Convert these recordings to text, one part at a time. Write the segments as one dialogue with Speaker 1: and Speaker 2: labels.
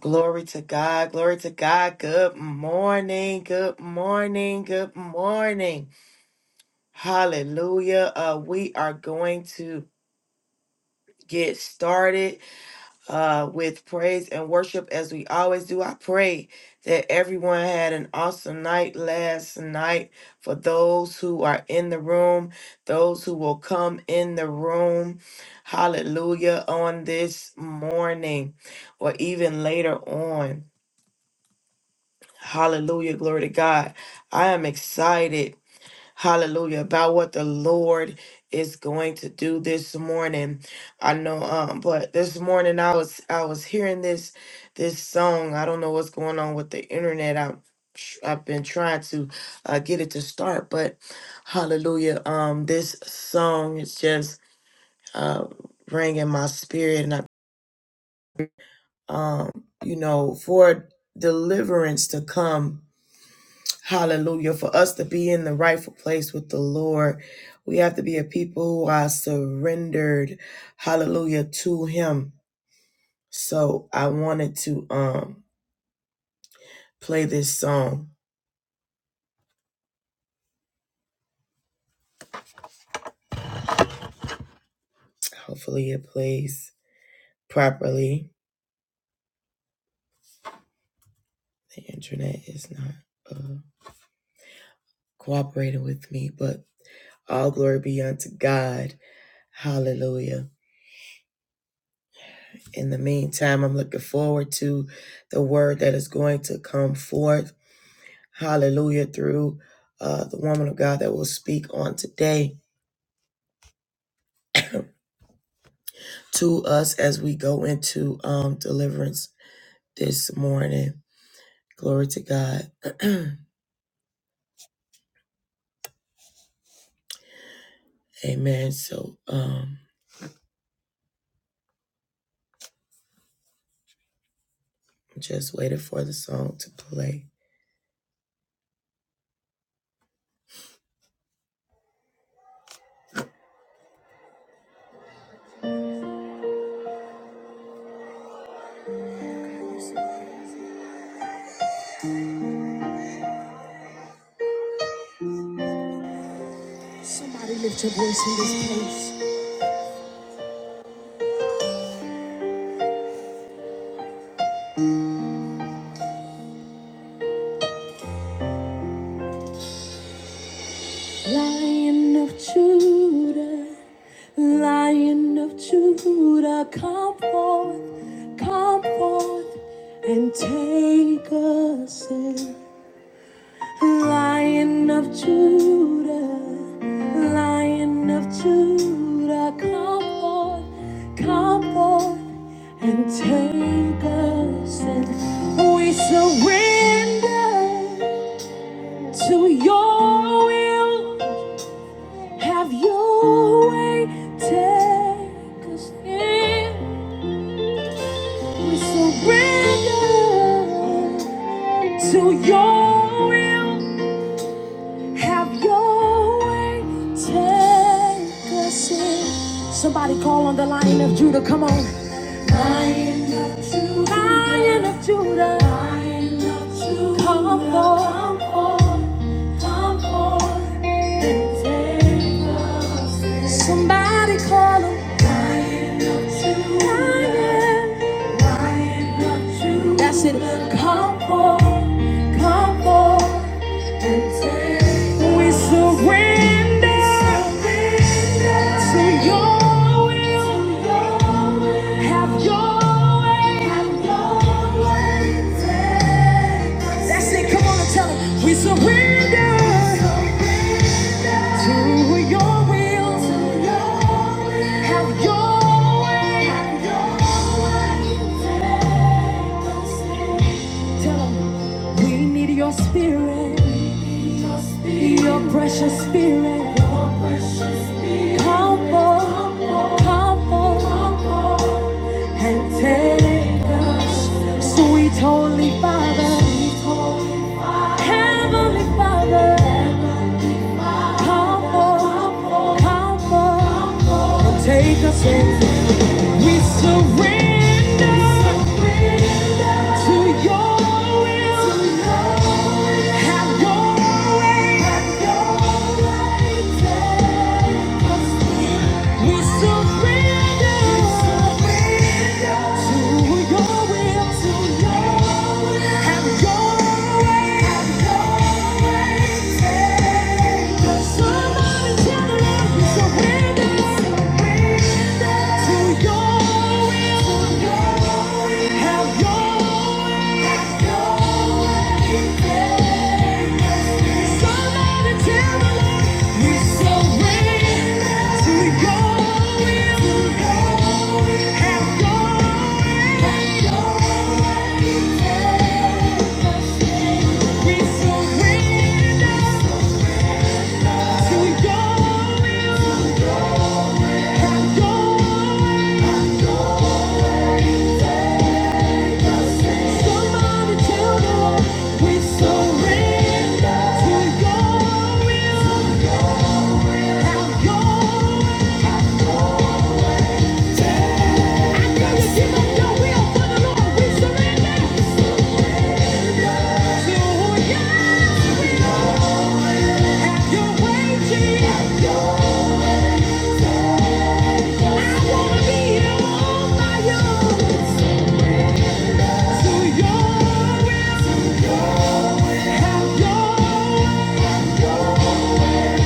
Speaker 1: Glory to God. Glory to God. Good morning. Good morning. Good morning. Hallelujah. Uh, we are going to get started uh, with praise and worship as we always do. I pray that everyone had an awesome night last night for those who are in the room, those who will come in the room. Hallelujah. On this morning or even later on. Hallelujah. Glory to God. I am excited. Hallelujah. About what the Lord is going to do this morning. I know um but this morning I was I was hearing this this song. I don't know what's going on with the internet. I am I've been trying to uh, get it to start, but hallelujah. Um this song is just uh ringing my spirit and I, um you know for deliverance to come Hallelujah. For us to be in the rightful place with the Lord, we have to be a people who are surrendered, hallelujah, to Him. So I wanted to um play this song. Hopefully it plays properly. The internet is not uh, cooperating with me, but all glory be unto God. Hallelujah. In the meantime, I'm looking forward to the word that is going to come forth. hallelujah, through uh, the woman of God that will speak on today to us as we go into um, deliverance this morning. Glory to God. Amen. So um, just waited for the song to play. Somebody lift your voice in this place. Lion of Judah, Lion of Judah, come forth, come forth, and take us in. Lion of Judah, Lion of Judah, come forth, come forth and take us in. We surrender to your will. Have your way, take us in. We surrender to your will. Have your way, take us in. Somebody call on the Lion of Judah, come on. Lion of Judah, Lion of Judah, Lion of Judah, come forth, come forth, come forth and take us in. Somebody call him. Lion of Judah, Lion, Lion of Judah, that's it. Come forth, come forth. We surrender to your will. Have your way. That's it. Come on and tell them. We surrender to your will. Have your way. Tell 'em. We need your spirit, your spirit. Your, precious spirit. Your precious spirit. Come on, come on, and take us, sweet Holy Father, Heavenly Father. Come on, come on, and take us. We surrender to your will. Have your way. We surrender to your will. Have your way. Somebody tell the Lord we surrender. Have your Have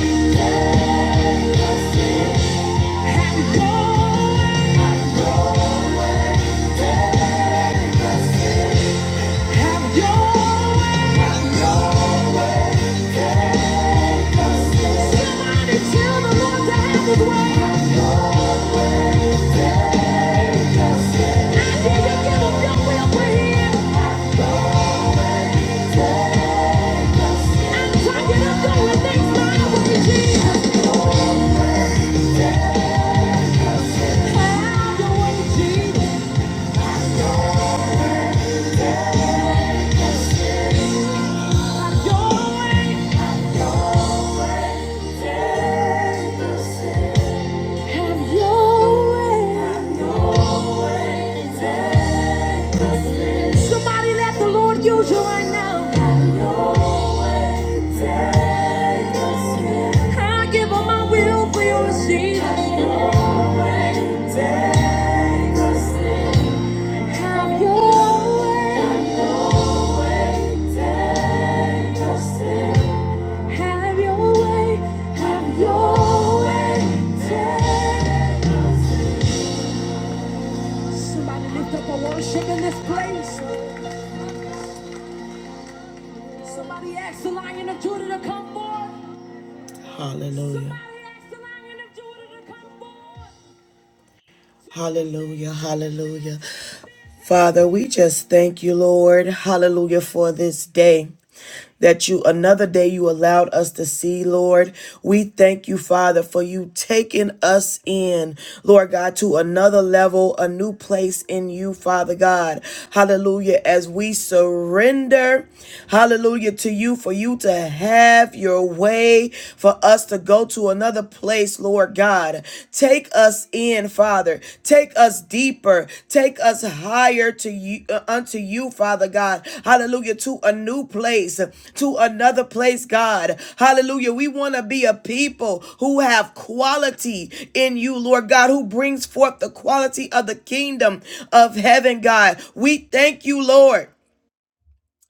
Speaker 1: your way. Somebody let the Lord use you right now. I give up my will for your receive. Have your way, take us in. Have your way, have your way, take us in. Somebody lift up a worship in this place. Somebody ask the Lion of Judah to come forth. Hallelujah. Somebody ask the Lion of Judah to come forth. Hallelujah, hallelujah. Father, we just thank you, Lord. Hallelujah for this day that you another day you allowed us to see, Lord. We thank you, Father, for you taking us in, Lord God, to another level, a new place in you, Father God. Hallelujah. As we surrender, hallelujah, to you, for you to have your way, for us to go to another place, Lord God. Take us in, Father. Take us deeper. Take us higher to you uh, unto you, Father God. Hallelujah. To a new place, to another place, God. Hallelujah. We want to be a people who have quality in you, Lord God, who brings forth the quality of the kingdom of heaven, God. We thank you, Lord.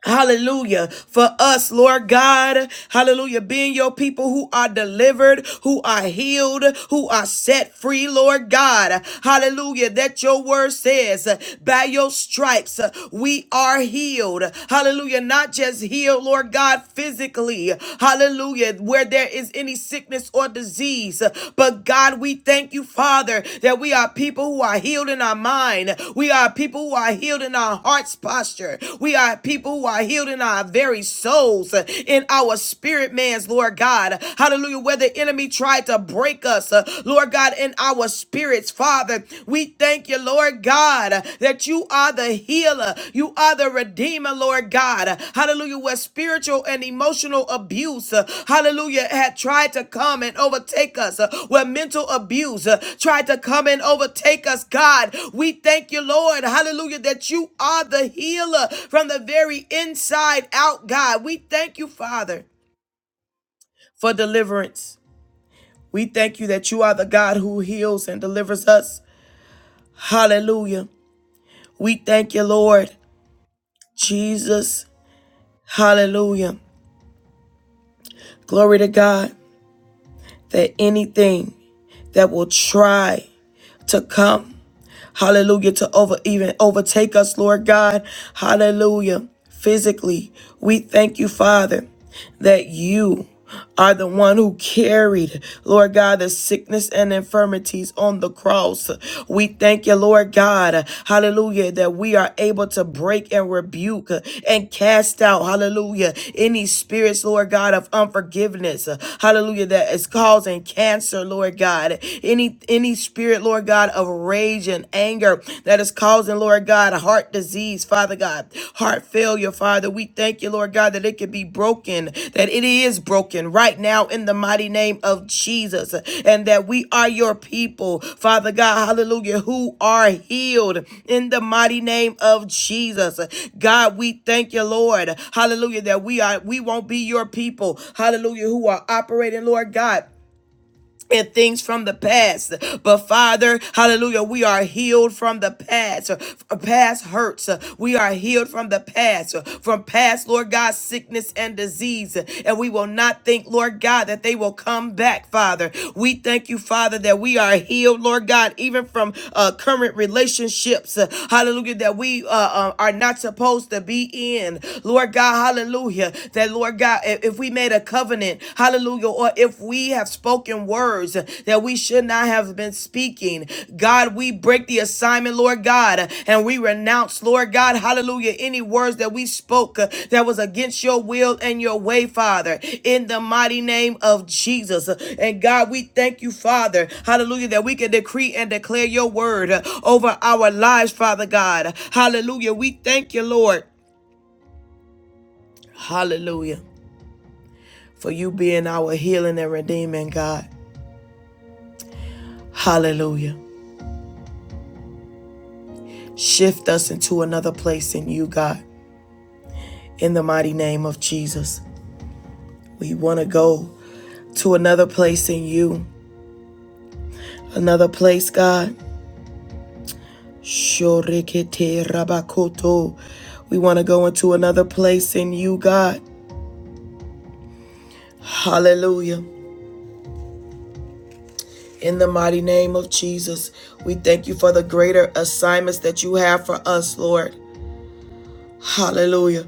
Speaker 1: Hallelujah. For us, Lord God, hallelujah, being your people who are delivered, who are healed, who are set free, Lord God. Hallelujah. That your word says, by your stripes, uh, we are healed. Hallelujah. Not just healed, Lord God, physically. Hallelujah. Where there is any sickness or disease disease. But God, we thank you, Father, that we are people who are healed in our mind. We are people who are healed in our heart's posture. We are people who are healed in our very souls, in our spirit man's, Lord God. Hallelujah. Where the enemy tried to break us, uh, Lord God, in our spirits, Father, we thank you, Lord God, that you you are the healer. You are the redeemer, Lord God. Hallelujah. Where spiritual and emotional abuse, uh, hallelujah, had tried to come and overtake us, uh, where mental abuse uh, tried to come and overtake us, God, we thank you, Lord. Hallelujah, that you are the healer from the very inside out, God. We thank you, Father, for deliverance. We thank you that you are the God who heals and delivers us. Hallelujah. We thank you, Lord. Jesus, Hallelujah. Glory to God that anything that will try to come, hallelujah, to over even overtake us, Lord God, hallelujah, physically, we thank you, Father. that you are the one who carried, Lord God, the sickness and infirmities on the cross. We thank you, Lord God, hallelujah, that we are able to break and rebuke and cast out, hallelujah, any spirits, Lord God, of unforgiveness, hallelujah, that is causing cancer, Lord God, any any spirit, Lord God, of rage and anger that is causing causing, Lord God, a heart disease, Father God, heart failure, Father. We thank you, Lord God, that it can be broken, that it is broken right now in the mighty name of Jesus, and that we are your people, Father God, hallelujah, who are healed in the mighty name of Jesus. God, we thank you, Lord, hallelujah, that we are we won't be your people, hallelujah, who are operating, Lord God and things from the past. But Father, hallelujah, we are healed from the past, from past hurts. We are healed from the past, from past, Lord God, sickness and disease. And we will not think, Lord God, that they will come back, Father. We thank you, Father, that we are healed, Lord God, even from uh, current relationships, hallelujah, that we uh, uh, are not supposed to be in. Lord God, hallelujah, that, Lord God, if, if we made a covenant, hallelujah, or if we have spoken words that we should not have been speaking, God, we break the assignment, Lord God, and we renounce, Lord God, hallelujah, any words that we spoke uh, that was against your will and your way, Father, in the mighty name of Jesus. And God, we thank you, Father, hallelujah, that we can decree and declare your word uh, over our lives, Father God, hallelujah. We thank you, Lord, hallelujah for you being our healing and redeeming God. Hallelujah. Shift us into another place in you, God, in the mighty name of Jesus. We want to go to another place in you, another place, God. Shorikete rabakoto. We want to go into another place in you, God. Hallelujah. In the mighty name of Jesus, we thank you for the greater assignments that you have for us, Lord. Hallelujah.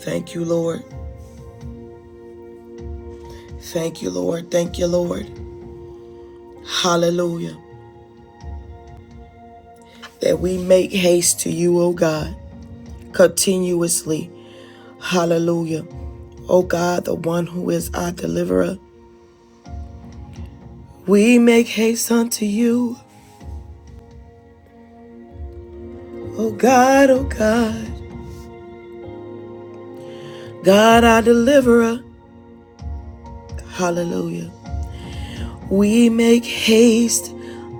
Speaker 1: Thank you, Lord. Thank you, Lord. Thank you, Lord. Hallelujah. That we make haste to you, O God, continuously. Hallelujah. O God, the one who is our deliverer. We make haste unto you, O God, O God, God our deliverer. Hallelujah. We make haste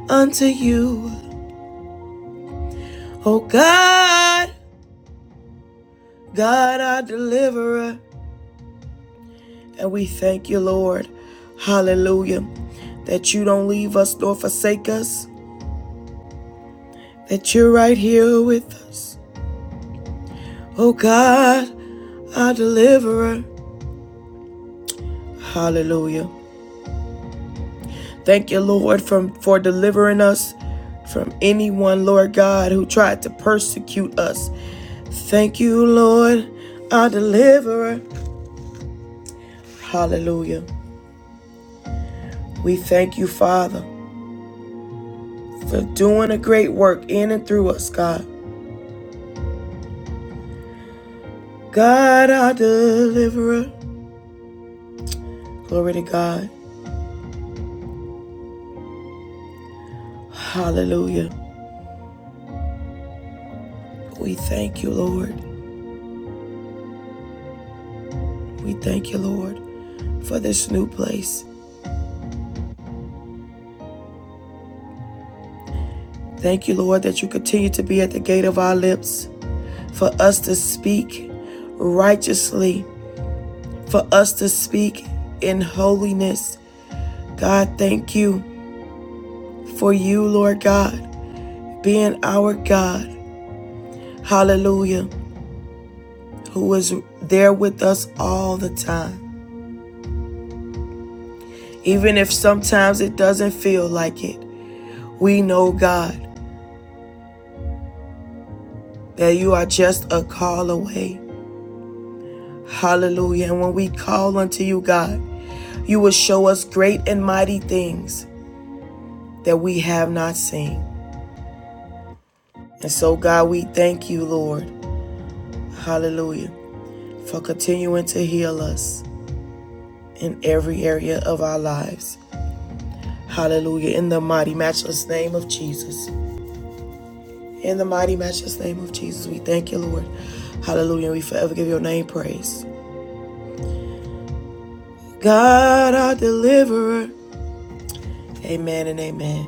Speaker 1: unto you, O God, God our deliverer. And we thank you, Lord. Hallelujah. That you don't leave us nor forsake us, that you're right here with us. Oh God, our deliverer. Hallelujah. Thank you, Lord, from, for delivering us from anyone, Lord God, who tried to persecute us. Thank you, Lord, our deliverer. Hallelujah. We thank you, Father, for doing a great work in and through us, God. God, our deliverer. Glory to God. Hallelujah. We thank you, Lord. We thank you, Lord, for this new place. Thank you, Lord, that you continue to be at the gate of our lips for us to speak righteously, for us to speak in holiness. God, thank you for you, Lord God, being our God. Hallelujah. Who is there with us all the time. Even if sometimes it doesn't feel like it, we know, God, that you are just a call away. Hallelujah. And when we call unto you, God, you will show us great and mighty things that we have not seen. And so, God, we thank you, Lord. Hallelujah. For continuing to heal us in every area of our lives. Hallelujah. In the mighty, matchless name of Jesus. In the mighty, matchless name of Jesus, we thank you, Lord. Hallelujah. We forever give your name praise. God, our deliverer. Amen and amen.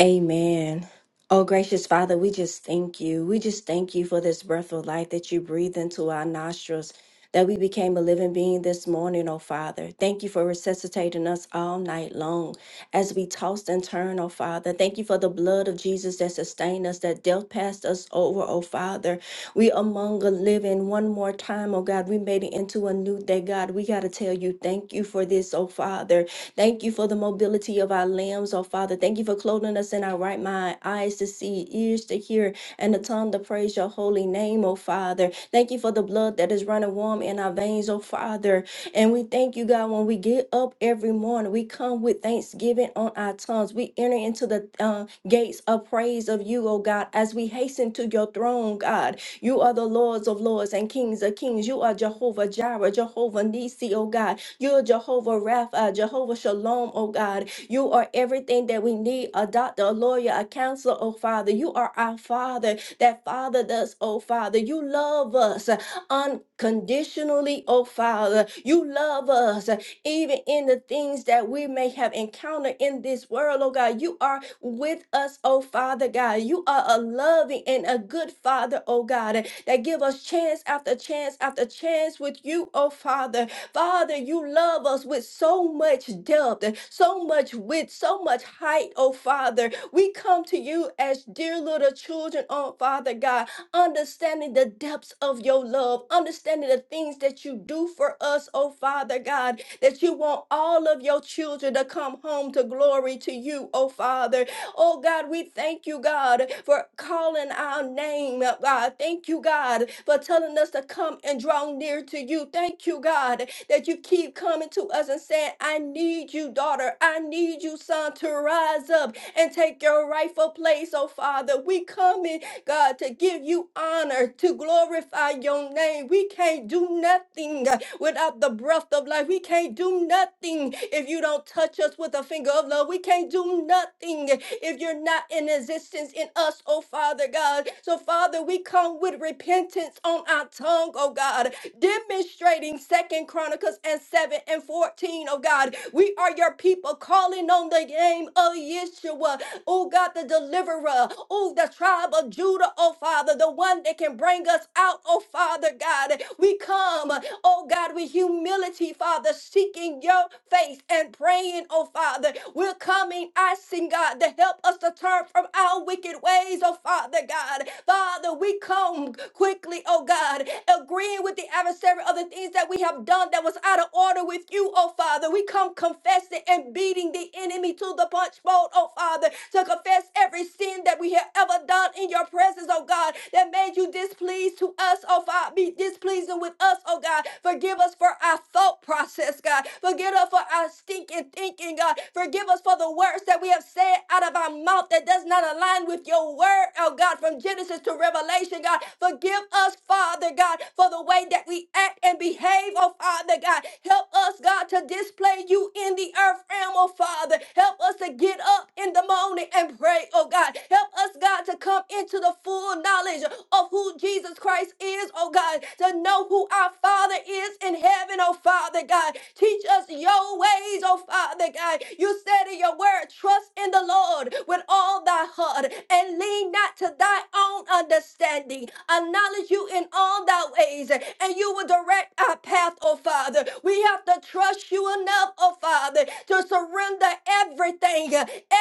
Speaker 2: Amen. Oh, gracious Father, we just thank you. We just thank you for this breath of life that you breathe into our nostrils, that we became a living being this morning, oh Father. Thank you for resuscitating us all night long as we tossed and turned, oh Father. Thank you for the blood of Jesus that sustained us, that death passed us over, oh Father. We among the living one more time, oh God. We made it into a new day, God. We got to tell you, thank you for this, oh Father. Thank you for the mobility of our limbs, oh Father. Thank you for clothing us in our right mind, eyes to see, ears to hear, and a tongue to praise your holy name, oh Father. Thank you for the blood that is running warm in our veins, oh Father. And we thank you, God, when we get up every morning, we come with thanksgiving on our tongues. We enter into the uh, gates of praise of you, oh God, as we hasten to your throne, God. You are the Lords of Lords and Kings of Kings. You are Jehovah Jireh, Jehovah Nisi, oh God. You are Jehovah Rapha, Jehovah Shalom, oh God. You are everything that we need a doctor, a lawyer, a counselor, oh Father. You are our Father that fathered us, oh Father. You love us unconditionally, oh Father. You love us even in the things that we may have encountered in this world, oh God. You are with us, oh Father God. You are a loving and a good Father, oh God, that give us chance after chance after chance with you, oh Father. Father, you love us with so much depth, so much width, so much height, oh Father. We come to you as dear little children, oh Father God, understanding the depths of your love, understanding the things that you do for us, oh Father God that you want all of your children to come home to glory to you, oh Father. Oh God, we thank you, God, for calling our name, uh, God. Thank you, God, for telling us to come and draw near to you. Thank you, God, that you keep coming to us and saying, I need you, daughter. I need you, son, to rise up and take your rightful place, oh Father. We come in God, to give you honor, to glorify your name. We can't do nothing uh, without the breath of life. We can't do nothing if you don't touch us with a finger of love. We can't do nothing if you're not in existence in us, oh Father God. So, Father, we come with repentance on our tongue, oh God demonstrating Second Chronicles and 7 and 14, oh God. We are your people calling on the name of Yeshua, oh God, the deliverer, oh the tribe of Judah, oh Father, the one that can bring us out, oh Father God. We come Oh God, with humility, Father, seeking your face and praying, oh Father. We're coming, asking God to help us to turn from our wicked ways, oh Father God. Father, we come quickly, oh God, agreeing with the adversary of the things that we have done that was out of order with you, oh Father. We come confessing and beating the enemy to the punch bowl, oh Father, to confess every sin that we have ever done in your presence, oh God, that made you displeased to us, oh God, be displeasing with us, oh God. Forgive us for our thought process, God. Forgive us for our stinking thinking, God. Forgive us for the words that we have said out of our mouth that does not align with your word, oh God, from Genesis to Revelation, God. Forgive us, Father God, for the way that we act and behave, oh Father God. Help us, God, to display you in the earth realm, oh Father. Help us to get up in the morning and pray, oh oh God. Help us, God, to come into the full knowledge of who Jesus Christ is, oh God, to know who our Father is in heaven, oh Father God. Teach us your ways, oh Father God. You said in your word, trust in the Lord with all thy heart and lean not to thy own understanding. Acknowledge you in all thy ways, and you will direct our path, oh Father. We have to trust you enough, oh Father, to surrender everything,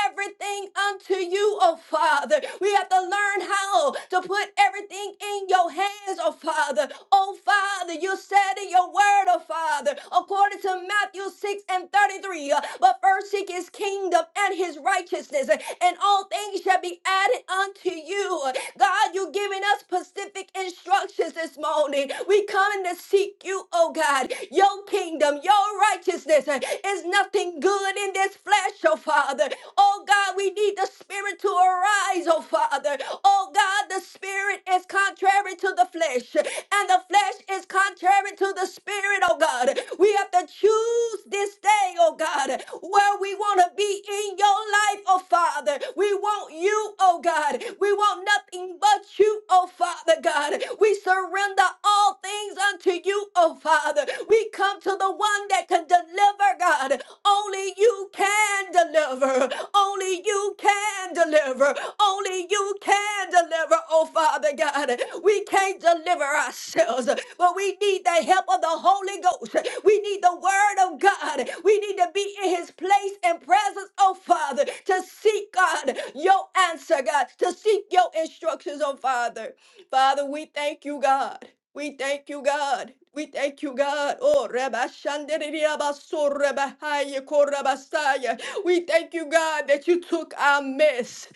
Speaker 2: everything everything unto you, oh Father. We have to learn how to put everything in your hands, oh Father. Oh Father, you said in your word, oh Father, according to Matthew 6 and 33, uh, but first seek his kingdom and his righteousness, uh, and all things shall be added unto you. Uh, God, you're giving us specific instructions this morning. We coming to seek you, oh God. Your kingdom, your righteousness uh, is nothing good in this flesh, oh Father. Father. Oh God, we need the Spirit to arise, oh Father. Oh God, the Spirit is contrary to the flesh, and the flesh is contrary to the Spirit, oh God. We have to choose this day, oh God, where we want to be in your life, oh Father. We want you, oh God. We want nothing but you, oh Father God. We surrender all things unto you, oh Father. We come to the one that can deliver, God. Only you you can deliver. Only you can deliver. Only you can deliver. Oh, Father God, we can't deliver ourselves, but we need the help of the Holy Ghost. We need the Word of God. We need to be in His place and presence, oh, Father, to seek God, your answer, God, to seek your instructions, oh, Father. Father, we thank you, God. We thank you, God. We thank you, God. Oh, Rabba Shanderiya Baso Rabba Haya Korabasaya. We thank you, God, that you took our mess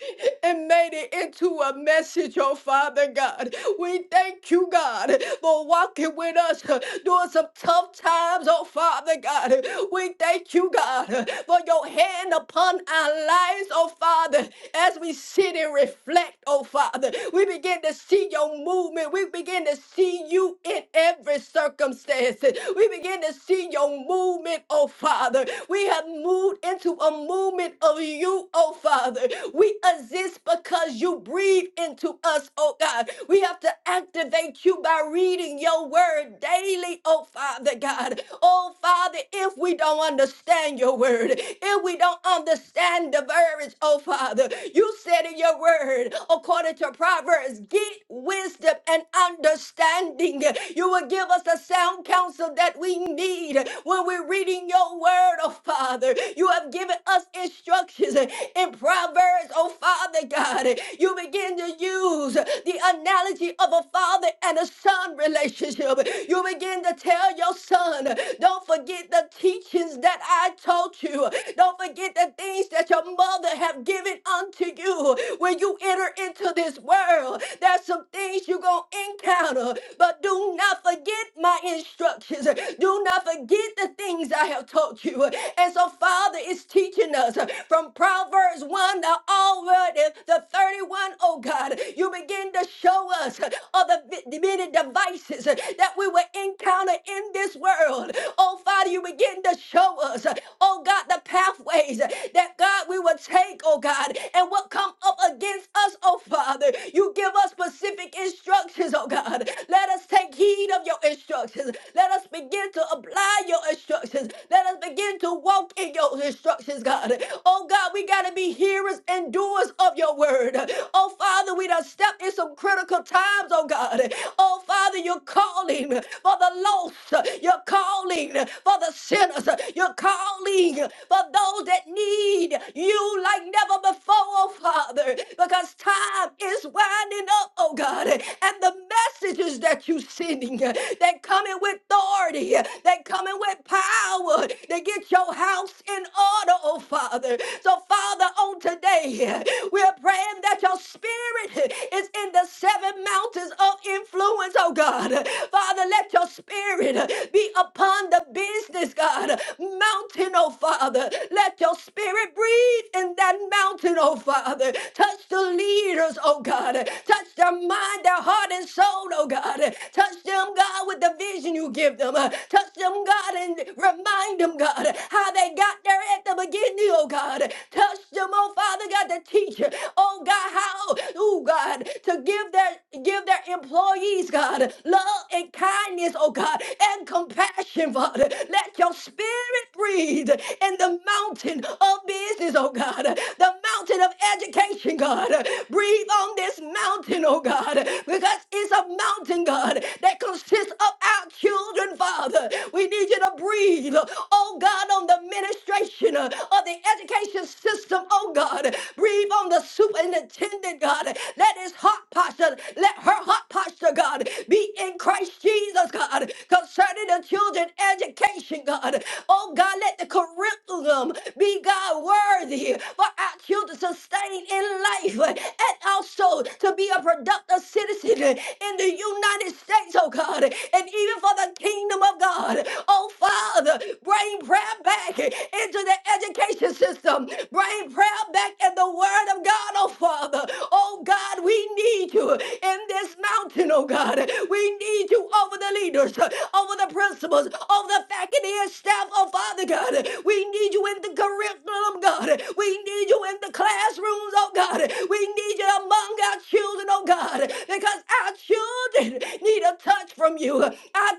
Speaker 2: and made it into a message, oh Father God. We thank you, God, for walking with us uh, during some tough times, oh Father God. We thank you, God, uh, for your hand upon our lives, oh Father, as we sit and reflect, oh Father. We begin to see your movement. We begin to see you in in every circumstance. We begin to see your movement, oh Father. We have moved into a movement of you, oh Father. We exist because you breathe into us, oh God. We have to activate you by reading your word daily, oh Father God. Oh Father, if we don't understand your word, if we don't understand the verbiage, oh Father, you said in your word, according to Proverbs, get wisdom and understanding understanding. You will give us the sound counsel that we need when we're reading your word, oh Father. You have given us instructions in Proverbs, oh Father God. You begin to use the analogy of a father and a son relationship. You begin to tell your son, don't forget the teachings that I taught you. Don't forget the things that your mother have given unto you. When you enter into this world, there's some things you're going your encounter. But do not forget my instructions. Do not forget the things I have taught you. And so, Father is teaching us from Proverbs 1 to already the 31, oh God. You begin to show us of the many devices uh, that we will encounter in this world. Oh, Father, you begin to show us, uh, oh God, the pathways uh, that God we will take, oh God, and what come up against us, oh Father. You give us specific instructions, oh God. Let us take heed of your instructions. Let us begin to apply your instructions. Let us begin to walk in your instructions, God. Oh God, we gotta be hearers and doers of your word. Oh Father, we done stepped in some some critical times, oh God. Oh Father, you're calling for the lost. You're calling for the sinners. You're calling for those that need you like never before, oh Father, because time is winding up, oh God. And the messages that you're sending that coming with authority, that coming with power, they get your house in order, oh Father. So, Father, on today, we're praying that that your spirit is in the seven mountains of influence, oh God. Father, let your spirit be upon the business, God. Mountain, oh Father. Let your spirit breathe in that mountain, oh Father. Touch the leaders, oh God. Touch their mind, their heart, and soul, oh God. Touch them, God, with the vision you give them. Touch them, God, and remind them, God, how they got there at the beginning, oh God. Touch them, oh oh Father God, to teach, oh God, how, oh God, to give their give their employees, God, love and kindness, oh God, and compassion, Father. Let your spirit breathe in the mountain of business, oh God, the mountain of education, God. Breathe on this mountain, oh God, because it's a mountain, God, that consists of our children, Father. We need you to breathe, oh God, on the ministration uh, of of the education system, oh God. Breathe on the superintendent, God. Let his heart posture, let her heart posture, God, be in Christ Jesus, God, concerning the children education, God. Oh God, let the curriculum be God worthy for our children sustained in life and also to be a productive citizen in the United States, oh God, and even for the kingdom of God. Oh Father, bring prayer back into the education system. Bring prayer back in the word of God, oh Father. Oh God, we need you in this mountain, oh God. We need you over the leaders, over the principals, over the faculty and staff, oh Father God. We need you in the curriculum, God. We need you in the classrooms, oh God. We need you among our children, oh God, because our children need a touch from you. Our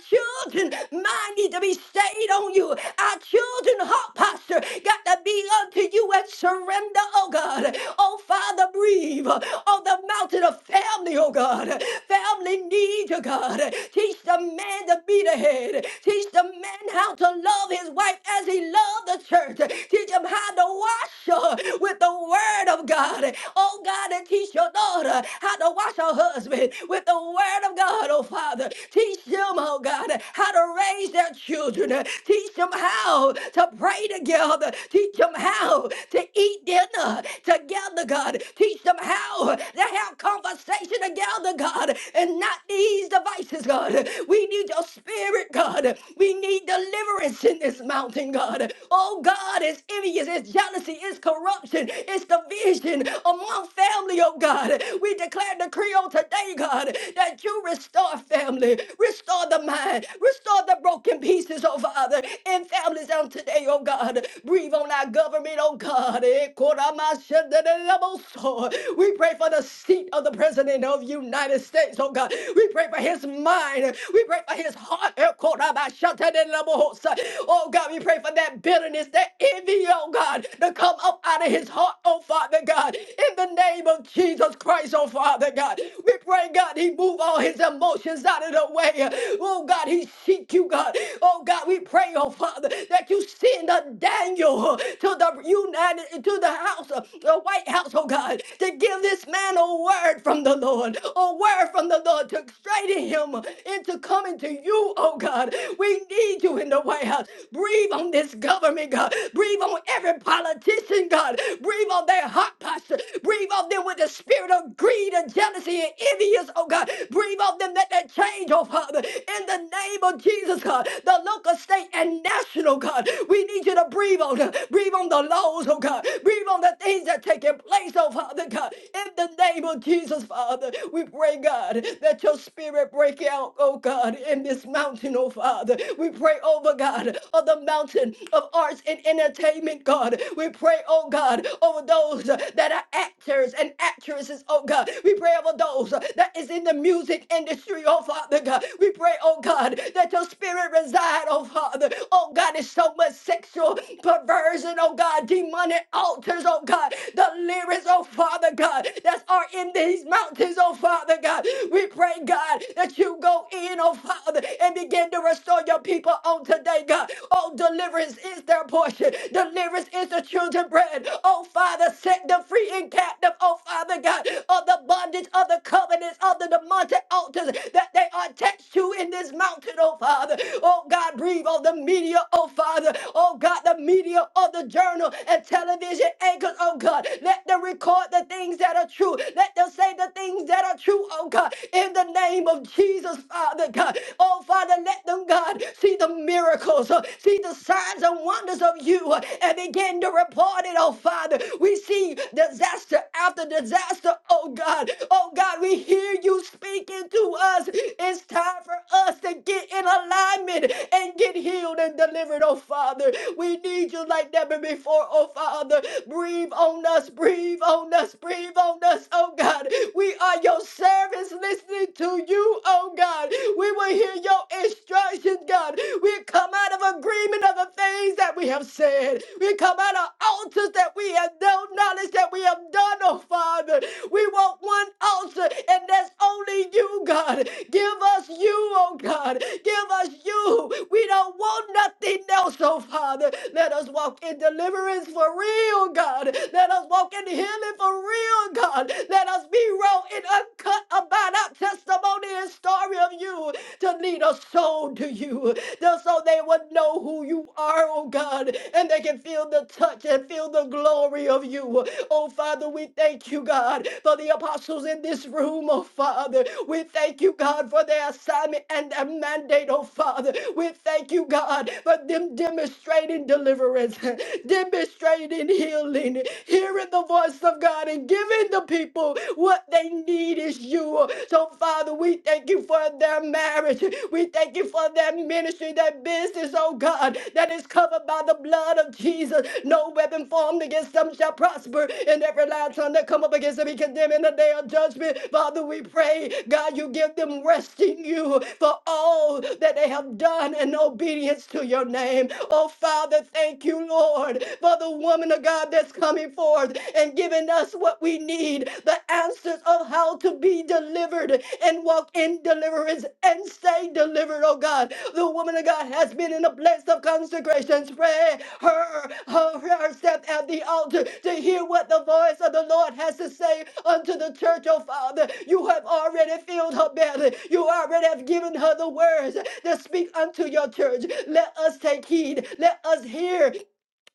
Speaker 2: children mind need to be stayed on you. Our children heart posture got to be unto you and surrender, oh God. Oh Father, breathe on the mountain of family, oh God. Family needs you, God. Teach the man to be the head. Teach the man how to love his wife as he loved the church. Teach him how to wash her with the word of God. Oh God, and teach your daughter how to wash her husband with the word of God, oh Father. Teach them them, oh God, how to raise their children. Teach them how to pray together. Teach them how to eat dinner together, God. Teach them how to have conversation together, God, and not these devices, God. We need your spirit, God. We need deliverance in this mountain, God oh God, it's envious, it's jealousy, it's corruption, it's division among family, oh God. We declare and decree on today, God, that you restore family, restore the mind, restore the broken pieces, oh Father, in families on today, oh God. Breathe on our government, oh God. Eh, koramashadadadaboso. We pray for the seat of the President of the United States, oh God. We pray for his mind. We pray for his heart Oh God, we pray for that bitterness, that envy, oh God, to come up out of his heart, oh Father God, in the name of Jesus Christ, oh Father God. We pray, God, he move all his emotions out of the way. Oh God, he seek you, God. Oh God, we pray, oh Father, that you send a Daniel to the United, to the house, uh, the White House, oh God, to give this man a word from the Lord, a word from the Lord to straighten him into coming to you, move, oh God. We need you in the White House. Breathe on this government, God. Breathe on every politician, God. Breathe on their heart posture. Breathe on them with the spirit of greed and jealousy and envious, oh God. Breathe on them that they change, oh Father. In the name of Jesus, God, the local, state, and national, God. We need you to breathe on them. Breathe on the laws, oh God. Breathe on the things that are taking place, oh Father God. In the name of Jesus, Father, we pray, God, that your spirit break out, oh God, in this this mountain, oh Father. We pray, over God, of the mountain of arts and entertainment, God. We pray, oh God, over those uh, that are actors and actresses, oh God. We pray over those uh, that is in the music industry, oh Father God. We pray, oh God, that your spirit reside, oh Father. Oh God, it's so much sexual perversion, oh God, demonic altars, oh God. The lyrics, oh Father God, that are in these mountains, oh Father God. We pray, God, that you go in, oh Father. Father, and begin to restore your people on today, God. Oh, deliverance is their portion. Deliverance is the children's bread. Oh, Father, set them free and captive. Oh, Father God, of the bondage of the covenants of the demonic altars that they are attached to in this mountain, oh, Father. Oh, God, breathe on the media, oh, Father. Oh, God, the media of the journal and television anchors, oh, God. Let them record the things that are true. Let them say the things that are true, oh, God. In the name of Jesus, Father God. Oh, Father, let them, God, see the miracles, uh, see the signs and wonders of you, uh, and begin to report it, oh, Father. We see disaster after disaster, oh, God. Oh, God, we hear you speaking to us. It's time for us to get in alignment and get healed and delivered, oh, Father. We need you like never before, oh, Father. Breathe on us, breathe on us, breathe on us, oh, God. We are your servants listening to you, oh, God. We will will hear your instructions, God. We come out of agreement of the things that we have said. We come out of altars that we have no knowledge that we have done, oh Father. We want one altar, and that's only you, God. Give us you, oh God. Give us you. We don't want nothing else, oh Father. Let us walk in deliverance for real, God. Let us walk in healing for real, God. Let us be raw and uncut about our testimony and story of you to lead a soul to you, just so they would know who you are, oh God, and they can feel the touch and feel the glory of you. Oh, Father, we thank you, God, for the apostles in this room, oh, Father. We thank you, God, for their assignment and their mandate, oh, Father. We thank you, God, for them demonstrating deliverance, demonstrating healing, hearing the voice of God, and giving the people what they need is you. So, Father, we thank you for their marriage. We thank thank you for that ministry, that business, oh God, that is covered by the blood of Jesus. No weapon formed against them shall prosper, and every loud tongue that come up against them be condemned in the day of judgment. Father, we pray, God, you give them rest in you for all that they have done in obedience to your name. Oh Father, thank you, Lord, for the woman of God that's coming forth and giving us what we need, the answers of how to be delivered and walk in deliverance and stay delivered, oh God. The woman of God has been in a place of consecration. Pray her, her, her step at the altar to hear what the voice of the Lord has to say unto the church, oh Father. You have already filled her belly. You already have given her the words that speak unto your church. Let us take heed. Let us hear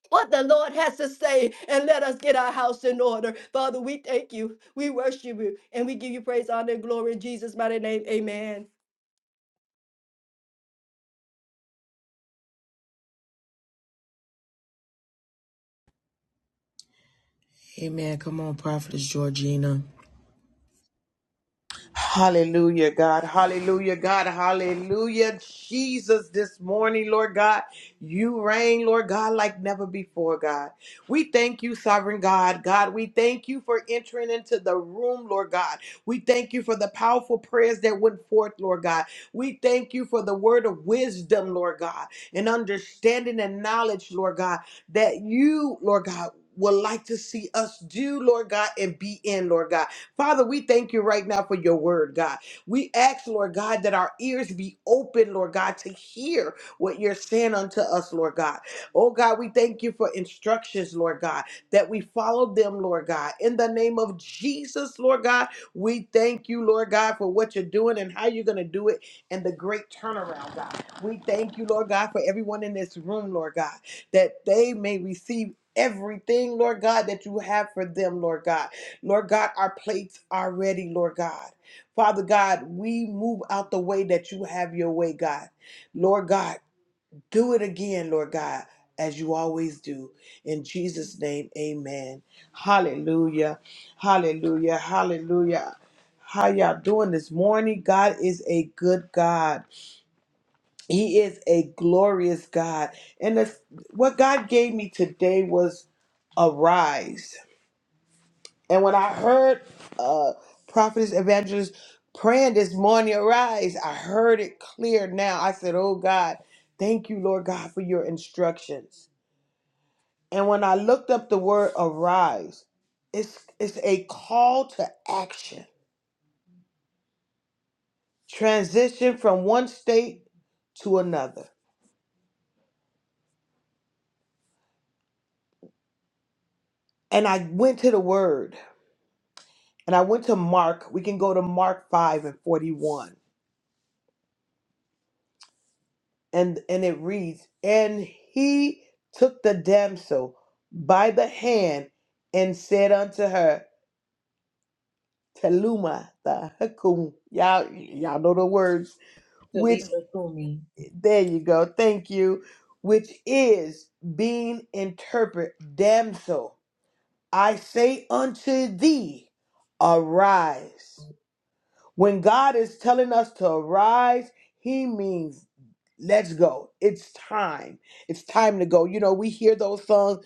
Speaker 2: what the Lord has to say, and let us get our house in order. Father, we thank you, we worship you, and we give you praise, honor, and glory in Jesus' mighty name. Amen.
Speaker 1: Amen. Come on, Prophetess Georgina.
Speaker 3: Hallelujah, God. Hallelujah, God. Hallelujah. Jesus, this morning, Lord God, you reign, Lord God, like never before, God. We thank you, sovereign God. God, we thank you for entering into the room, Lord God. We thank you for the powerful prayers that went forth, Lord God. We thank you for the word of wisdom, Lord God, and understanding and knowledge, Lord God, that you, Lord God, would like to see us do, Lord God, and be in, Lord God. Father, we thank you right now for your word, God. We ask, Lord God, that our ears be open, Lord God, to hear what you're saying unto us, Lord God. Oh, God, we thank you for instructions, Lord God, that we follow them, Lord God. In the name of Jesus, Lord God, we thank you, Lord God, for what you're doing and how you're going to do it and the great turnaround, God. We thank you, Lord God, for everyone in this room, Lord God, that they may receive everything, Lord God, that you have for them, Lord God. Lord God, our plates are ready, Lord God. Father God, we move out the way that you have your way, God. Lord God, do it again, Lord God, as you always do. In Jesus' name, amen. Hallelujah. Hallelujah. Hallelujah. How y'all doing this morning? God is a good God. He is a glorious God. And that's, what God gave me today was arise. And when I heard uh, prophetess evangelist praying this morning, arise, I heard it clear now. I said, Oh God, thank you, Lord God, for your instructions. And when I looked up the word arise, it's, it's a call to action, transition from one state to another. And I went to the word and I went to Mark. We can go to Mark 5 and 41. and and it reads and he took the damsel by the hand and said unto her teluma the hakum. y'all y'all know the words which
Speaker 1: Talitha Kumi.
Speaker 3: there you go thank you which is being interpret damsel i say unto thee arise when god is telling us to arise he means Let's go. It's time. It's time to go. You know, we hear those songs,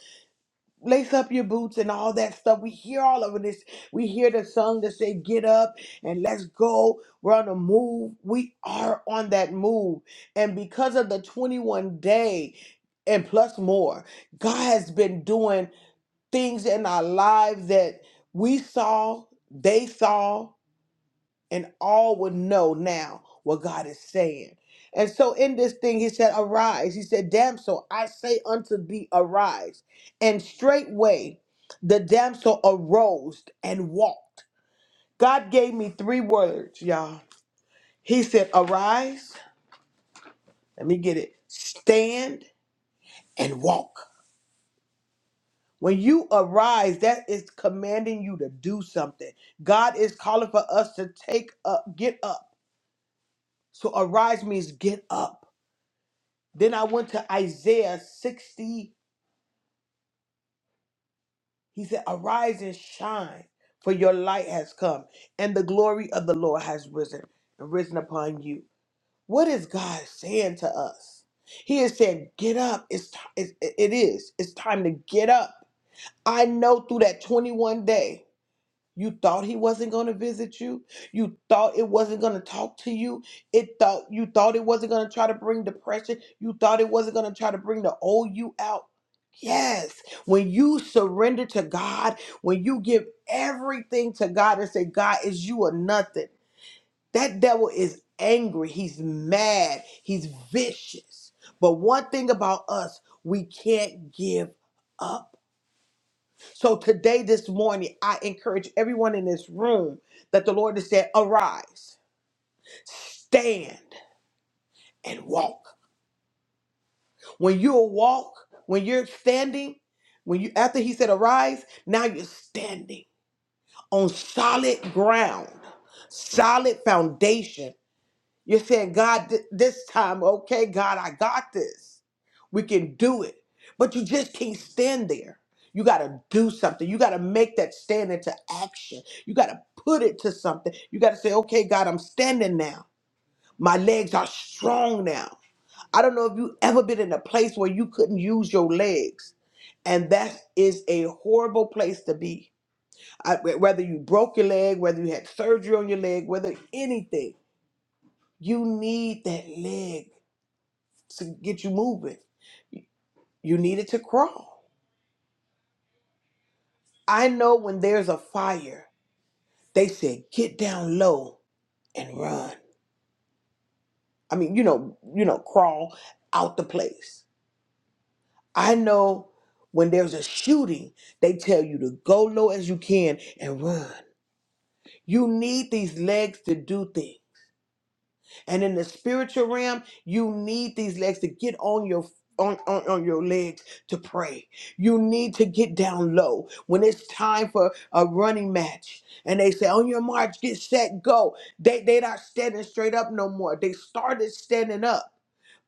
Speaker 3: lace up your boots and all that stuff. We hear all of this. We hear the song that say, get up and let's go. We're on the move. We are on that move. And because of the 21 day and plus more, God has been doing things in our lives that we saw, they saw and all would know now what God is saying. And so in this thing, he said, Arise. He said, Damsel, I say unto thee, arise. And straightway the damsel arose and walked. God gave me three words, y'all. He said, Arise. Let me get it. Stand and walk. When you arise, that is commanding you to do something. God is calling for us to take up, get up. So arise means get up. Then I went to Isaiah 60. He said, Arise and shine, for your light has come, and the glory of the Lord has risen and risen upon you. What is God saying to us? He is saying, Get up. It's, ti- it it is. It's time to get up. I know through that 21 day. You thought he wasn't going to visit you. You thought it wasn't going to talk to you. It thought you thought it wasn't going to try to bring depression. You thought it wasn't going to try to bring the old you out. Yes, when you surrender to God, when you give everything to God and say, God, is you or nothing, that devil is angry. He's mad. He's vicious. But one thing about us, we can't give up so today, this morning, I encourage everyone in this room that the Lord has said, arise, stand and walk. When you walk, when you're standing, when you after he said arise, now you're standing on solid ground, solid foundation You're saying, God, th- this time, okay, God, I got this. We can do it. But you just can't stand there. You got to do something. You got to make that stand into action. You got to put it to something. You got to say, okay, God, I'm standing now. My legs are strong now. I don't know if you ever been in a place where you couldn't use your legs. And that is a horrible place to be. I, whether you broke your leg, whether you had surgery on your leg, whether anything, you need that leg to get you moving. You needed to crawl. I know when there's a fire, they said get down low and run. I mean, you know, you know, crawl out the place. I know when there's a shooting, they tell you to go low as you can and run. You need these legs to do things. And in the spiritual realm, you need these legs to get on your on, on, on your legs to pray. You need to get down low. When it's time for a running match and they say, on your march, get set, go. They they not standing straight up no more. They started standing up,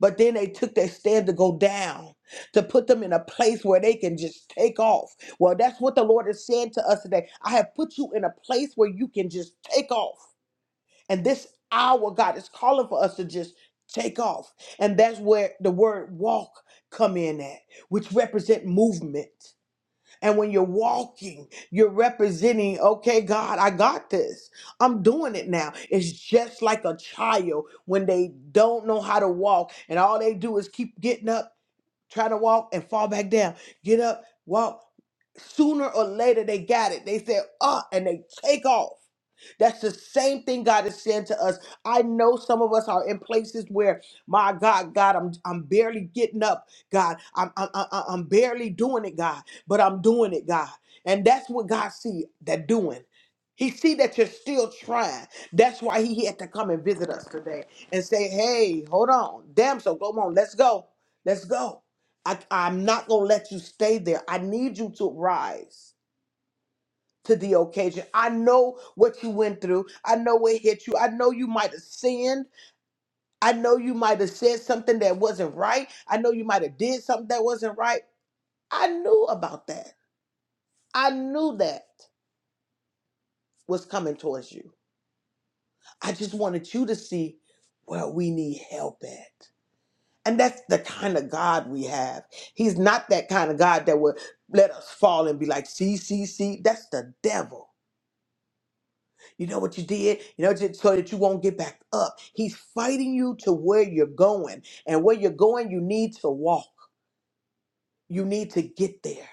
Speaker 3: but then they took their stand to go down, to put them in a place where they can just take off. Well, that's what the Lord is saying to us today. I have put you in a place where you can just take off. And this hour, God is calling for us to just take off. And that's where the word walk come in at, which represent movement. And when you're walking, you're representing, okay, God, I got this. I'm doing it now. It's just like a child when they don't know how to walk and all they do is keep getting up try to walk and fall back down. Get up, walk. Sooner or later, they got it. They said, ah, and they take off. That's the same thing God is saying to us. I know some of us are in places where, my God, God, I'm I'm barely getting up, God. I'm I'm I'm I'm barely doing it, God, but I'm doing it, God. And that's what God see that doing. He see that you're still trying. That's why he had to come and visit us today and say, "Hey, hold on, damsel, come on, let's go, let's go." I, I'm not going to let you stay there. I need you to rise to the occasion. I know what you went through. I know it hit you. I know you might have sinned. I know you might have said something that wasn't right. I know you might have did something that wasn't right. I knew about that. I knew that was coming towards you. I just wanted you to see where we need help at. And that's the kind of God we have. He's not that kind of God that would let us fall and be like, see, see, see. That's the devil. You know what you did? You know, just so that you won't get back up. He's fighting you to where you're going. And where you're going, you need to walk. You need to get there.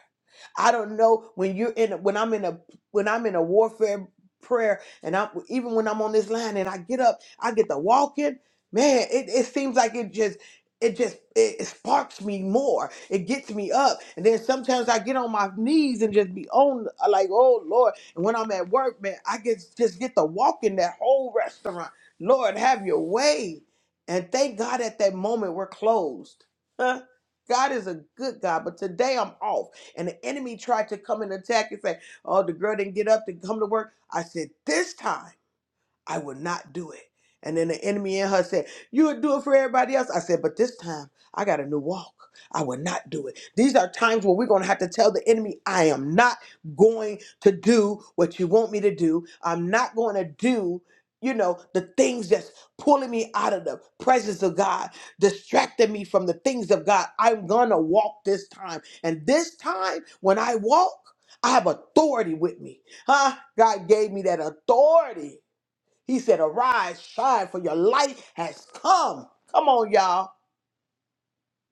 Speaker 3: I don't know when you're in a, when I'm in a when I'm in a warfare prayer and I am even when I'm on this line and I get up, I get to walking. Man, it, it seems like it just it just it, it sparks me more. It gets me up, and then sometimes I get on my knees and just be on uh, like, oh Lord. And when I'm at work, man, I get just get to walk in that whole restaurant. Lord, have your way. And thank God at that moment we're closed. God is a good God, but today I'm off. And the enemy tried to come and attack and say, Oh, the girl didn't get up to come to work. I said, This time. I will not do it. And then the enemy in her said, You would do it for everybody else. I said, But this time I got a new walk. I will not do it. These are times where we're going to have to tell the enemy, I am not going to do what you want me to do. I'm not going to do, you know, the things that's pulling me out of the presence of God, distracting me from the things of God. I'm going to walk this time. And this time, when I walk, I have authority with me. Huh? God gave me that authority he said, Arise, shine, for your light has come. Come on, y'all.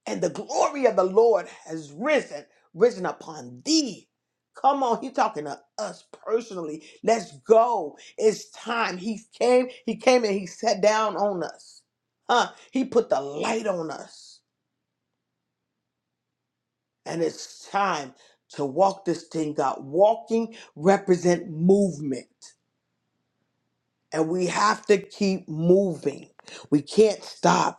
Speaker 3: And the glory of the Lord has risen, risen upon thee. Come on, he talking to us personally. Let's go. It's time. He came, he came and he sat down on us. Huh? He put the light on us. And it's time to walk this thing out. Walking represent movement. And we have to keep moving. We can't stop.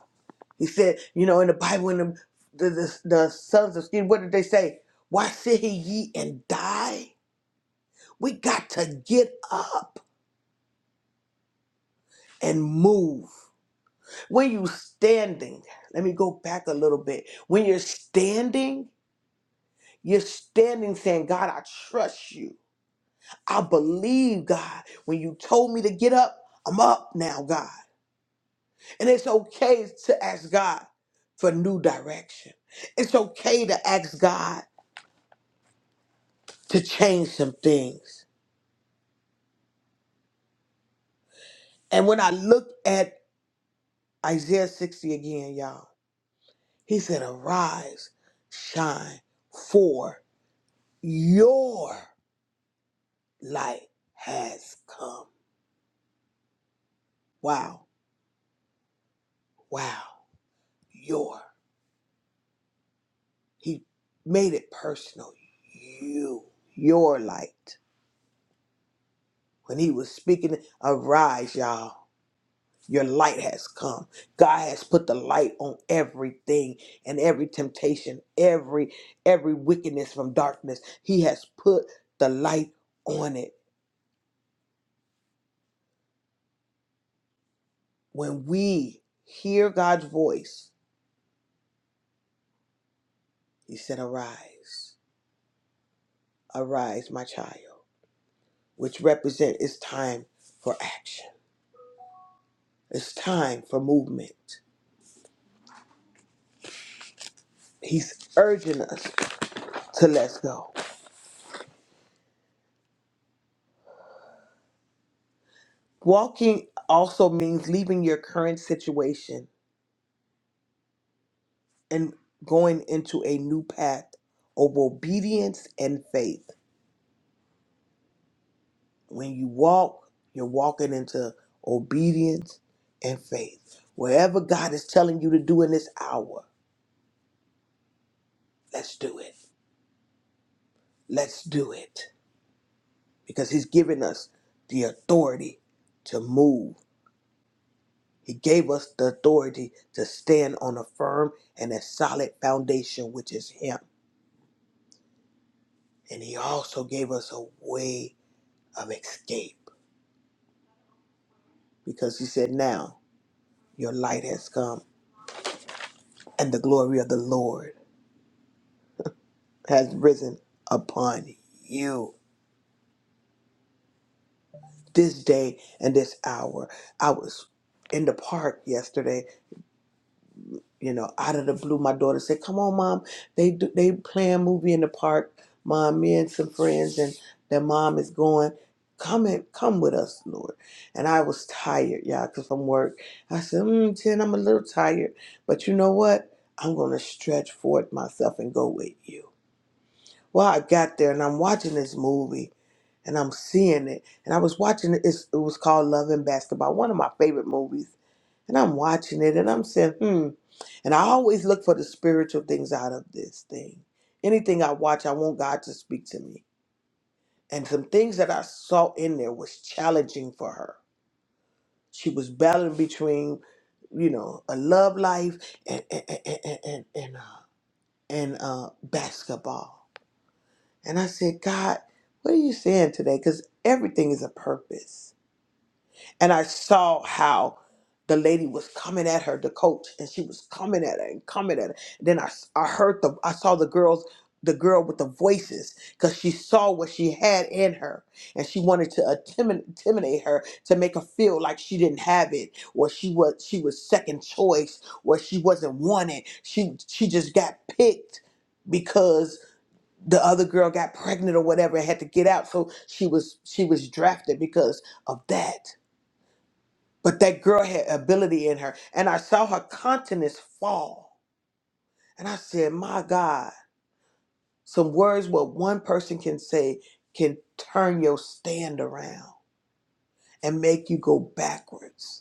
Speaker 3: He said, you know, in the Bible, in the the, the, the sons of Steve, what did they say? Why sit here ye and die? We got to get up and move. When you standing, let me go back a little bit. When you're standing, you're standing saying, God, I trust you. I believe, God. When you told me to get up, I'm up now, God. And it's okay to ask God for new direction. It's okay to ask God to change some things. And when I look at Isaiah 60 again, y'all, he said, Arise, shine, for your light has come. Wow, wow, your. He made it personal. You, your light. When he was speaking, arise, y'all. Your light has come. God has put the light on everything and every temptation, every every wickedness from darkness. He has put the light on it. When we hear God's voice, he said, "Arise. Arise, my child," which represent it's time for action. It's time for movement. He's urging us to let's go. Walking also means leaving your current situation and going into a new path of obedience and faith. When you walk, you're walking into obedience and faith. Wherever God is telling you to do in this hour, let's do it. Let's do it. Because He's given us the authority to move. He gave us the authority to stand on a firm and a solid foundation, which is Him. And He also gave us a way of escape because He said, now. Your light has come, and the glory of the Lord has risen upon you. This day and this hour, I was in the park yesterday. You know, out of the blue, my daughter said, "Come on, mom. They do, they play a movie in the park. Mom, me and some friends, and their mom is going. Come and come with us, Lord." And I was tired, y'all, cause from work. I said, mm, "Ten, I'm a little tired, but you know what? I'm gonna stretch forth myself and go with you." Well, I got there and I'm watching this movie and I'm seeing it. And I was watching it. It's, it was called Love and Basketball, one of my favorite movies. And I'm watching it and I'm saying, hmm. And I always look for the spiritual things out of this thing. Anything I watch, I want God to speak to me. And some things that I saw in there was challenging for her. She was battling between, you know, a love life and and and and and, and, uh, and uh, basketball. And I said, God, what are you saying today? Because everything is a purpose. And I saw how the lady was coming at her, the coach, and she was coming at her and coming at her. then I, I heard the, I saw the girls, the girl with the voices, because she saw what she had in her, and she wanted to intimi- intimidate her to make her feel like she didn't have it, or she was she was second choice, or she wasn't wanted. She she just got picked because the other girl got pregnant or whatever and had to get out so she was she was drafted because of that but that girl had ability in her and i saw her countenance fall and i said my god some words what one person can say can turn your stand around and make you go backwards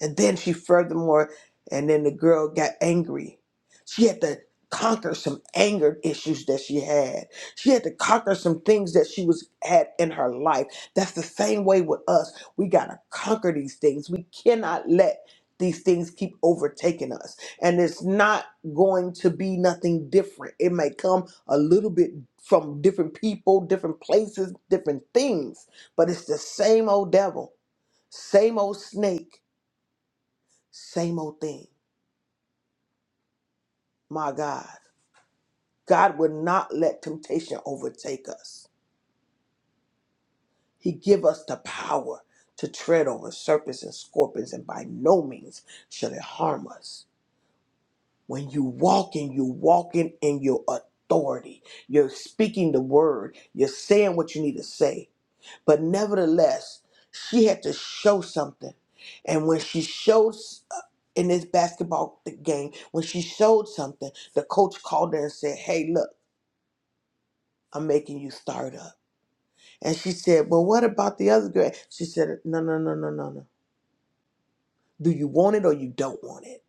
Speaker 3: And then she furthermore, and then the girl got angry. She had to conquer some anger issues that she had. She had to conquer some things that she was had in her life. That's the same way with us. We gotta conquer these things. We cannot let these things keep overtaking us. And it's not going to be nothing different. It may come a little bit from different people, different places, different things, but it's the same old devil, same old snake same old thing. My God. God will not let temptation overtake us. He give us the power to tread over serpents and scorpions, and by no means shall it harm us. When you walk in, you walking in your authority. You're speaking the word. You're saying what you need to say. But nevertheless, she had to show something. And when she shows uh, in this basketball game, when she showed something, the coach called her and said, Hey, look. I'm making you start up. And she said, Well, what about the other girl? She said, No, no, no, no, no, no. Do you want it or you don't want it?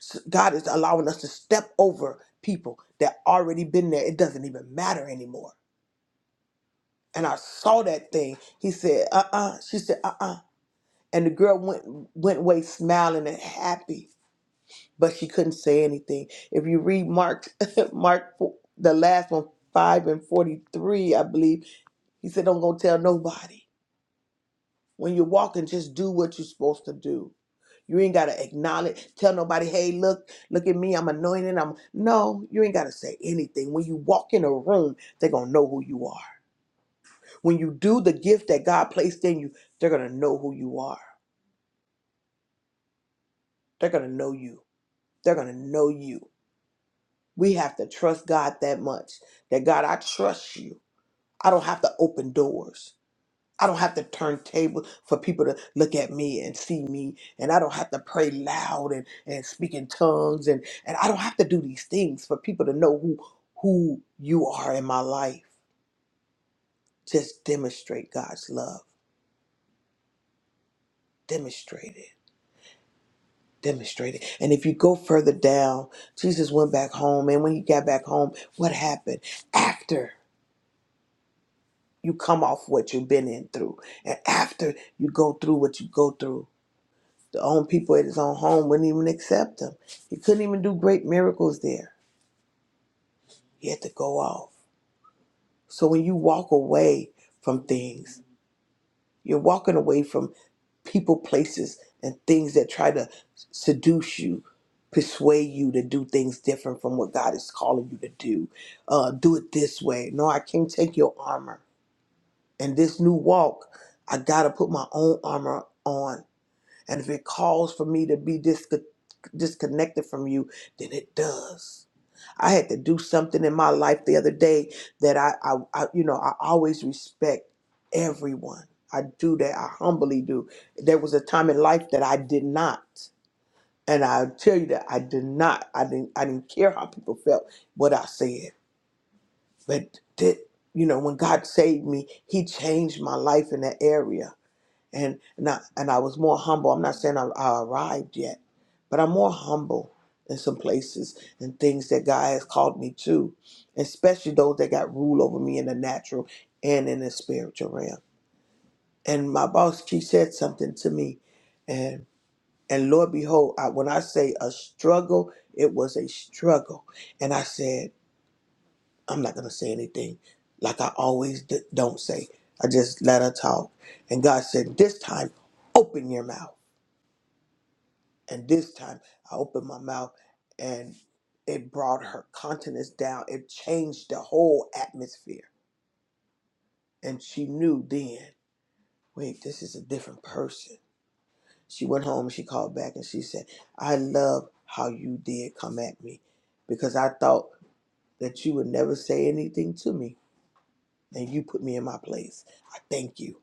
Speaker 3: So God is allowing us to step over people that already been there. It doesn't even matter anymore. And I saw that thing. He said, uh uh She said, uh uh And the girl went went away smiling and happy, but she couldn't say anything. If you read Mark, Mark, the last one, 5 and 43, I believe, he said, Don't go tell nobody. When you're walking, just do what you're supposed to do. You ain't gotta acknowledge, tell nobody, hey, look, look at me, I'm anointed. I'm no, you ain't gotta say anything. When you walk in a room, they're gonna know who you are. When you do the gift that God placed in you, they're gonna know who you are. They're gonna know you. They're gonna know you. We have to trust God that much. That God, I trust you. I don't have to open doors. I don't have to turn tables for people to look at me and see me. And I don't have to pray loud and, and speak in tongues. And, and I don't have to do these things for people to know who, who you are in my life. Just demonstrate God's love. Demonstrate it. Demonstrate it. And if you go further down, Jesus went back home. And when he got back home, what happened? After you come off what you've been in through, and after you go through what you go through, The own people at his own home wouldn't even accept him. He couldn't even do great miracles there. He had to go off. So when you walk away from things, you're walking away from people, places, and things that try to seduce you, persuade you to do things different from what God is calling you to do. Uh, do it this way. No, I can't take your armor. And this new walk, I got to put my own armor on And if it calls for me to be disco- disconnected from you, then it does. I had to do something in my life the other day that I, I, I you know, I always respect everyone. I do that. I humbly do. There was a time in life that I did not. And I tell you that I did not. I didn't I didn't care how people felt what I said. But did you know when God saved me, He changed my life in that area and and I, and I was more humble. I'm not saying I, I arrived yet, but I'm more humble in some places and things that God has called me to, especially those that got rule over me in the natural and in the spiritual realm. And my boss, she said something to me, and and Lord behold, I, when I say a struggle, it was a struggle, and I said I'm not gonna say anything, like I always d- don't say. I just let her talk, and God said this time, open your mouth. And this time I opened my mouth and it brought her countenance down. It changed the whole atmosphere. And she knew then, wait, this is a different person. She went home, and she called back and she said, I love how you did come at me because I thought that you would never say anything to me and you put me in my place. I thank you.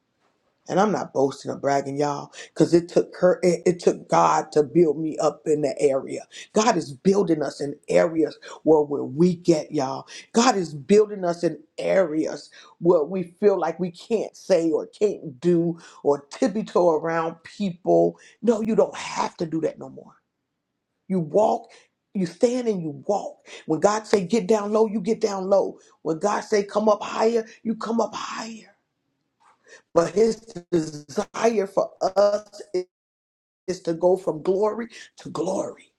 Speaker 3: And I'm not boasting or bragging, y'all, because it took her, it, it took God to build me up in that area. God is building us in areas where we're weak at, y'all. God is building us in areas where we feel like we can't say or can't do or tiptoe around people. No, you don't have to do that no more. You walk, you stand and you walk. When God say get down low, you get down low. When God say come up higher, you come up higher. But his desire for us i- is to go from glory to glory.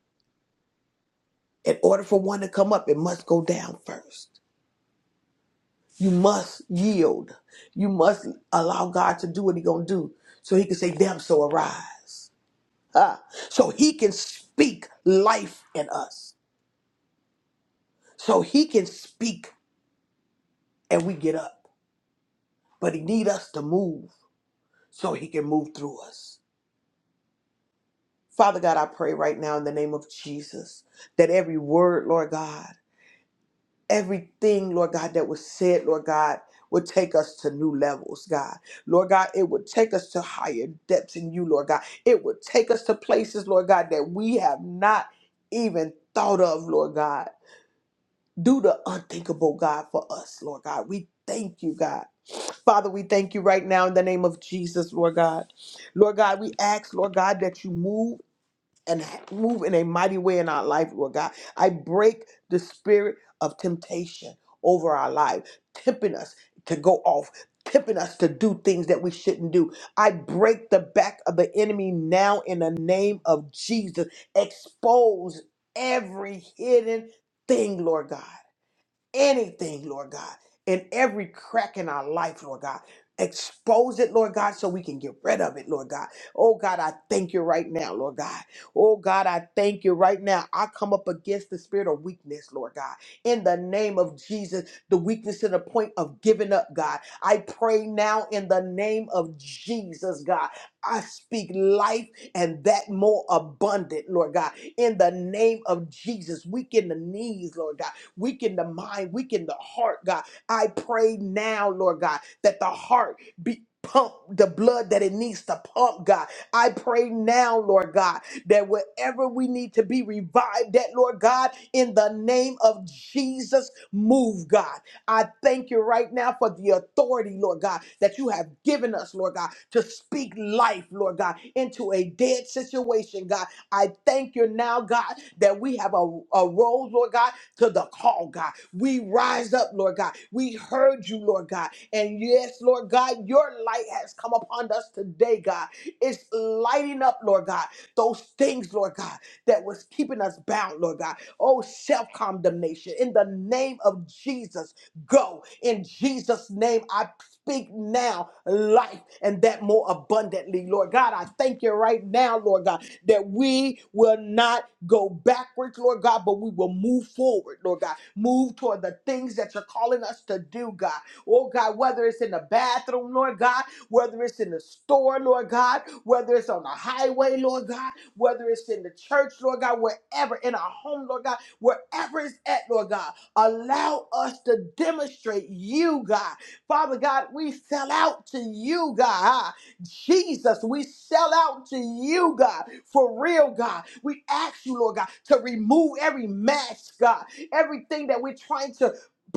Speaker 3: In order for one to come up, it must go down first. You must yield. You must allow God to do what He's gonna do, so He can say, "Damn, so arise." Ah, So He can speak life in us. So He can speak, and we get up. But He need us to move, so He can move through us. Father God, I pray right now in the name of Jesus that every word, Lord God. everything, Lord God, that was said, Lord God, would take us to new levels, God. Lord God, it would take us to higher depths in you, Lord God. It would take us to places, Lord God, that we have not even thought of, Lord God. Do the unthinkable, God, for us, Lord God. We thank you, God. Father, we thank you right now in the name of Jesus, Lord God. Lord God, we ask, Lord God, that you move and move in a mighty way in our life, Lord God. I break the spirit of temptation over our life, tempting us to go off, tempting us to do things that we shouldn't do. I break the back of the enemy now in the name of Jesus. Expose every hidden thing, Lord God anything, Lord God, in every crack in our life, Lord God. Expose it, Lord God, so we can get rid of it, Lord God. Oh God, I thank you right now, Lord God. Oh God, I thank you right now. I come up against the spirit of weakness, Lord God. In the name of Jesus, the weakness to the point of giving up, God. I pray now in the name of Jesus, God. I speak life and that more abundant, Lord God. In the name of Jesus, weaken the knees, Lord God weaken the mind, weaken the heart, God. I pray now, Lord God, that the heart be. Pump the blood that it needs to pump, God. I pray now, Lord God, that wherever we need to be revived, that Lord God, in the name of Jesus, move, God. I thank you right now for the authority, Lord God, that you have given us, Lord God, to speak life, Lord God, into a dead situation, God. I thank you now, God, that we have a, a role, Lord God, to the call, God. We rise up, Lord God. We heard you, Lord God. And yes, Lord God, your light has come upon us today, God. It's lighting up, Lord God, those things, Lord God, that was keeping us bound, Lord God. Oh, self condemnation. In the name of Jesus, go. In Jesus' name, I speak now life and that more abundantly, Lord God. I thank you right now, Lord God that we will not go backwards, Lord God, but we will move forward, Lord God. Move toward the things that you're calling us to do, God. Oh, God, whether it's in the bathroom, Lord God, whether it's in the store, Lord God, whether it's on the highway, Lord God, whether it's in the church, Lord God, wherever, in our home, Lord God, wherever it's at, Lord God, allow us to demonstrate you, God. Father God, we sell out to you, God. Jesus, we sell out to you, God, for real, God. We ask you, Lord God, to remove every mask, God, everything that we're trying to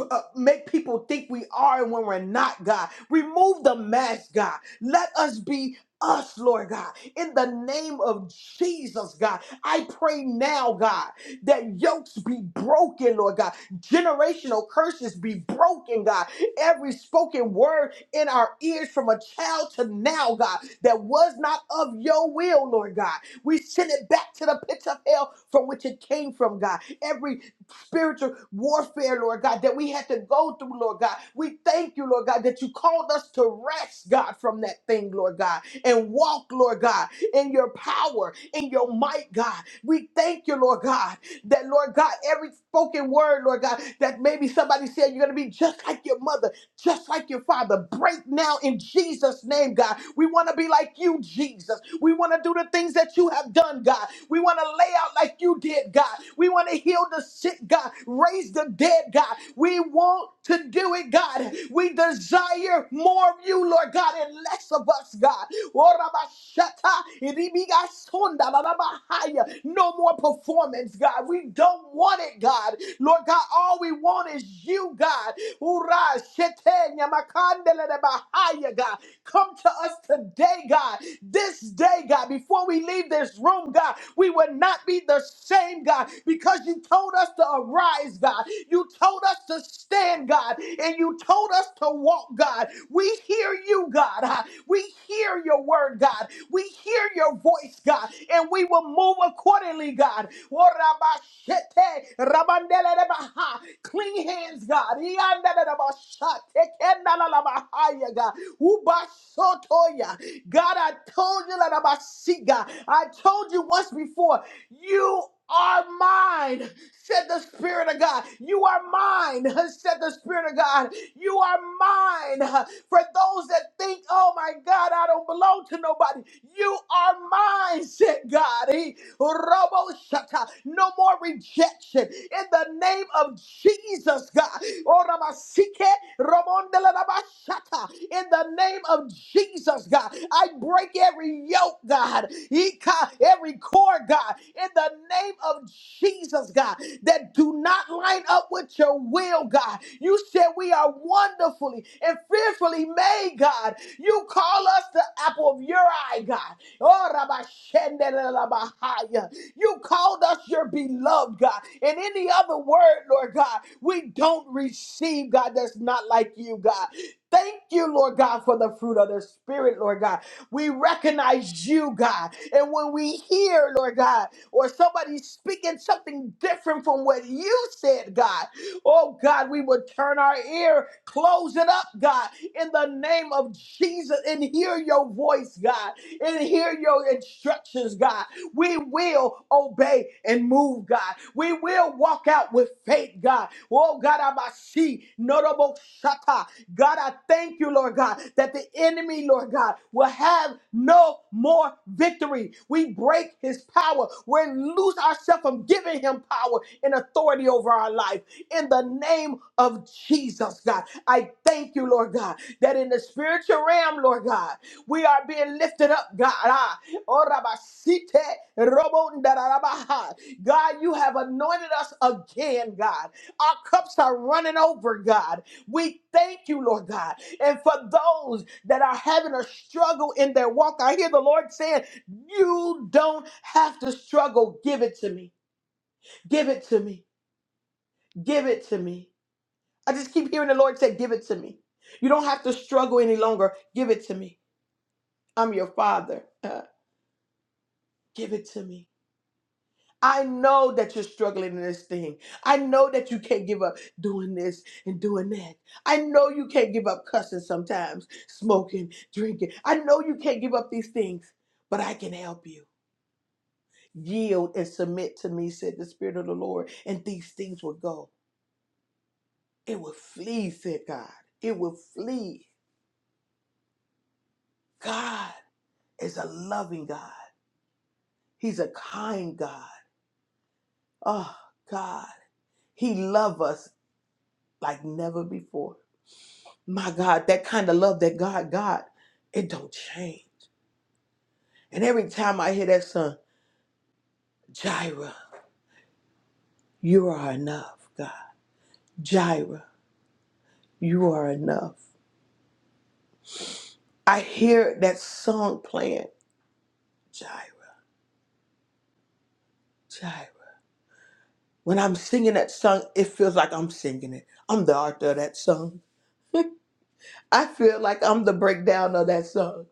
Speaker 3: uh, make people think we are and when we're not, God. Remove the mask, God. Let us be us, Lord God, in the name of Jesus, God. I pray now, God, that yokes be broken, Lord God. Generational curses be broken, God. Every spoken word in our ears from a child to now, God, that was not of your will, Lord God. We send it back to the pits of hell from which it came from, God. Every spiritual warfare, Lord God, that we had to go through, Lord God. We thank you, Lord God, that you called us to rest, God, from that thing, Lord God, and walk, Lord God, in your power, in your might, God. We thank you, Lord God. That, Lord God, every spoken word, Lord God, that maybe somebody said you're going to be just like your mother, just like your father. Break now in Jesus' name, God. We want to be like you, Jesus. We want to do the things that you have done, God. We want to lay out like you did, God. We want to heal the sick, God. Raise the dead, God. We want to do it, God. We desire more of you, Lord God, and less of us, God. Orabashata, iribigasonda, lalabahaya. No more performance, God. We don't want it, God. Lord God, all we want is you, God. Ura, shete, nyamakandele, lebahaya, God. Come to us today, God. This day, God, before we leave this room, God, we will not be the same, God, because you told us to arise, God. You told us to stand, God, and you told us to walk, God. We hear you, God. We hear your word, God. We hear your voice, God, and we will move accordingly, God. Worabashete, rabandelelebaha. Clean hands, God. Iandelelebasha, tekendalalabahaya, God. Ubasotoya. God, I told you, lalabasi, God. I told you once before, you are mine, said the Spirit of God. You are mine, said the Spirit of God. You are mine. For those that think, oh my God, I don't belong to nobody, you are mine, said God. He- Robo shata. No more rejection. In the name of Jesus, God. Oh, Ramasike, Ramondela Rabashata. In the name of Jesus, God, I break every yoke, God, Ika, every cord, God, in the name of Jesus, God, that do not line up with your will, God. You said we are wonderfully and fearfully made, God. You call us the apple of your eye, God. Oh, Rabashendelabahaya. You called us your beloved, God. In any other word, Lord God, we don't receive, God, that's not like you, God. Thank you, Lord God, for the fruit of the Spirit, Lord God. We recognize you, God. And when we hear, Lord God, or somebody speaking something different from what you said, God, oh God, we would turn our ear, close it up, God, in the name of Jesus, and hear your voice, God, and hear your instructions, God. We will obey and move, God. We will walk out with faith, God. Oh, God, I must see. Notable shata. God, I thank you, Lord God, that the enemy, Lord God, will have no more victory. We break his power. We lose ourselves from giving him power and authority over our life. In the name of Jesus, God, I thank you, Lord God, that in the spiritual realm, Lord God, we are being lifted up, God. Ah, Oh, Rabasite, Robo, Ndarabaha. God, you have anointed us again, God. Our cups are running over, God. We thank you, Lord God. And for those that are having a struggle in their walk, I hear the Lord saying, You don't have to struggle. Give it to me. Give it to me. Give it to me. I just keep hearing the Lord say, Give it to me. You don't have to struggle any longer. Give it to me. I'm your father. Uh, give it to me. I know that you're struggling in this thing. I know that you can't give up doing this and doing that. I know you can't give up cussing sometimes, smoking, drinking. I know you can't give up these things, but I can help you. Yield and submit to me, said the Spirit of the Lord, and these things will go. It will flee, said God. It will flee. God is a loving God. He's a kind God. Oh, God. He loves us like never before. My God, that kind of love that God got, it don't change. And every time I hear that song, Jireh, you are enough, God. Jireh, you are enough. I hear that song playing, Jireh, Jireh. When I'm singing that song, it feels like I'm singing it. I'm the author of that song. I feel like I'm the breakdown of that song.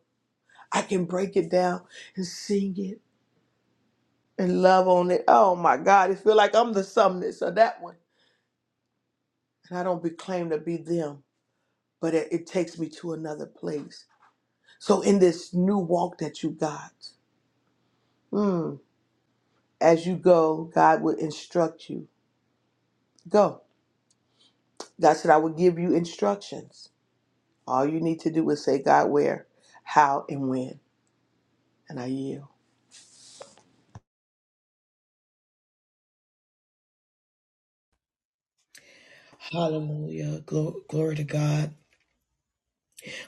Speaker 3: I can break it down and sing it and love on it. Oh my God, it feels like I'm the sumness of that one. And I don't be claim to be them. but it, it takes me to another place. So in this new walk that you got, mm, as you go, God will instruct you. Go. God said, I will give you instructions. All you need to do is say, God, where, how, and when. And I yield.
Speaker 1: Hallelujah. Glo- glory to God.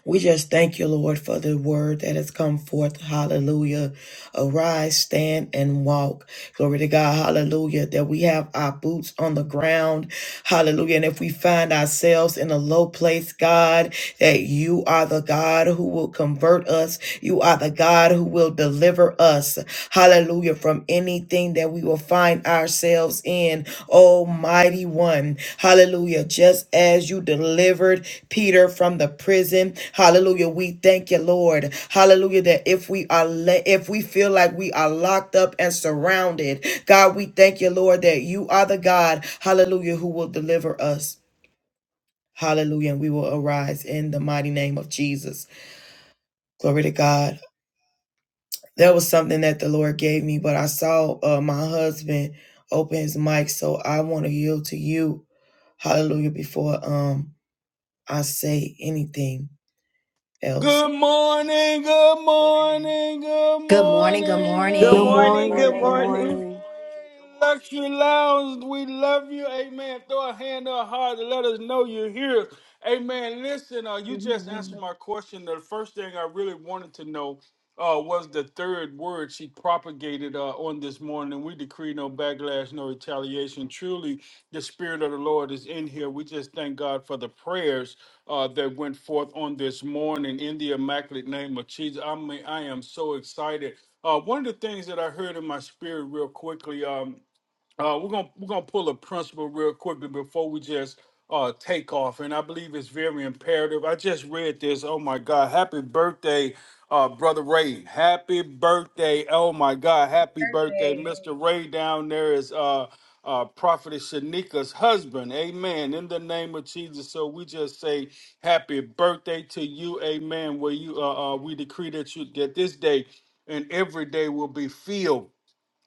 Speaker 1: We just thank you, Lord, for the word that has come forth. Hallelujah. Arise, stand, and walk. Glory to God. Hallelujah. That we have our boots on the ground. Hallelujah. And if we find ourselves in a low place, God, that you are the God who will convert us. You are the God who will deliver us, hallelujah, from anything that we will find ourselves in, Almighty One, hallelujah. Just as you delivered Peter from the prison, hallelujah, we thank you, Lord, hallelujah, that if we are, le- if we feel like we are locked up and surrounded, God, we thank you, Lord, that you are the God, hallelujah, who will deliver us, hallelujah, and we will arise in the mighty name of Jesus. Glory to God. that was something that the Lord gave me. But I saw uh, my husband open his mic, so I want to yield to you, Hallelujah, before um I say anything else.
Speaker 4: Good morning, good morning, good
Speaker 2: Good morning. Good
Speaker 4: morning,
Speaker 3: Good
Speaker 4: good
Speaker 5: Good
Speaker 2: morning.
Speaker 6: Good
Speaker 3: morning.
Speaker 5: morning.
Speaker 3: Good
Speaker 4: morning.
Speaker 5: Good
Speaker 6: morning.
Speaker 3: morning.
Speaker 5: morning.
Speaker 4: Luxury Lounge, we love you. Amen. Throw a hand or a heart to let us know you're here. Amen. Listen, uh, you
Speaker 7: Good
Speaker 4: just answered
Speaker 7: morning.
Speaker 4: my question. The first thing I really wanted to know uh, was the third word she propagated uh, on this morning. We decree no backlash, no retaliation. Truly, the Spirit of the Lord is in here. We just thank God for the prayers uh, that went forth on this morning in the immaculate name of Jesus. I mean, I am so excited. Uh, one of the things that I heard in my spirit, real quickly, um, uh, we're gonna we're gonna pull a principle real quickly before we just uh take off, and I believe it's very imperative. I just read this. Oh my God! Happy birthday, uh, brother Ray. Happy birthday. Oh my God! Happy birthday, Mr. Ray. Down there is uh uh, prophetess Shanika's husband. Amen. In the name of Jesus. So we just say happy birthday to you. Amen. Where you uh, uh we decree that you that this day and every day will be filled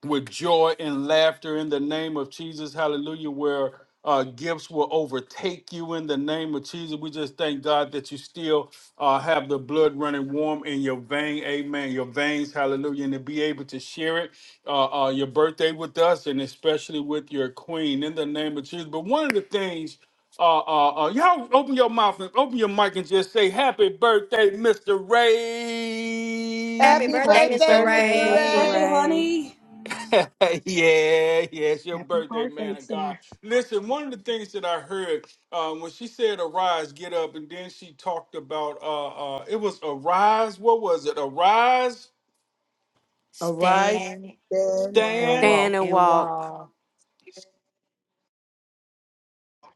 Speaker 4: with joy and laughter in the name of Jesus. Hallelujah. Where uh, gifts will overtake you in the name of Jesus. We just thank God that you still uh, have the blood running warm in your vein. Amen. Your veins. Hallelujah. And to be able to share it, uh, uh, your birthday with us and especially with your queen in the name of Jesus. But one of the things, uh, uh, uh, y'all open your mouth and open your mic and just say, Happy birthday, Mr. Ray.
Speaker 2: Happy
Speaker 3: Happy
Speaker 2: birthday,
Speaker 5: Happy
Speaker 2: Mr.
Speaker 3: birthday,
Speaker 5: birthday,
Speaker 3: Mr.
Speaker 6: Happy
Speaker 5: Mr.
Speaker 2: Ray.
Speaker 6: birthday,
Speaker 3: Ray.
Speaker 5: Ray.
Speaker 6: honey.
Speaker 4: yeah, yeah, it's your
Speaker 7: Happy
Speaker 4: birthday, man
Speaker 7: birthday,
Speaker 4: of God.
Speaker 7: sir.
Speaker 4: Listen, one of the things that I heard um, when she said arise, get up, and then she talked about uh, uh, it was arise, what was it? Arise,
Speaker 3: Arise,
Speaker 2: Stand
Speaker 3: stand, and
Speaker 4: stand.
Speaker 5: Stand
Speaker 3: walk.
Speaker 5: and
Speaker 2: and
Speaker 5: walk.
Speaker 2: walk.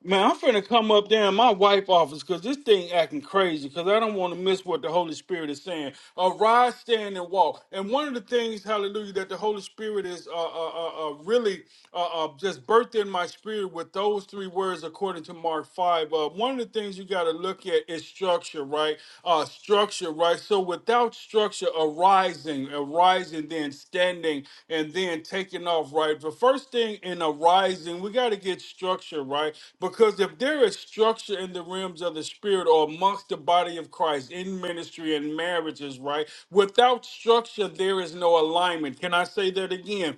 Speaker 4: Man, I'm finna come up there in my wife office because this thing acting crazy because I don't want to miss what the Holy Spirit is saying. Arise, stand, and walk. And one of the things, hallelujah, that the Holy Spirit is uh, uh, uh, uh, really uh, uh, just birthed in my spirit with those three words according to Mark 5. Uh, one of the things you got to look at is structure, right? Uh, structure structure, right? So without structure arising, arising, then standing, and then taking off, right? The first thing in arising, we got to get structure, right? Because if there is structure in the realms of the spirit or amongst the body of Christ in ministry and marriages, right? Without structure, there is no alignment. Can I say that again?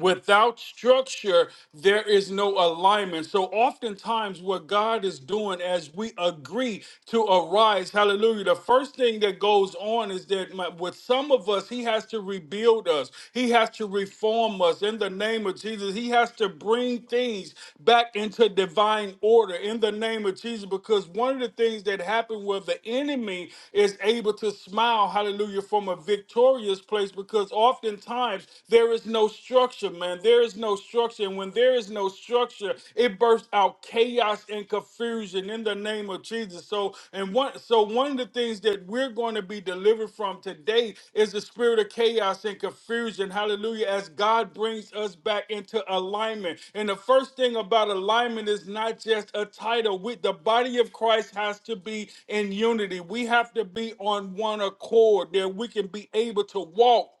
Speaker 4: Without structure, there is no alignment. So, oftentimes, what God is doing as we agree to arise, hallelujah, the first thing that goes on is that my- with some of us, He has to rebuild us, He has to reform us in the name of Jesus. He has to bring things back into divine order in the name of Jesus. Because one of the things that happened where the enemy is able to smile, hallelujah, from a victorious place, because oftentimes, there is no structure, man. There is no structure. And when there is no structure, it bursts out chaos and confusion in the name of Jesus. So, and one so one of the things that we're going to be delivered from today is the spirit of chaos and confusion. Hallelujah. As God brings us back into alignment. And the first thing about alignment is not just a title. With the body of Christ has to be in unity. We have to be on one accord that we can be able to walk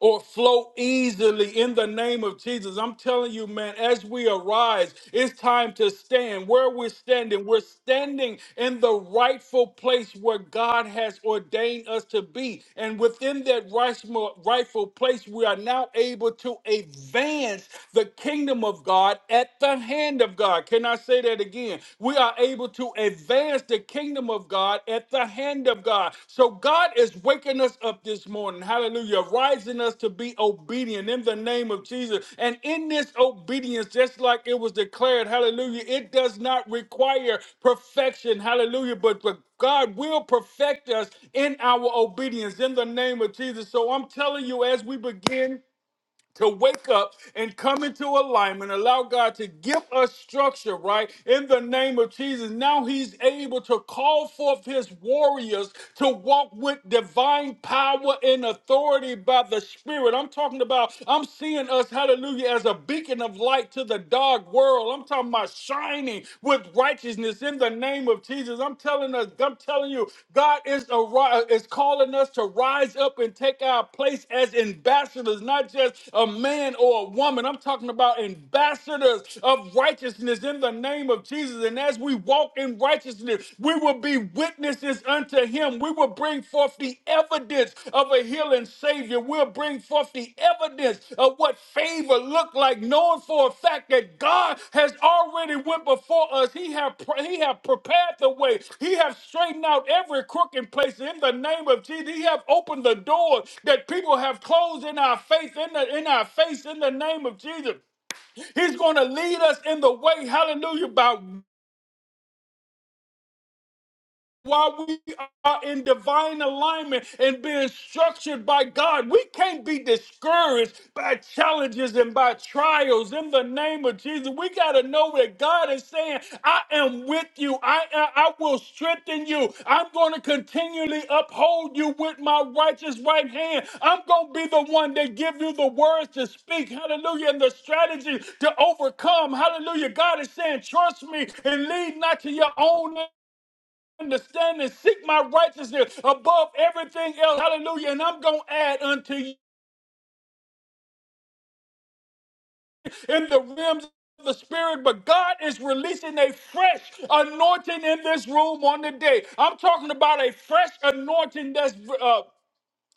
Speaker 4: or flow easily in the name of Jesus. I'm telling you, man, as we arise, it's time to stand where we're standing. We're standing in the rightful place where God has ordained us to be. And within that rightful rightful place, we are now able to advance the kingdom of God at the hand of God. Can I say that again? We are able to to advance the kingdom of God at the hand of God. So God is waking us up this morning. Hallelujah. Rising us to be obedient in the name of Jesus. And in this obedience, just like it was declared, hallelujah, it does not require perfection. Hallelujah. But, but God will perfect us in our obedience in the name of Jesus. So I'm telling you, as we begin to wake up and come into alignment, allow God to give us structure, right? In the name of Jesus. Now he's able to call forth his warriors to walk with divine power and authority by the Spirit. I'm talking about, I'm seeing us, hallelujah, as a beacon of light to the dark world. I'm talking about shining with righteousness in the name of Jesus. I'm telling us, I'm telling you, God is a, ri- uh, is calling us to rise up and take our place as ambassadors, not just a man or a woman. I'm talking about ambassadors of righteousness in the name of Jesus. And as we walk in righteousness, we will be witnesses unto him. We will bring forth the evidence evidence of a healing Savior. We'll bring forth the evidence of what favor looked like, knowing for a fact that God has already went before us. He have He have prepared the way. He have straightened out every crooked place in the name of Jesus. He have opened the door that people have closed in our faith, in, the, in our face, in the name of Jesus. He's going to lead us in the way, hallelujah, by while we are in divine alignment and being structured by God, we can't be discouraged by challenges and by trials. In the name of Jesus, we got to know that God is saying, I am with you. I, I, I will strengthen you. I'm going to continually uphold you with my righteous right hand. I'm going to be the one that give you the words to speak. Hallelujah. And the strategy to overcome. Hallelujah. God is saying, trust me and lead not to your own understanding, seek my righteousness above everything else. Hallelujah. And I'm going to add unto you in the realms of the spirit, but God is releasing a fresh anointing in this room on the day. I'm talking about a fresh anointing that's uh,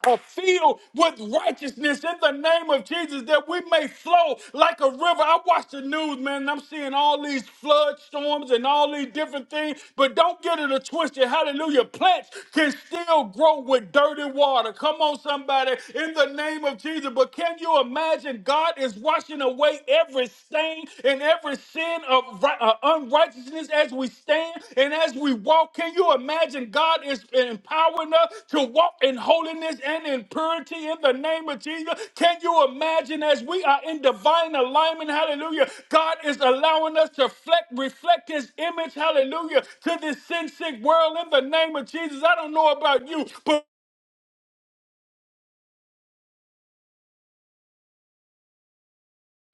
Speaker 4: are filled with righteousness in the name of Jesus that we may flow like a river. I watch the news, man, and I'm seeing all these flood storms and all these different things, but don't get it a twisted. Hallelujah. Plants can still grow with dirty water. Come on, somebody, in the name of Jesus. But can you imagine God is washing away every stain and every sin? sin of ri- uh, unrighteousness as we stand and as we walk. Can you imagine God is empowering us to walk in holiness and in purity in the name of Jesus? Can you imagine as we are in divine alignment? Hallelujah. God is allowing us to reflect, reflect his image. Hallelujah. To this sin sick world in the name of Jesus. I don't know about you, but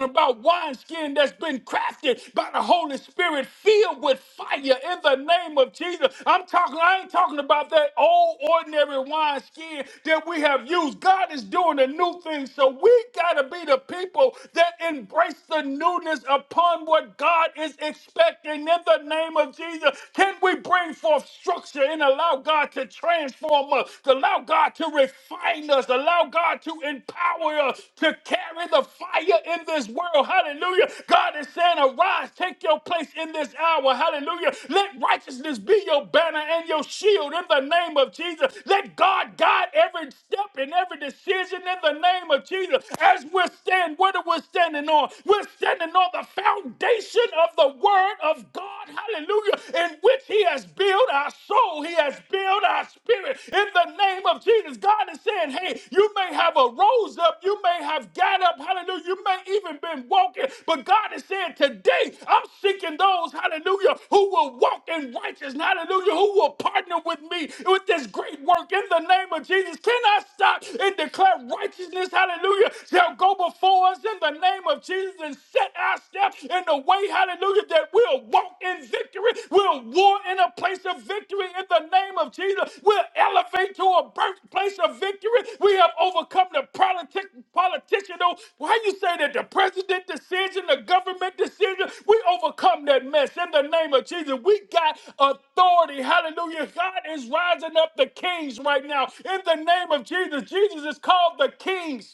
Speaker 4: about wineskin that's been crafted by the Holy Spirit, filled with fire in the name of Jesus. I'm talking, I ain't talking about that old ordinary wineskin that we have used. God is doing a new thing, so we gotta be the people that embrace the newness upon what God is expecting in the name of Jesus. Can we bring forth structure and allow God to transform us, to allow God to refine? enlighten us. Allow God to empower us to carry the fire in this world. Hallelujah. God is saying, arise, take your place in this hour. Hallelujah. Let righteousness be your banner and your shield in the name of Jesus. Let God guide every step and every decision in the name of Jesus. As we're standing, what are we standing on? We're standing on the foundation of the word of God. Hallelujah. In which he has built healed our soul. He has built our spirit. In the name of Jesus, God is saying, hey, you may have a rose up. You may have got up. Hallelujah. You may even been walking. But God is saying, today, I'm seeking those, hallelujah, who will walk in righteousness. Hallelujah. Who will partner with me with this great work in the name of Jesus. Can I stop and declare righteousness? Hallelujah. Shall go before us in the name of Jesus and set our steps in? in the way, hallelujah, that we'll walk in victory. We'll war in a place of victory in the name of Jesus. We'll elevate to a birthplace of victory. We have overcome the politic, politician. oh, Why you say that the president decision, the government decision, we overcome that mess in the name of Jesus. We got authority. Hallelujah. God is rising up the kings right now in the name of Jesus. Jesus is called the kings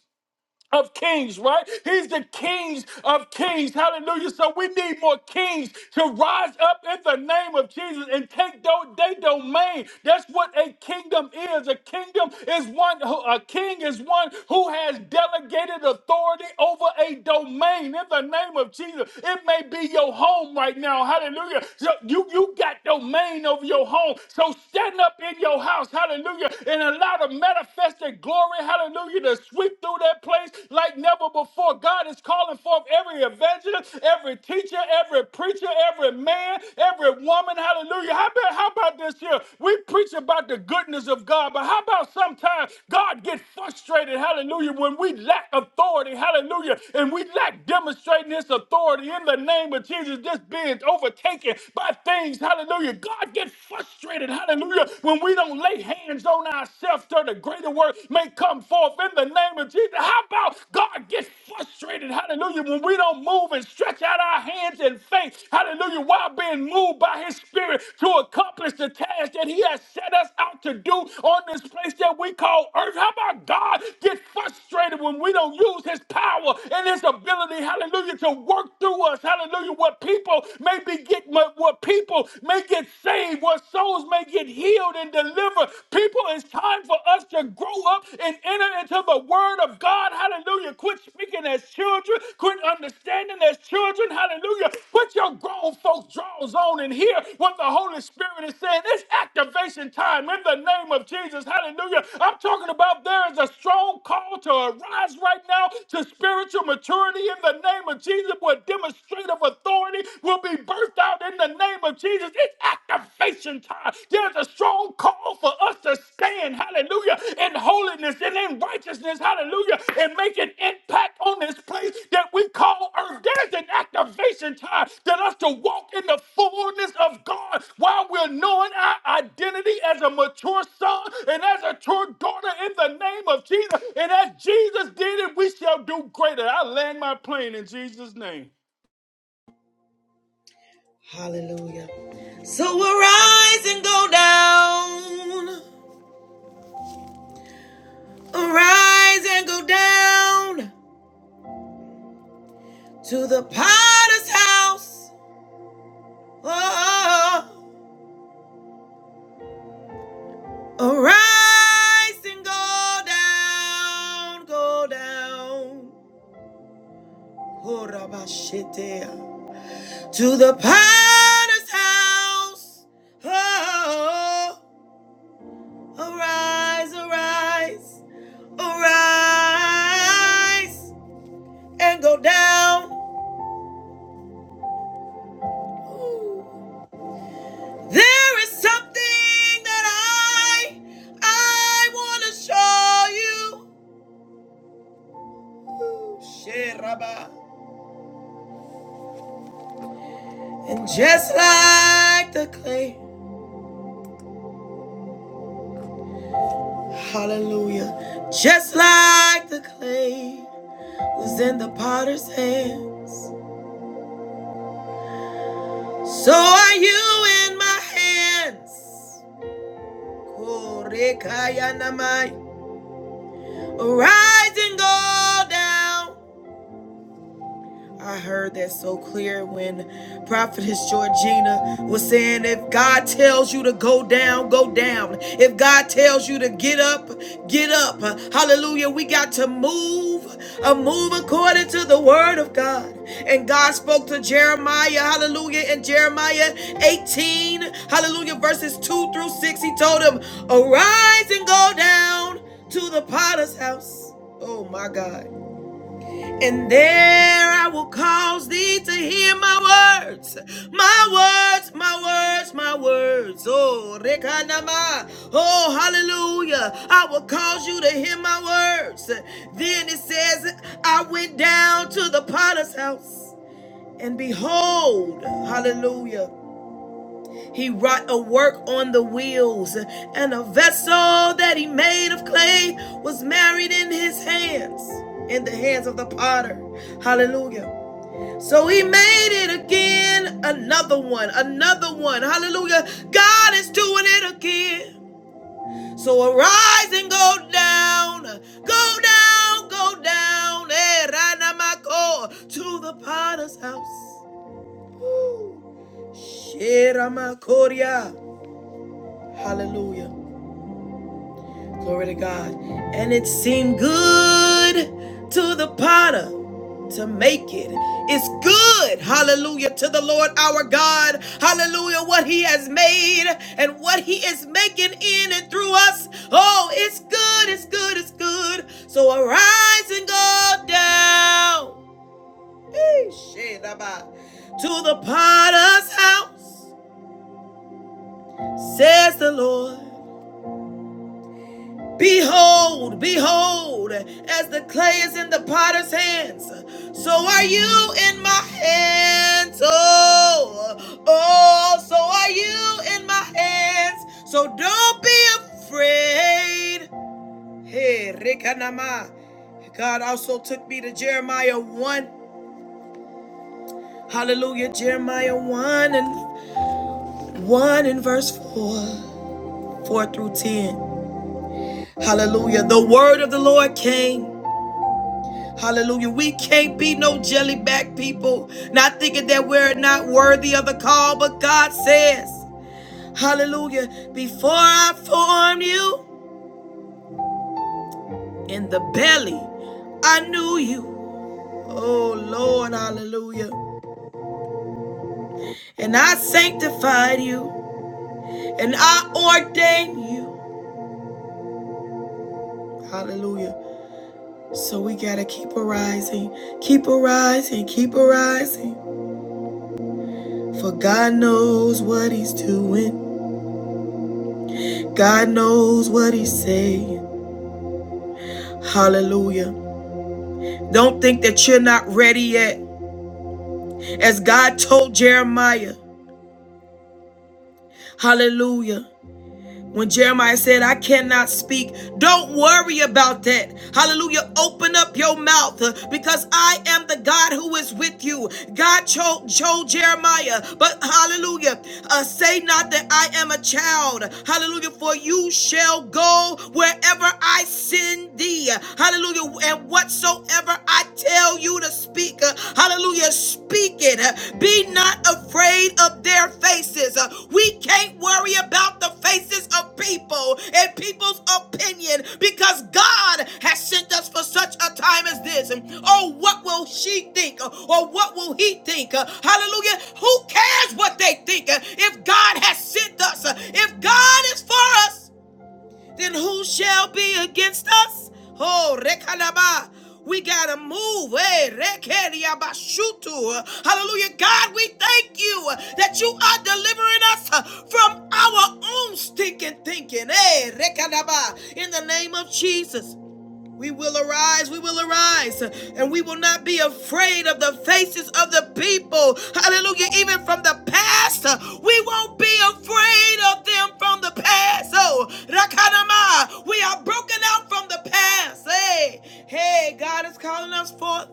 Speaker 4: of kings, right? He's the kings of kings. Hallelujah. So we need more kings to rise up in the name of Jesus and take do- their domain. That's what a kingdom is. A kingdom is one who a king is one who has delegated authority over a domain in the name of Jesus. It may be your home right now. Hallelujah. So you, you got domain over your home. So stand up in your house. Hallelujah. And allow the manifested glory, hallelujah, to sweep through that place like never before. God is calling forth every evangelist, every teacher, every preacher, every man, every woman, hallelujah. How about, how about this here? We preach about the goodness of God, but how about sometimes God get frustrated, hallelujah, when we lack authority, hallelujah, and we lack demonstrating his authority in the name of Jesus, just being overtaken by things, hallelujah. God get frustrated, hallelujah, when we don't lay lay hands on ourselves till the greater work may come forth in the name of Jesus. How about God gets frustrated, hallelujah, when we don't move and stretch out our hands in faith, hallelujah, while being moved by his spirit to accomplish the task that he has set us out to do on this place that we call earth. How about God get frustrated when we don't use his power and his ability, hallelujah, to work through us, hallelujah, where people may be get where people may get saved where souls may get healed and delivered. People, it's time for us to grow up and enter into the word of God. Hallelujah. Quit speaking as children. Quit understanding as children. Hallelujah. Put your grown folks drawers on and hear what the Holy Spirit is saying. It's activation time in the name of Jesus. Hallelujah. I'm talking about there is a strong call to arise right now to spiritual maturity in the name of Jesus where demonstrative authority will be birthed birthed out in the name of Jesus. It's activation time. There's a strong call for us to stand, hallelujah, in holiness and in righteousness, hallelujah, and make an impact on this place that we call earth. There's an activation time that us to walk in the fullness of God while we're knowing our identity as a mature son and as a true daughter in the name of Jesus. And as Jesus did it, we shall do greater. I land my plane in Jesus' name.
Speaker 1: Hallelujah. So arise and go down, arise and go down to the potter's house. Oh, arise and go down, go down. Korabashitea. to the potter's house. Oh, arise, arise, arise, and go down. Ooh. There is something that I, I want to show you. Sheraba. And just like the clay, hallelujah, just like the clay was in the potter's hands. So are you in my hands. Korekaya namai. Rise and go down. I heard that so clear when Prophetess Georgina was saying, if God tells you to go down, go down. If God tells you to get up, get up. Hallelujah. We got to move, uh, move according to the word of God. And God spoke to Jeremiah, hallelujah, in Jeremiah 18, hallelujah, verses 2 through 6. He told him, arise and go down to the potter's house. Oh my God. And there I will cause thee to hear my words, my words, my words, my words. Oh, Rekanama. Oh, hallelujah. I will cause you to hear my words. Then it says, I went down to the potter's house, and behold, hallelujah. He wrought a work on the wheels, and a vessel that he made of clay was married in his hands, in the hands of the potter. Hallelujah. So he made it again, another one, another one. Hallelujah. God is doing it again. So arise and go down, go down, go down, eh, Ranamako, to the potter's house. Sheramakoria. Hallelujah. Glory to God. And it seemed good to the potter to make it. It's good, hallelujah, to the Lord our God, hallelujah, what he has made and what he is making in and through us. Oh, it's good, it's good, it's good. So arise and go down to the potter's house, says the Lord. Behold, behold, as the clay is in the potter's hands, so are you in my hands. Oh, oh, so are you in my hands. So don't be afraid. Hey, Rekanama. God also took me to Jeremiah 1. Hallelujah. Jeremiah 1 and 1 and verse 4. 4 through 10. Hallelujah. The word of the Lord came. Hallelujah. We can't be no jellyback people, not thinking that we're not worthy of the call, but God says, Hallelujah, before I formed you in the belly, I knew you. Oh Lord, hallelujah. And I sanctified you and I ordained you. Hallelujah. So we got to keep arising, keep arising, keep arising. For God knows what He's doing. God knows what he's saying. Hallelujah. Don't think that you're not ready yet. As God told Jeremiah, hallelujah. When Jeremiah said, I cannot speak, don't worry about that. Hallelujah. Open up your mouth uh, because I am the God who is with you. God told, told Jeremiah, but hallelujah, uh, say not that I am a child. Hallelujah. For you shall go wherever I send thee. Hallelujah. And whatsoever I tell you to speak, uh, hallelujah, Speak it. Be not afraid of their faces. We can't worry about the faces of people and people's opinion because God has sent us for such a time as this. Oh, what will she think? Or what will he think? Hallelujah. Who cares what they think if God has sent us? If God is for us, then who shall be against us? Oh, rekalaba. We gotta move. Hey, rekeriabashutu. Hallelujah. God, we thank you that you are delivering us from our own stinking thinking. Hey, rekalaba. In the name of Jesus. We will arise, we will arise, and we will not be afraid of the faces of the people. Hallelujah. Even from the past, we won't be afraid of them from the past. Oh, Rakanama, we are broken out from the past. Hey, hey, God is calling us forth.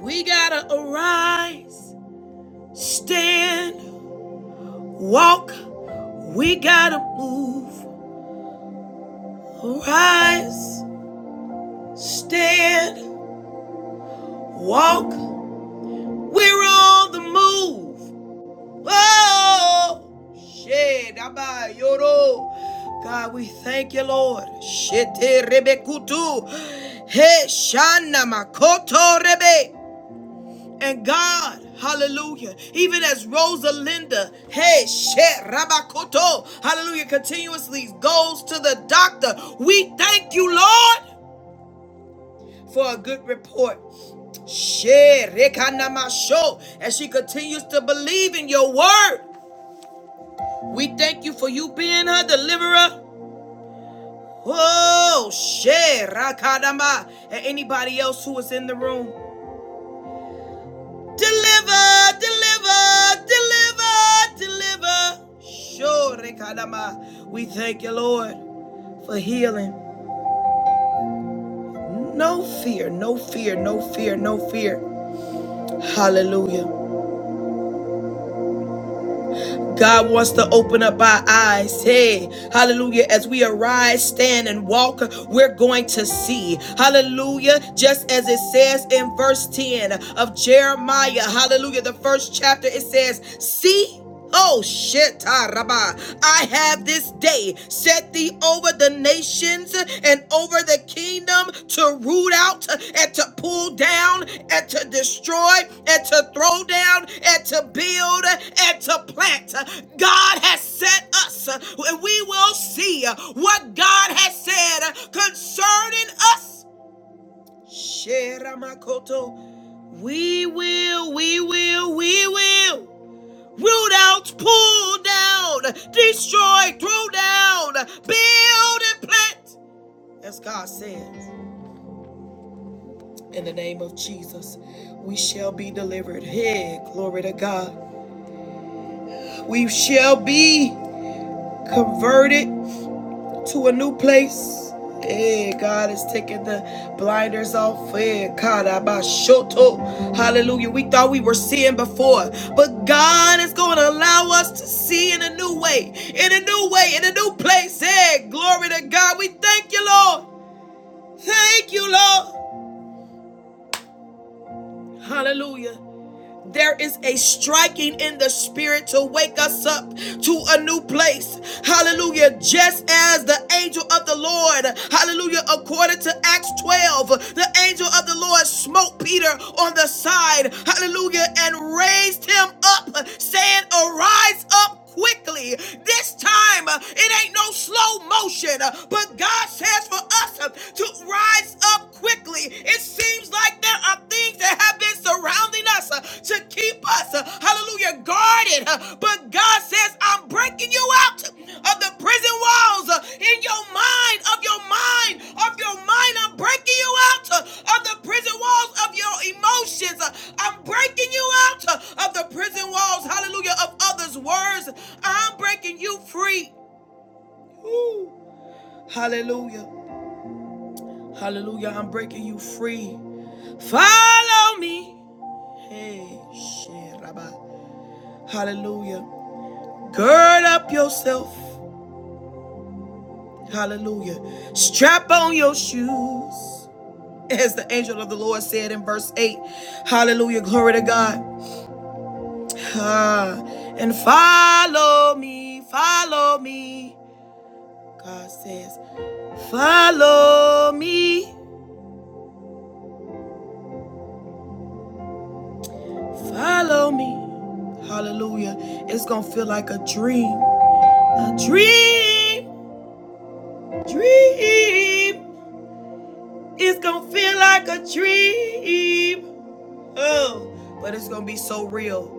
Speaker 1: We gotta arise, stand, walk. We gotta move. Arise, stand, walk. We're on the move. Oh, shit. Abba, God, we thank you, Lord. Shete rebekutu. He shana makoto rebe. And God, hallelujah, even as Rosalinda, hey, shit, rabakoto, hallelujah, continuously goes to the doctor. We thank you, Lord for a good report. Share rekanamasho. As she continues to believe in your word, we thank you for you being her deliverer. Oh, share rakadama. And anybody else who is in the room, deliver, deliver, deliver, deliver. Sure, rekadama. We thank you, Lord for healing. No fear, no fear, no fear, no fear. Hallelujah. God wants to open up our eyes. Hey, hallelujah. As we arise, stand, and walk, we're going to see. Hallelujah. Just as it says in verse 10 of Jeremiah, hallelujah, the first chapter, it says, See, Oh shit, I have this day set thee over the nations and over the kingdom to root out and to pull down and to destroy and to throw down and to build and to plant. God has set us, and we will see what God has said concerning us. Sheramakoto. We will, we will, we will. Root out, pull down, destroy, throw down, build and plant. As God says, in the name of Jesus, we shall be delivered. Hey, glory to God. We shall be converted to a new place. Hey, God is taking the blinders off. Hey, Karabashoto. Hallelujah. We thought we were seeing before, but God is going to allow us to see in a new way, in a new way, in a new place. Hey, glory to God. We thank you, Lord. Thank you, Lord. Hallelujah. There is a striking in the spirit to wake us up to a new place. Hallelujah. Just as the angel of the Lord, hallelujah, according to Acts 12, the angel of the Lord smote Peter on the side, hallelujah, and raised him up, saying, Arise up quickly. This time, uh, it ain't no slow motion, uh, but God says for us uh, to rise up quickly. It seems like there are things that have been surrounding us uh, to keep us, uh, hallelujah, guarded, uh, but God says, I'm breaking you you out of the prison walls uh, in your mind, of your mind, of your mind. I'm breaking you out uh, of the prison walls of your emotions. Uh, I'm breaking you out uh, of the prison walls, hallelujah, of others' words. I'm breaking you free. Woo. Hallelujah. Hallelujah. I'm breaking you free. Follow me. Hey, shit, rabbi. Hallelujah. Gird up yourself. Hallelujah. Strap on your shoes. As the angel of the Lord said in verse 8. Hallelujah. Glory to God. Ah, and follow me. Follow me. God says, follow me. Follow me. Hallelujah. It's going to feel like a dream. A dream. Dream. It's going to feel like a dream. Oh, but it's going to be so real.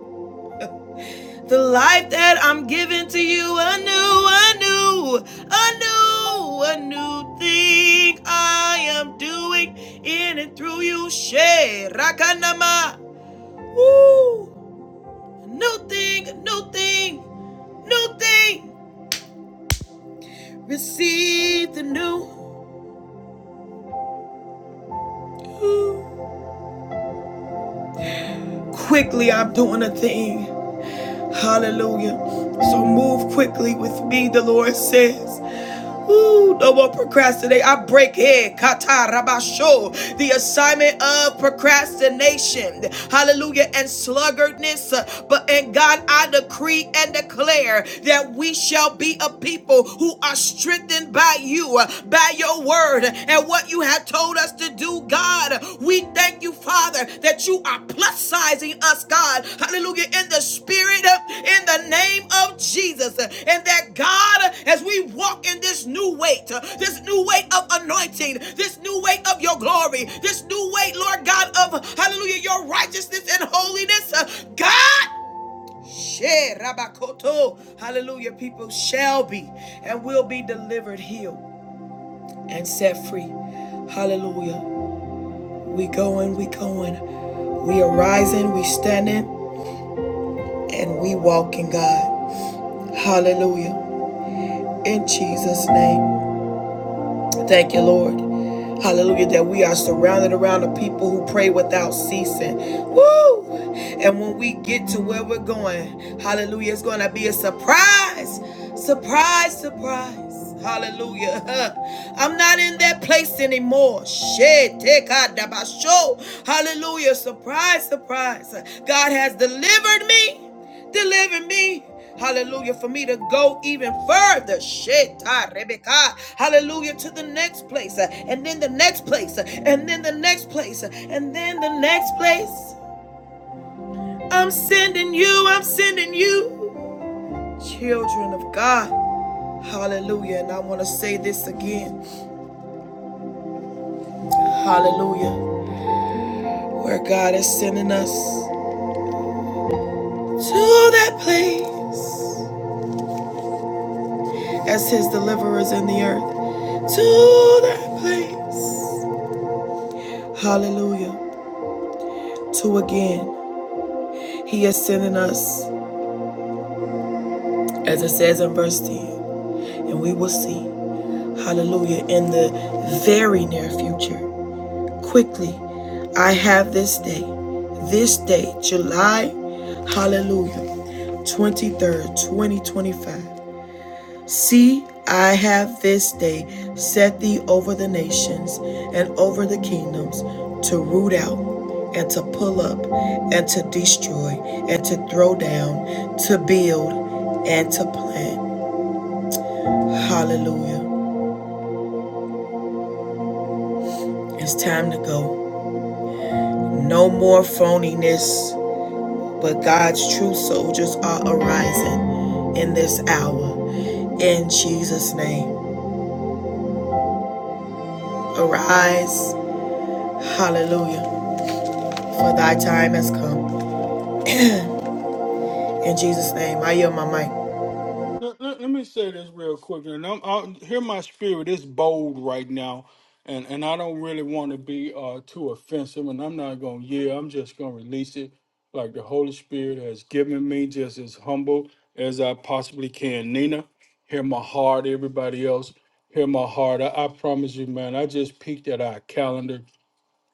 Speaker 1: The life that I'm giving to you, a new, a new, a new, a new thing I am doing in and through you. She Rakanama. Woo! New thing, new thing, new thing. Receive the new. Woo. Quickly, I'm doing a thing. Hallelujah. So move quickly with me, the Lord says. Ooh, no more procrastinate. I break here, kata rabasho, the assignment of procrastination, hallelujah, and sluggardness. But in God, I decree and declare that we shall be a people who are strengthened by you, by your word, and what you have told us to do, God. We thank you, Father, that you are plus sizing us, God. Hallelujah. In the spirit, uh, in the name of Jesus. Uh, And that, God, uh, as we walk in this new weight, uh, this new weight of anointing, this new weight of your glory, this new weight, Lord God, of hallelujah, your righteousness and holiness, uh, God. She rabakoto. Hallelujah. People shall be and will be delivered, healed, and set free. Hallelujah. We going, we going. We are rising, we standing, and we walking, God. Hallelujah. In Jesus' name. Thank you, Lord. Hallelujah, that we are surrounded around the people who pray without ceasing. Woo! And when we get to where we're going, hallelujah, it's going to be a surprise. Surprise, surprise. Hallelujah. I'm not in that place anymore. Shit. Take Hallelujah. Surprise, surprise. God has delivered me. Deliver me. Hallelujah. For me to go even further. Shit. ah, Hallelujah. To the next place. uh, And then the next place. uh, And then the next place. uh, And then the next place. I'm sending you. I'm sending you. Children of God. Hallelujah. And I want to say this again. Hallelujah. Where God is sending us to that place as his deliverers in the earth. To that place. Hallelujah. Two again, He is sending us, as it says in verse 10, and we will see, hallelujah, in the very near future. Quickly, I have this day, this day, July, hallelujah, 23rd, 2025. See, I have this day set thee over the nations and over the kingdoms to root out and to pull up and to destroy and to throw down, to build and to plant. Hallelujah. It's time to go. No more phoniness, but God's true soldiers are arising in this hour in Jesus' name. Arise, hallelujah, for thy time has come. In Jesus' name, I yield my mic.
Speaker 4: Let, let- let me say this real quick, and I'm out here. My spirit is bold right now, and and I don't really want to be uh too offensive, and I'm not gonna yeah. I'm just gonna release it like the Holy Spirit has given me, just as humble as I possibly can. Nina, hear my heart. Everybody else, hear my heart. I, I promise you, man. I just peeked at our calendar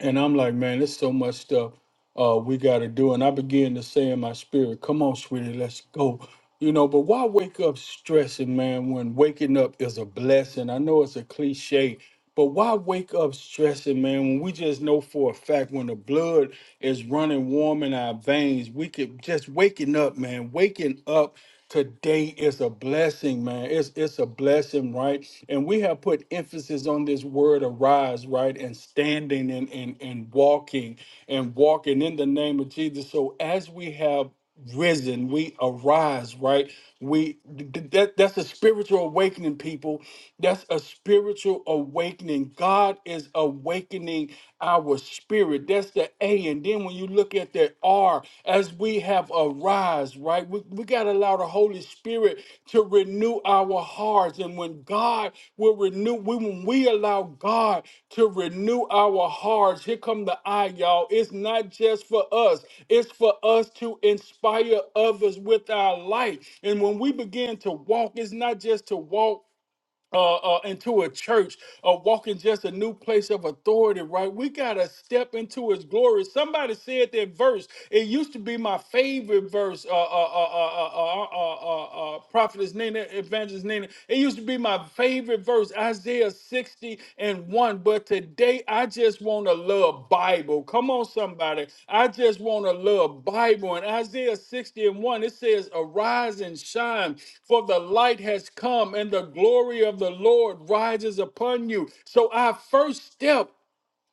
Speaker 4: and I'm like, man, there's so much stuff uh, we got to do. And I began to say in my spirit, come on, sweetie, let's go. You know, but why wake up stressing, man, when waking up is a blessing? I know it's a cliche, but why wake up stressing, man, when we just know for a fact when the blood is running warm in our veins, we could just waking up, man, waking up Today is a blessing, man. It's it's a blessing, right? And we have put emphasis on this word arise, right? And standing and and, and walking and walking in the name of Jesus. So as we have risen we arise right we th- th- that, that's a spiritual awakening people that's a spiritual awakening god is awakening our spirit that's the a and then when you look at the r as we have arise right we, we got to allow the holy spirit Spirit to renew our hearts. And when God will renew, when we allow God to renew our hearts, here come the I, y'all. It's not just for us, it's for us to inspire others with our light. And when we begin to walk, it's not just to walk uh, uh, into a church or walk in just a new place of authority, right? We got to step into his glory. Somebody said that verse. It used to be my favorite verse, uh, uh, uh, uh, uh, uh, uh, uh, uh, uh, prophetess Nina, evangelist Nina. It used to be my favorite verse, Isaiah 60 sixty And one, But today, I just want to love Bible. Come on, somebody. I just want to love Bible. In Isaiah 60 and 1, it says, Arise and shine, for the light has come, and the glory of the Lord rises upon you. So, our first step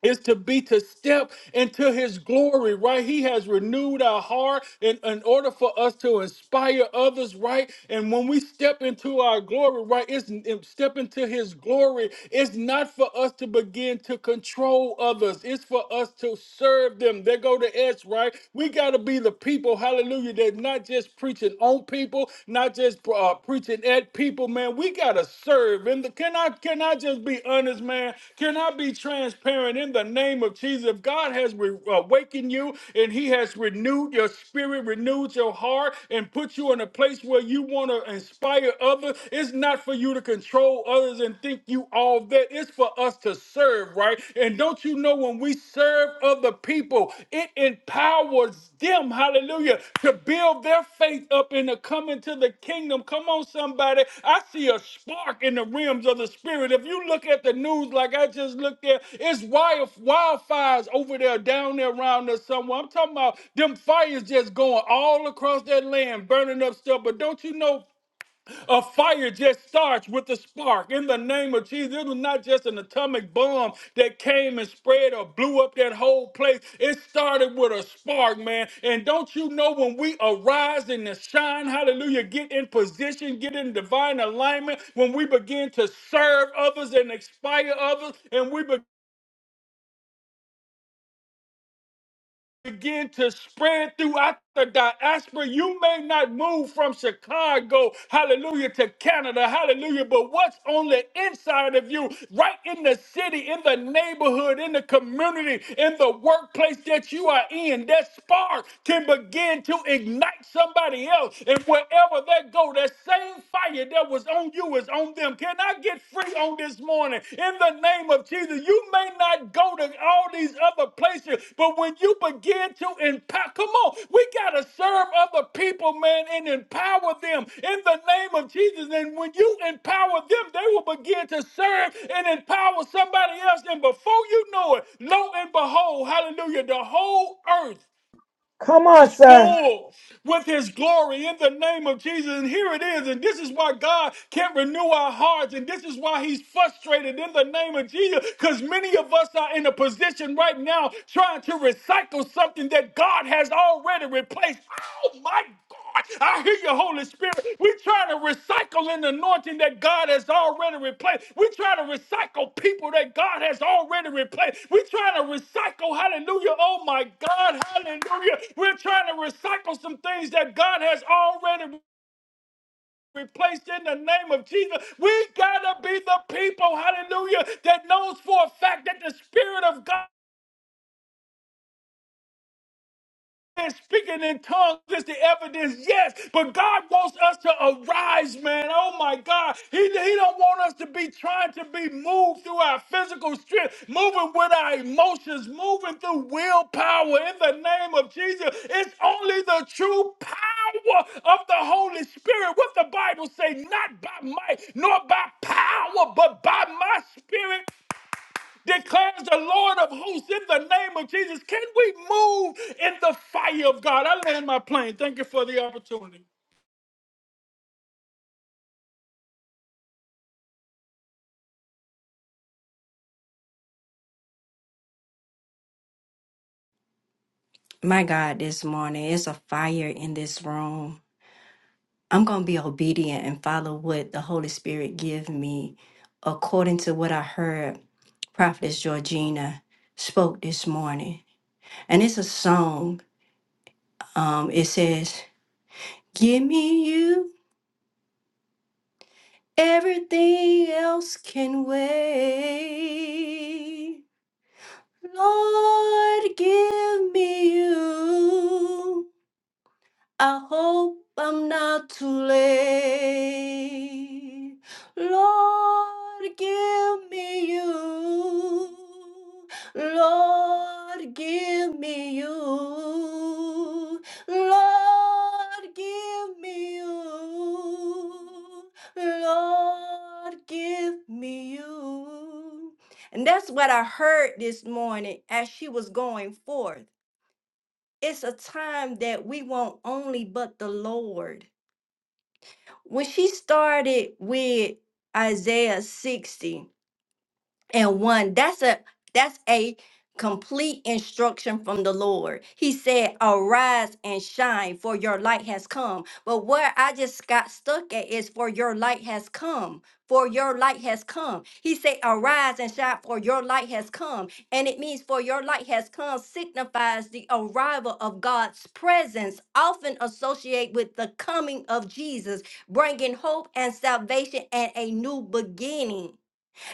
Speaker 4: is to be to step into his glory, right? He has renewed our heart in, in order for us to inspire others, right? And when we step into our glory, right, it's and step into his glory, it's not for us to begin to control others, it's for us to serve them. They go to S, right? We gotta be the people, hallelujah, that not just preaching on people, not just uh, preaching at people, man. We gotta serve. And the, can I can I just be honest, man? Can I be transparent in the name of Jesus? If God has re- awakened you and He has renewed your spirit, renewed your heart, and put you in a place where you want to inspire others, it's not for you to control others and think you all that. It's for us to serve, right? And don't you know? when? when we serve other people, it empowers them, hallelujah, to build their faith up and to come into the kingdom. Come on, somebody. I see a spark in the realms of the spirit. If you look at the news like I just looked at, it's wild, wildfires over there, down there around us somewhere. I'm talking about them fires just going all across that land, burning up stuff. But don't you know a fire just starts with a spark. In the name of Jesus, it was not just an atomic bomb that came and spread or blew up that whole place. It started with a spark, man. And don't you know when we arise in the shine, hallelujah, get in position, get in divine alignment, when we begin to serve others and inspire others, and we begin begin to spread throughout the diaspora. You may not move from Chicago, hallelujah, to Canada, hallelujah, but what's on the inside of you, right in the city, in the neighborhood, in the community, in the workplace that you are in, that spark can begin to ignite somebody else. And wherever they go, that same fire that was on you is on them them. Can I get free on this morning? In the name of Jesus, you may not go to all these other places, but when you begin to empower, come on, we got to serve other people, man, and empower them in the name of Jesus. And when you empower them, they will begin to serve and empower somebody else. And before you know it, lo and behold, hallelujah, the whole earth
Speaker 7: Come on,
Speaker 4: is
Speaker 7: sir.
Speaker 4: full with his glory in the name of Jesus. And here it is. And this is why God can't renew our hearts. And this is why he's frustrated in the name of Jesus. Because many of us are in a position right now trying to recycle something that God has already replaced. Oh my God. I hear you, Holy Spirit. we try to recycle an anointing that God has already replaced. we try to recycle people that God has already replaced. we try to recycle, hallelujah. Oh my God, hallelujah. We're trying to recycle some things that God has already replaced in the name of Jesus. We gotta be the people, hallelujah, that knows for a fact that the Spirit of God. and speaking in tongues is the evidence, yes, but God wants us to arise, man. Oh my God. He, he don't want us to be trying to be moved through our physical strength, moving with our emotions, moving through willpower in the name of Jesus. It's only the true power of the Holy Spirit. What the Bible say, not by might nor by power, but by my spirit declares the Lord of hosts in the name of Jesus. Can we move in the fire of God? I land my plane. Thank you for the opportunity.
Speaker 2: My God, this morning it's a fire in this room. I'm going to be obedient and follow what the Holy Spirit give me according to what I heard Prophetess Georgina spoke this morning. And it's a song Um, it says, Give me you, everything else can wait. Lord, give me you. I hope I'm not too late. Lord, give me you. Lord, give me you. Lord, give me you. Lord, give me you. And that's what I heard this morning as she was going forth it's a time that we want only but the Lord. When she started with Isaiah 60, and 1 that's a that's a complete instruction from the lord he said arise and shine for your light has come but where i just got stuck at is for your light has come for your light has come he said arise and shine for your light has come and it means for your light has come signifies the arrival of god's presence often associated with the coming of jesus bringing hope and salvation and a new beginning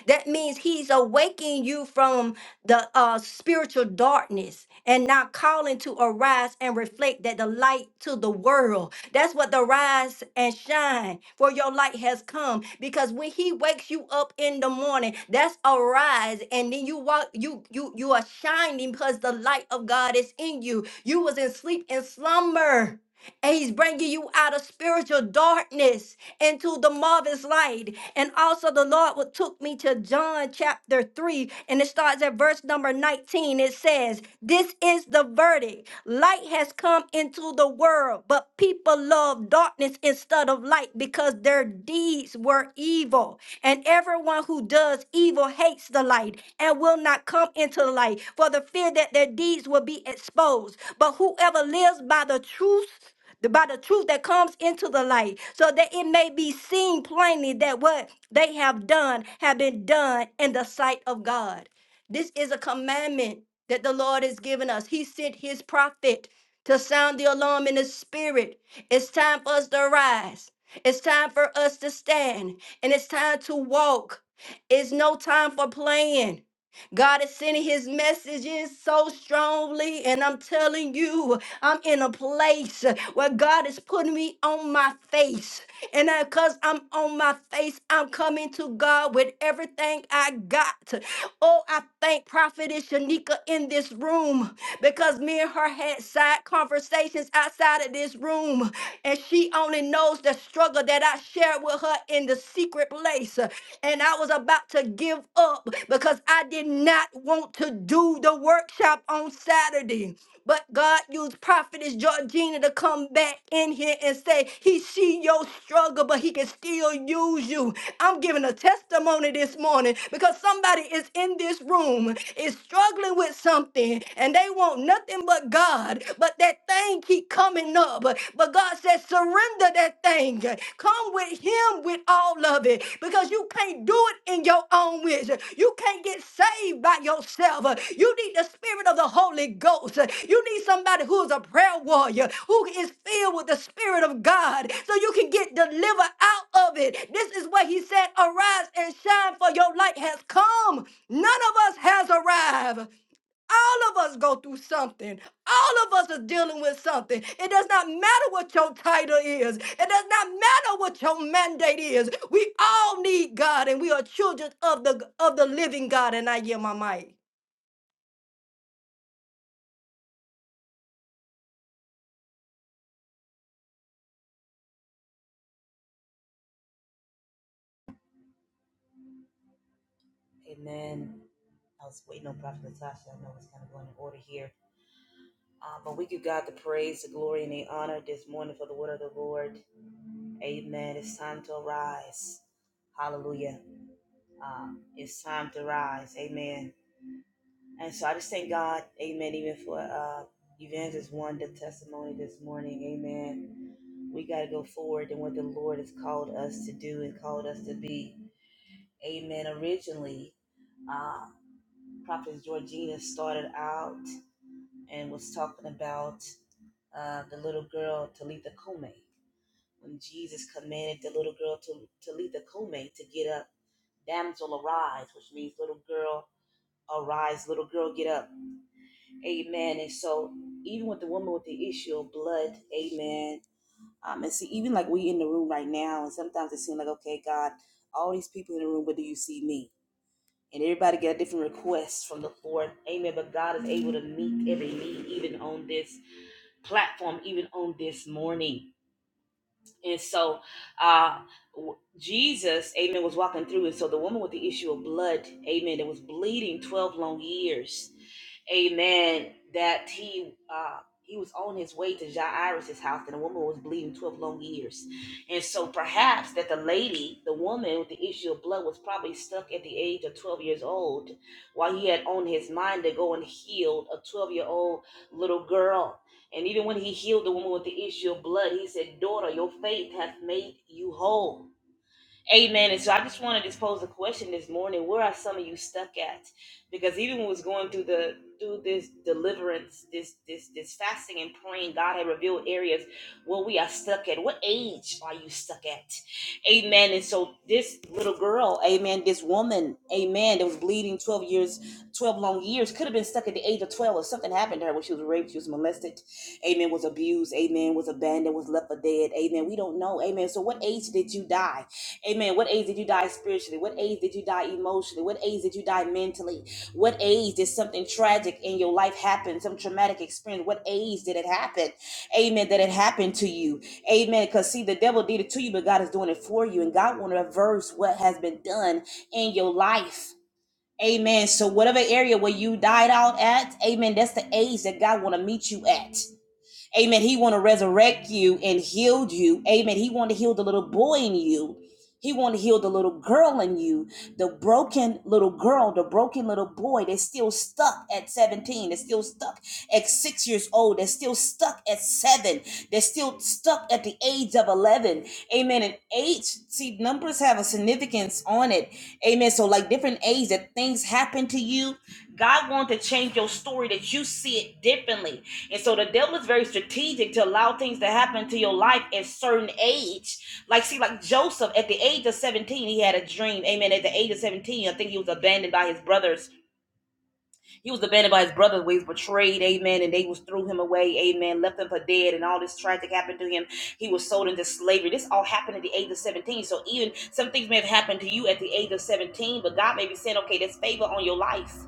Speaker 2: that means he's awakening you from the uh, spiritual darkness and now calling to arise and reflect that the light to the world. That's what the rise and shine for your light has come. Because when he wakes you up in the morning, that's arise, and then you walk, you you you are shining because the light of God is in you. You was in sleep and slumber and he's bringing you out of spiritual darkness into the marvelous light. And also, the Lord what took me to John chapter 3, and it starts at verse number 19. It says, This is the verdict light has come into the world, but people love darkness instead of light because their deeds were evil. And everyone who does evil hates the light and will not come into the light for the fear that their deeds will be exposed. But whoever lives by the truth, the- by the truth that comes into the light, so that it may be seen plainly that what they have done have been done in the sight of God. This is a commandment that the Lord has given us. He sent his prophet to sound the alarm in the spirit. It's time for us to rise. It's time for us to stand and it's time to walk. It's no time for playing. God is sending his messages so strongly, and I'm telling you, I'm in a place where God is putting me on my face. And because I'm on my face, I'm coming to God with everything I got. Oh, I thank Prophetess Shanika in this room because me and her had side conversations outside of this room, and she only knows the struggle that I shared with her in the secret place. And I was about to give up because I did not want to do the workshop on Saturday. But God used prophetess Georgina to come back in here and say, He see your struggle, but he can still use you. I'm giving a testimony this morning because somebody is in this room is struggling with something something and they want nothing but God, but that thing keep coming up. But God says, surrender that thing. Come with Him with all of it because you can't do it in your own wisdom. You can't get saved by yourself. You need the Spirit of the Holy Ghost. You need somebody who is a prayer warrior, who is filled with the Spirit of God, so you can get delivered out of it. This is what He said, arise and shine, for your light has come. None of us has arrived. All of us go through something. All of us are dealing with something. It does not matter what your title is. It does not matter what your mandate is. We all need God, and we are children of the of the living God. And I give my mic.
Speaker 6: Amen. I was waiting on Prophet Natasha. I know it's kind of going in order here. Uh, but we give God the praise, the glory, and the honor this morning for the word of the Lord. Amen. It's time to arise. Hallelujah. Um, it's time to rise. Amen. And so I just thank God. Amen. Even for uh, Evangelist One, testimony this morning. Amen. We got to go forward in what the Lord has called us to do and called us to be. Amen. Originally, uh, Prophet Georgina started out and was talking about uh, the little girl Talitha Kume. When Jesus commanded the little girl to Talitha Kume to get up, damsel arise, which means little girl arise, little girl get up. Amen. And so even with the woman with the issue of blood, amen. Um, and see, even like we in the room right now, and sometimes it seems like, okay, God, all these people in the room, but do you see me? and everybody get a different request from the Lord. Amen. But God is able to meet every need, even on this platform, even on this morning. And so uh, w- Jesus, amen, was walking through. And so the woman with the issue of blood, amen, that was bleeding 12 long years, amen, that he. Uh, he was on his way to Jairus' house, and the woman was bleeding 12 long years. And so perhaps that the lady, the woman with the issue of blood, was probably stuck at the age of 12 years old while he had on his mind to go and heal a 12 year old little girl and even when he healed the woman with the issue of blood, he said, Daughter, your faith hath made you whole. Amen. And so I just wanted to pose a question this morning. Where are some of you stuck at? Because even when I was going through the through this deliverance, this this this fasting and praying, God had revealed areas where we are stuck at. What age are you stuck at? Amen. And so this little girl, amen, this woman, amen, that was bleeding 12 years, 12 long years, could have been stuck at the age of 12 if something happened to her when she was raped, she was molested, amen, was abused, amen, was abandoned, was left for dead, amen. We don't know. Amen. So what age did you die? Amen. What age did you die spiritually? What age did you die emotionally? What age did you die mentally? What age did something tragic in your life happen? Some traumatic experience? What age did it happen? Amen. That it happened to you. Amen. Because see, the devil did it to you, but God is doing it for you. And God want to reverse what has been done in your life. Amen. So whatever area where you died out at, amen, that's the age that God want to meet you at. Amen. He want to resurrect you and heal you. Amen. He want to heal the little boy in you. He want to heal the little girl in you, the broken little girl, the broken little boy They're still stuck at 17, they They're still stuck at six years old, They're still stuck at seven, they They're still stuck at the age of 11. Amen. And age, see, numbers have a significance on it. Amen. So, like different age that things happen to you, God wants to change your story that you see it differently. And so the devil is very strategic to allow things to happen to your life at certain age. Like, see, like Joseph at the age of 17, he had a dream. Amen. At the age of 17, I think he was abandoned by his brothers. He was abandoned by his brothers he was betrayed. Amen. And they was threw him away. Amen. Left him for dead. And all this tragic happened to him. He was sold into slavery. This all happened at the age of 17. So even some things may have happened to you at the age of 17, but God may be saying, okay, there's favor on your life.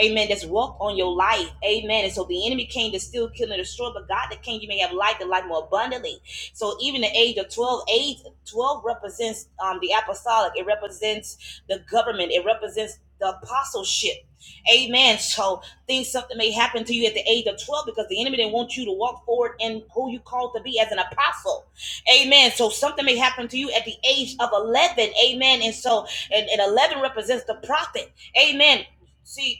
Speaker 6: Amen. That's walked on your life. Amen. And so the enemy came to steal, kill, and destroy, but God that came, you may have life the life more abundantly. So even the age of 12, age 12 represents um, the apostolic, it represents the government, it represents the apostleship. Amen. So things something may happen to you at the age of 12 because the enemy didn't want you to walk forward in who you called to be as an apostle. Amen. So something may happen to you at the age of 11. Amen. And so, and, and 11 represents the prophet. Amen. See,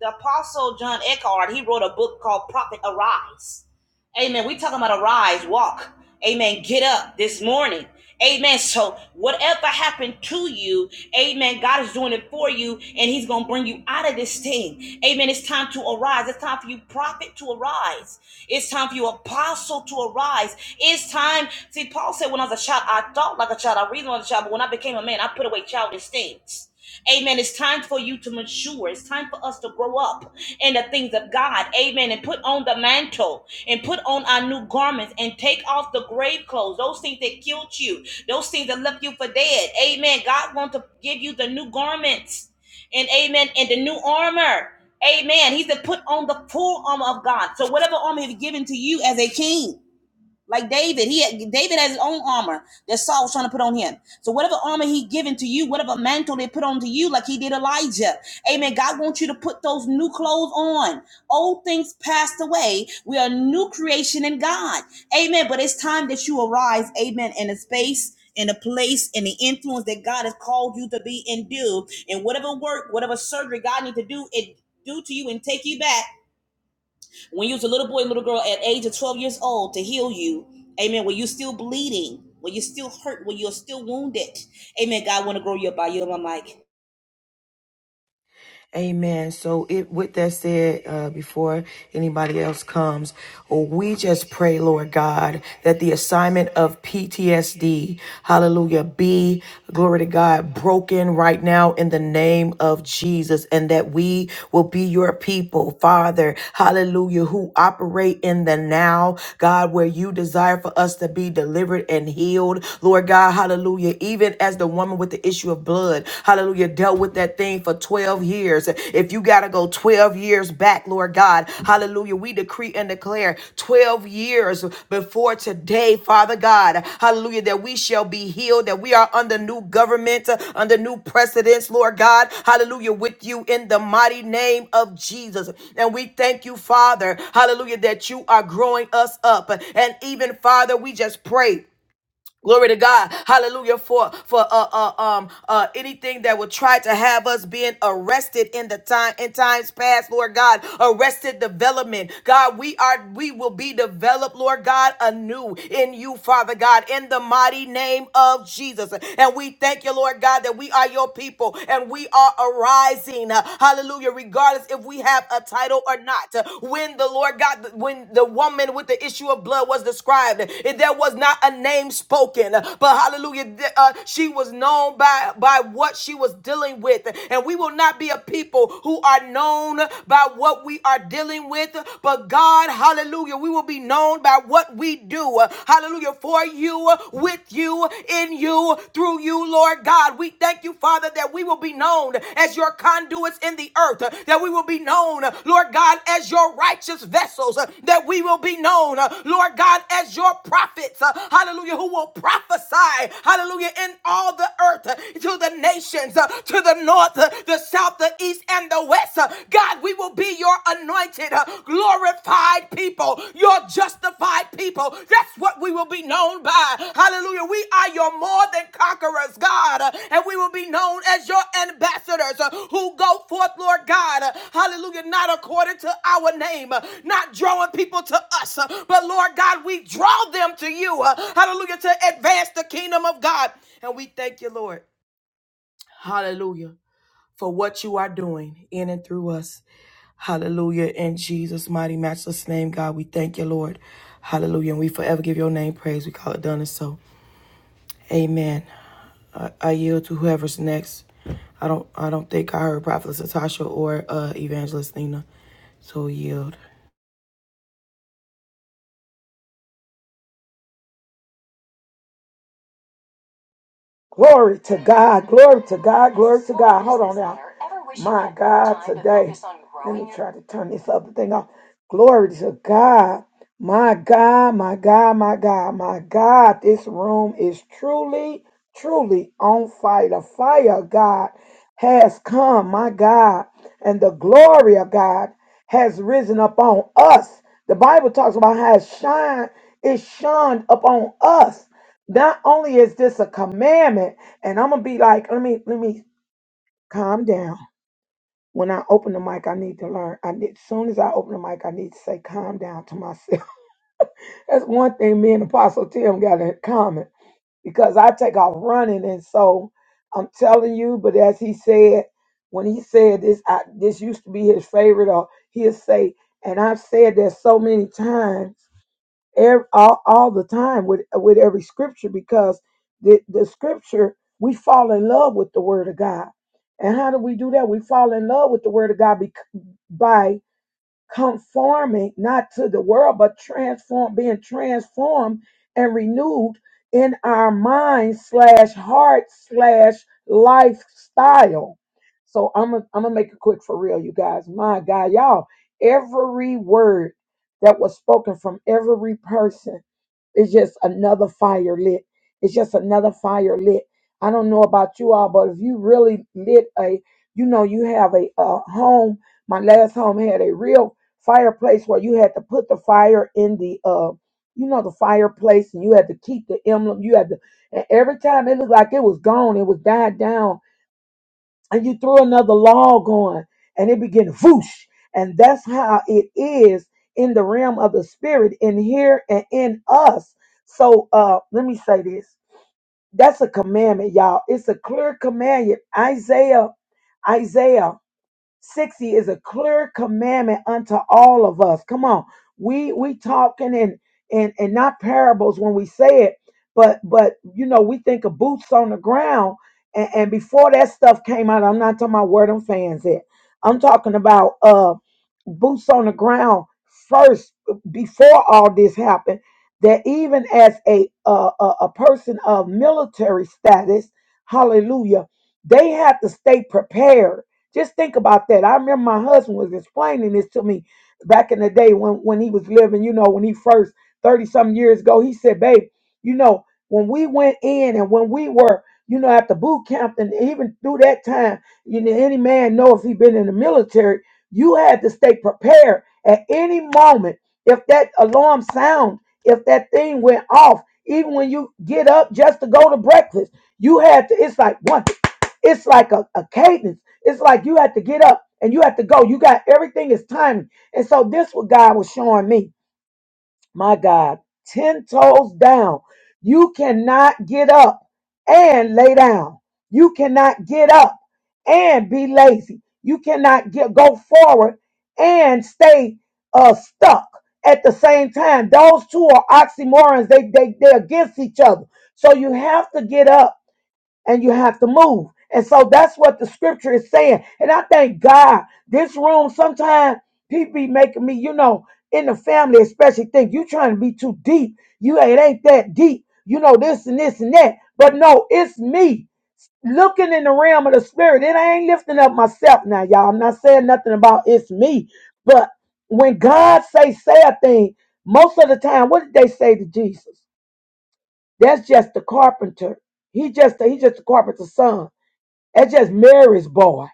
Speaker 6: the Apostle John Eckhart, he wrote a book called Prophet Arise. Amen. We talking about arise, walk. Amen. Get up this morning. Amen. So whatever happened to you, amen, God is doing it for you and he's going to bring you out of this thing. Amen. It's time to arise. It's time for you prophet to arise. It's time for you apostle to arise. It's time. See, Paul said when I was a child, I thought like a child. I reasoned like a child. But when I became a man, I put away childish things. Amen. It's time for you to mature. It's time for us to grow up in the things of God. Amen. And put on the mantle and put on our new garments and take off the grave clothes, those things that killed you, those things that left you for dead. Amen. God wants to give you the new garments and amen and the new armor. Amen. He said, put on the full armor of God. So whatever armor he's given to you as a king. Like David, he had, David has his own armor that Saul was trying to put on him. So whatever armor he given to you, whatever mantle they put onto you, like he did Elijah. Amen. God wants you to put those new clothes on. Old things passed away. We are a new creation in God. Amen. But it's time that you arise. Amen. In a space. In a place, in the influence that God has called you to be and do, and whatever work, whatever surgery God needs to do, it do to you and take you back. When you was a little boy, little girl, at age of 12 years old, to heal you, amen, when you're still bleeding, when you're still hurt, when you're still wounded, amen, God want to grow you up by you. your mic.
Speaker 1: Amen. So it with that said, uh, before anybody else comes, we just pray, Lord God, that the assignment of PTSD, hallelujah, be glory to God, broken right now in the name of Jesus, and that we will be your people, Father, hallelujah, who operate in the now, God, where you desire for us to be delivered and healed, Lord God, hallelujah. Even as the woman with the with the issue of blood, hallelujah, dealt with that thing for 12 years. If you got to go 12 years back, Lord God, hallelujah, we decree and declare 12 years before today, Father God, hallelujah, that we shall be healed, that we are under new government, uh, under new precedence, Lord God, hallelujah, with you in the mighty name of Jesus. And we thank you, Father, hallelujah, that you are growing us up. And even, Father, we just pray. Glory to God. Hallelujah. For for uh, uh um uh anything that would try to have us being arrested in the time in times past, Lord God, arrested development. God, we are we will be developed, Lord God, anew in you, Father God, in the mighty name of Jesus. And we thank you, Lord God, that we are your people and we are arising. Hallelujah. Regardless if we have a title or not. When the Lord God, when the woman with the issue of blood was described, there was not a name spoken, but hallelujah, uh, she was known by, by what she was dealing with. And we will not be a people who are known by what we are dealing with, but God, hallelujah, we will be known by what we do. Hallelujah, for you, with you, in you, do through you, Lord God. We thank you, Father, that we will be known as your conduits in the earth, that we will be known, Lord God, as your righteous vessels, that we will be known, Lord God, as your prophets, hallelujah, who will prophesy, hallelujah, in all the earth to the nations, to the north, the south, the east, and the west. God, we will be your anointed. Glory glorified people, your justified people. That's what we will be known by. Hallelujah. We are your more than conquerors, God, uh, and we will be known as your ambassadors uh, who go forth, Lord God. uh, Hallelujah. Not according to our name, uh, not drawing people to us, uh, but Lord God, we draw them to you. uh, Hallelujah. To advance the kingdom of God. And we thank you, Lord. Hallelujah. For what you are doing in and through us. Hallelujah. In Jesus' mighty, matchless name, God, we thank you, Lord. Hallelujah. And we forever give your name praise. We call it done and so. Amen. I, I yield to whoever's next. I don't I don't think I heard Prophetess Natasha or uh, Evangelist Nina. So yield.
Speaker 7: Glory to God. Glory to God. Glory to God. Hold on now. My God, today. Let me try to turn this other thing off. Glory to God. My God, my God, my God, my God. This room is truly, truly on fire. The fire of God has come, my God. And the glory of God has risen upon us. The Bible talks about how it shine, it shined upon us. Not only is this a commandment, and I'm gonna be like, let me let me calm down. When I open the mic, I need to learn. I need, as soon as I open the mic, I need to say calm down to myself. That's one thing me and Apostle Tim got in common because I take off running, and so I'm telling you. But as he said, when he said this, I, this used to be his favorite, or he'll say, and I've said that so many times ev- all, all the time with with every scripture because the, the scripture we fall in love with the word of god and how do we do that we fall in love with the word of god bec- conforming not to the world, but transform, being transformed and renewed in our mind slash heart slash lifestyle. So I'm gonna I'm gonna make it quick for real, you guys. My God, y'all, every word that was spoken from every person it's just another fire lit. It's just another fire lit. I don't know about you all, but if you really lit a, you know, you have a, uh home. My last home had a real fireplace where you had to put the fire in the, uh, you know, the fireplace, and you had to keep the emblem. You had to, and every time it looked like it was gone, it was died down and you throw another log on and it begins whoosh and that's how it is in the realm of the spirit in here and in us so uh let me say this that's a commandment y'all it's a clear commandment isaiah isaiah 60 is a clear commandment unto all of us. Come on. We we talking and and and not parables when we say it, but but you know, we think of boots on the ground. And, and before that stuff came out, I'm not talking about where them fans at. I'm talking about uh boots on the ground first before all this happened. That even as a uh, a, a person of military status, hallelujah, they had to stay prepared just think about that. I remember my husband was explaining this to me back in the day when, when he was living, you know, when he first 30 some years ago. He said, Babe, you know, when we went in and when we were, you know, at the boot camp and even through that time, you know, any man knows if he been in the military, you had to stay prepared at any moment. If that alarm sound, if that thing went off, even when you get up just to go to breakfast, you had to, it's like one. It's like a, a cadence. It's like you have to get up and you have to go. You got everything is timing. And so this what God was showing me. My God, 10 toes down. You cannot get up and lay down. You cannot get up and be lazy. You cannot get go forward and stay uh, stuck at the same time. Those two are oxymorons. They they they're against each other. So you have to get up and you have to move. And so that's what the scripture is saying. And I thank God this room sometimes people be making me, you know, in the family especially think you trying to be too deep. You ain't ain't that deep. You know this and this and that. But no, it's me looking in the realm of the spirit. And I ain't lifting up myself now, y'all. I'm not saying nothing about it's me. But when God say say a thing, most of the time, what did they say to Jesus? That's just the carpenter. He just he just a carpenter's son. That's just Mary's boy.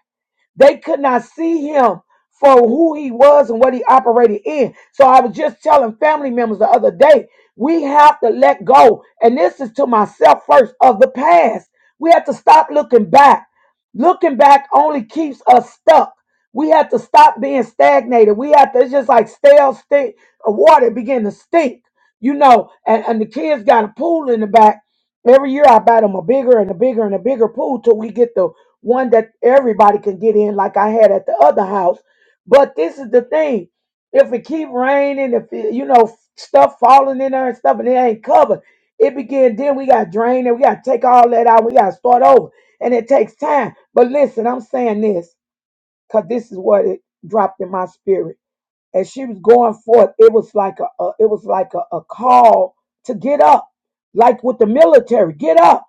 Speaker 7: They could not see him for who he was and what he operated in. So I was just telling family members the other day, we have to let go. And this is to myself first of the past. We have to stop looking back. Looking back only keeps us stuck. We have to stop being stagnated. We have to, it's just like stale stink, water begin to stink, you know. And, and the kids got a pool in the back. Every year I buy them a bigger and a bigger and a bigger pool till we get the one that everybody can get in, like I had at the other house. But this is the thing: if it keep raining, if it, you know stuff falling in there and stuff, and it ain't covered, it begin. Then we got to drain it. We got to take all that out. We got to start over, and it takes time. But listen, I'm saying this because this is what it dropped in my spirit. As she was going forth, it was like a, a it was like a, a call to get up, like with the military, get up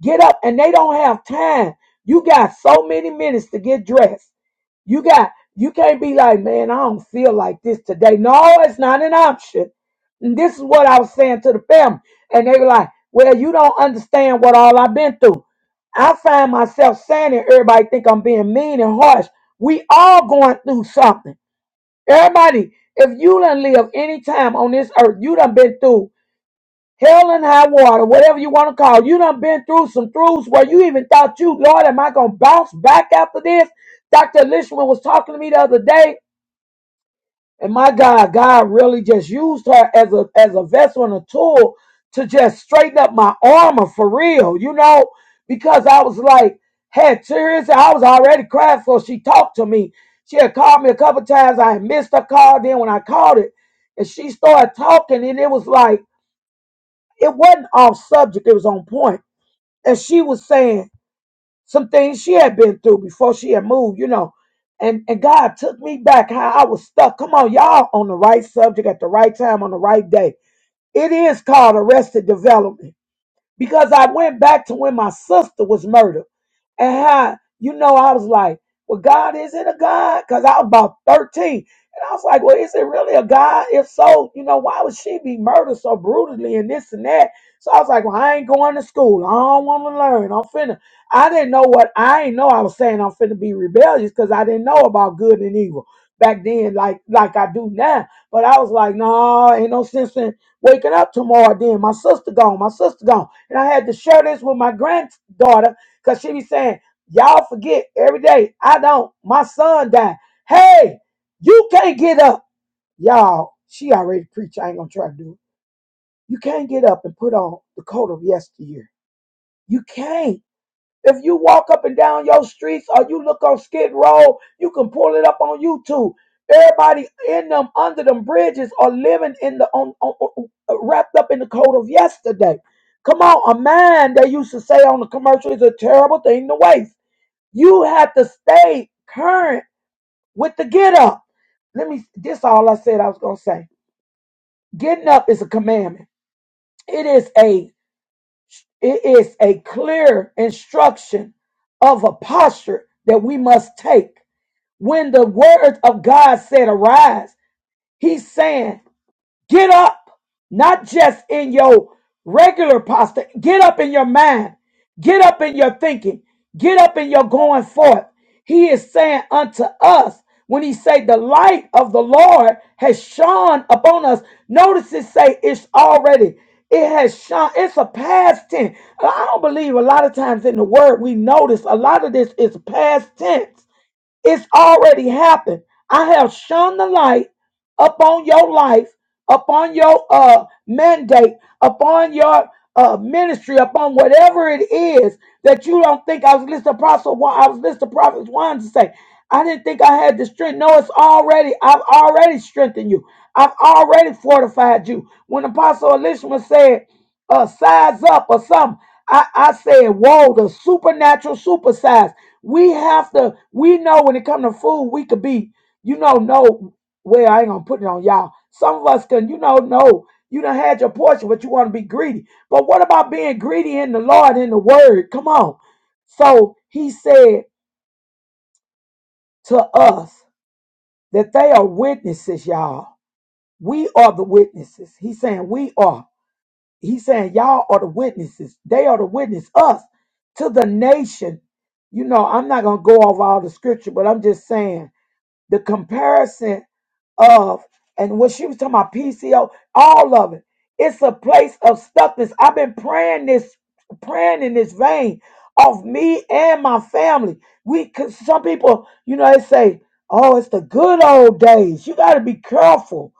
Speaker 7: Get up and they don't have time. You got so many minutes to get dressed. You got you can't be like, man, I don't feel like this today. No, it's not an option. And this is what I was saying to the family. And they were like, Well, you don't understand what all I've been through. I find myself saying it, everybody think I'm being mean and harsh. We all going through something. Everybody, if you done live any time on this earth, you done been through hell and high water, whatever you want to call. it. You done been through some throughs where you even thought you, Lord, am I gonna bounce back after this? Dr. Lishman was talking to me the other day, and my God, God really just used her as a as a vessel and a tool to just straighten up my armor for real, you know, because I was like, had tears, I was already crying, so she talked to me. She had called me a couple times. I had missed her call. Then when I called it, and she started talking, and it was like it wasn't off subject, it was on point. And she was saying some things she had been through before she had moved, you know. And and God took me back how I was stuck. Come on, y'all on the right subject at the right time on the right day. It is called arrested development. Because I went back to when my sister was murdered. And how, you know, I was like, well, God, is it a God? Because I was about 13. And I was like, well, is it really a God? If so, you know, why would she be murdered so brutally and this and that? So I was like, well, I ain't going to school. I don't want to learn. I'm finna. I didn't know what, I ain't know I was saying I'm finna be rebellious because I didn't know about good and evil back then like like I do now. But I was like, no, ain't no sense in waking up tomorrow then. My sister gone, my sister gone. And I had to share this with my granddaughter Cause she be saying, Y'all forget every day. I don't. My son died. Hey, you can't get up. Y'all, she already preached. I ain't gonna try to do it. You can't get up and put on the coat of yesteryear. You can't. If you walk up and down your streets or you look on Skid Row, you can pull it up on YouTube. Everybody in them under them bridges are living in the on, on, on- wrapped up in the coat of yesterday. Come on, a man they used to say on the commercial is a terrible thing to waste. You have to stay current with the get up. Let me this all I said I was gonna say. Getting up is a commandment. It is a it is a clear instruction of a posture that we must take. When the word of God said arise, he's saying Get up, not just in your regular posture. Get up in your mind. Get up in your thinking. Get up in your going forth. He is saying unto us, when he say the light of the Lord has shone upon us, notice it say it's already. It has shone. It's a past tense. I don't believe a lot of times in the word we notice a lot of this is past tense. It's already happened. I have shone the light upon your life, upon your uh, mandate, upon your uh, ministry, upon whatever it is that you don't think I was listening to Apostle Juan, I was listening to Prophet Juan to say, I didn't think I had the strength. No, it's already, I've already strengthened you. I've already fortified you. When Apostle Elishma said, uh, size up or something, I, I said, whoa, the supernatural supersize. We have to, we know when it comes to food, we could be, you know, no, well, I ain't gonna put it on y'all. Some of us can, you know, no, you done had your portion, but you want to be greedy. But what about being greedy in the Lord, in the word? Come on. So he said to us that they are witnesses, y'all. We are the witnesses. He's saying we are. He's saying y'all are the witnesses. They are the witness, us, to the nation. You know, I'm not gonna go over all the scripture, but I'm just saying the comparison of and when she was talking about PCO, all of it. It's a place of stuckness. I've been praying this, praying in this vein of me and my family. We, cause some people, you know, they say, "Oh, it's the good old days." You got to be careful.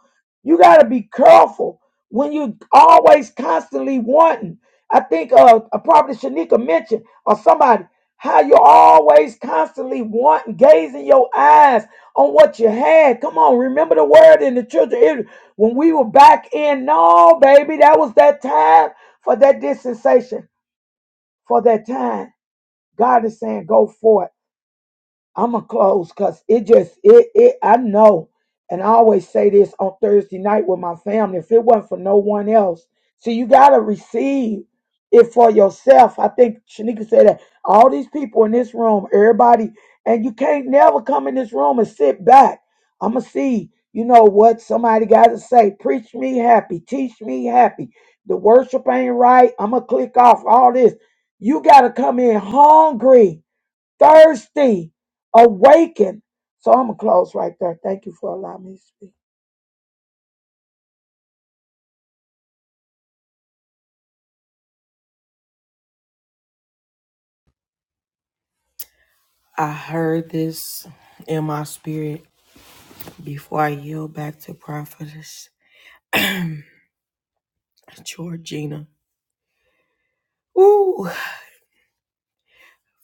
Speaker 7: You got to be careful when you always constantly wanting. I think uh, uh probably Shanika mentioned or somebody how you're always constantly wanting, gazing your eyes on what you had. Come on, remember the word in the children. of Israel. When we were back in, no, baby, that was that time for that dispensation, for that time. God is saying, go forth. I'ma close because it just it it I know, and I always say this on Thursday night with my family. If it wasn't for no one else, see, you gotta receive it for yourself. I think Shanika said that all these people in this room, everybody, and you can't never come in this room and sit back. I'ma see, you know what somebody gotta say. Preach me happy, teach me happy. The worship ain't right. I'ma click off all this. You gotta come in hungry thirsty, awaken. So I'm gonna close right there. Thank you for allowing me to speak.
Speaker 1: I heard this in my spirit before I yield back to Prophetess Georgina. Ooh.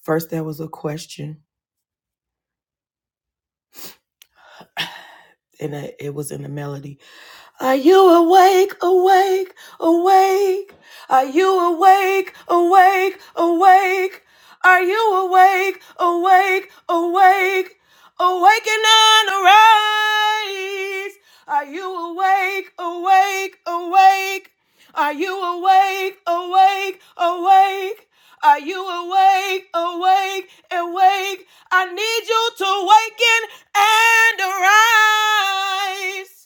Speaker 1: First there was a question and it it was in the melody. Are you awake, awake, awake? Are you awake, awake, awake? Are you awake, awake, awake? Awaken and arise. Are you awake, awake, awake? Are you awake, awake, awake? Are you awake, awake, awake? I need you to awaken and arise.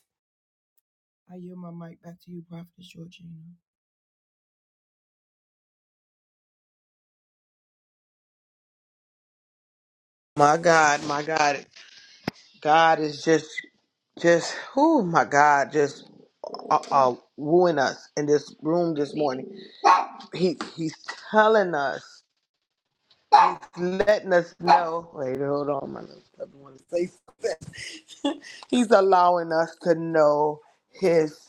Speaker 1: I yield my mic back to you, Prophetess Georgina.
Speaker 3: My God, my God, God is just, just, oh my God, just. uh, uh, wooing us in this room this morning. He he's telling us, he's letting us know. Wait, hold on, my little puppy want to say something. he's allowing us to know his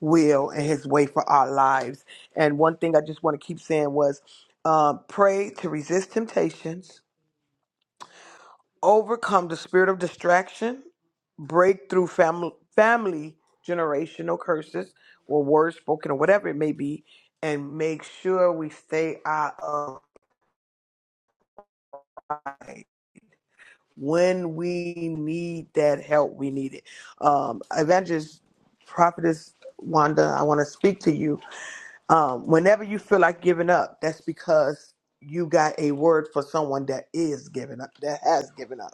Speaker 3: will and his way for our lives. And one thing I just want to keep saying was, um, pray to resist temptations overcome the spirit of distraction, break through family family generational curses or words spoken or whatever it may be, and make sure we stay out of pride. When we need that help, we need it. Um, Evangelist, prophetess Wanda, I want to speak to you. Um, whenever you feel like giving up, that's because you got a word for someone that is giving up, that has given up.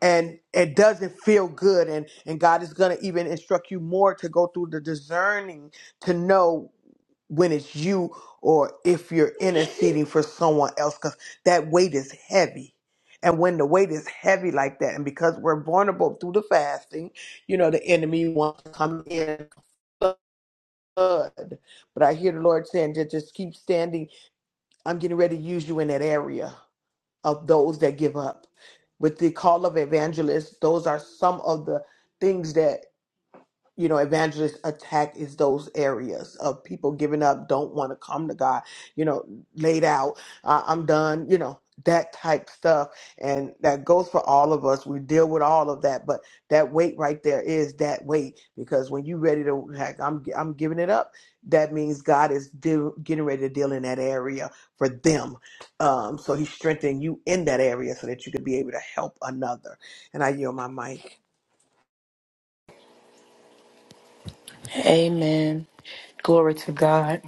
Speaker 3: and it doesn't feel good and and god is going to even instruct you more to go through the discerning to know when it's you or if you're interceding for someone else because that weight is heavy and when the weight is heavy like that and because we're vulnerable through the fasting you know the enemy wants to come in flood but i hear the lord saying just, just keep standing i'm getting ready to use you in that area of those that give up. With the call of evangelists, those are some of the things that you know, evangelist attack is those areas of people giving up, don't want to come to God, you know, laid out, uh, I'm done, you know, that type stuff. And that goes for all of us. We deal with all of that, but that weight right there is that weight because when you ready to, like, I'm, I'm giving it up. That means God is deal, getting ready to deal in that area for them. Um, so he's strengthening you in that area so that you can be able to help another. And I yield my mic.
Speaker 1: Amen. Glory to God.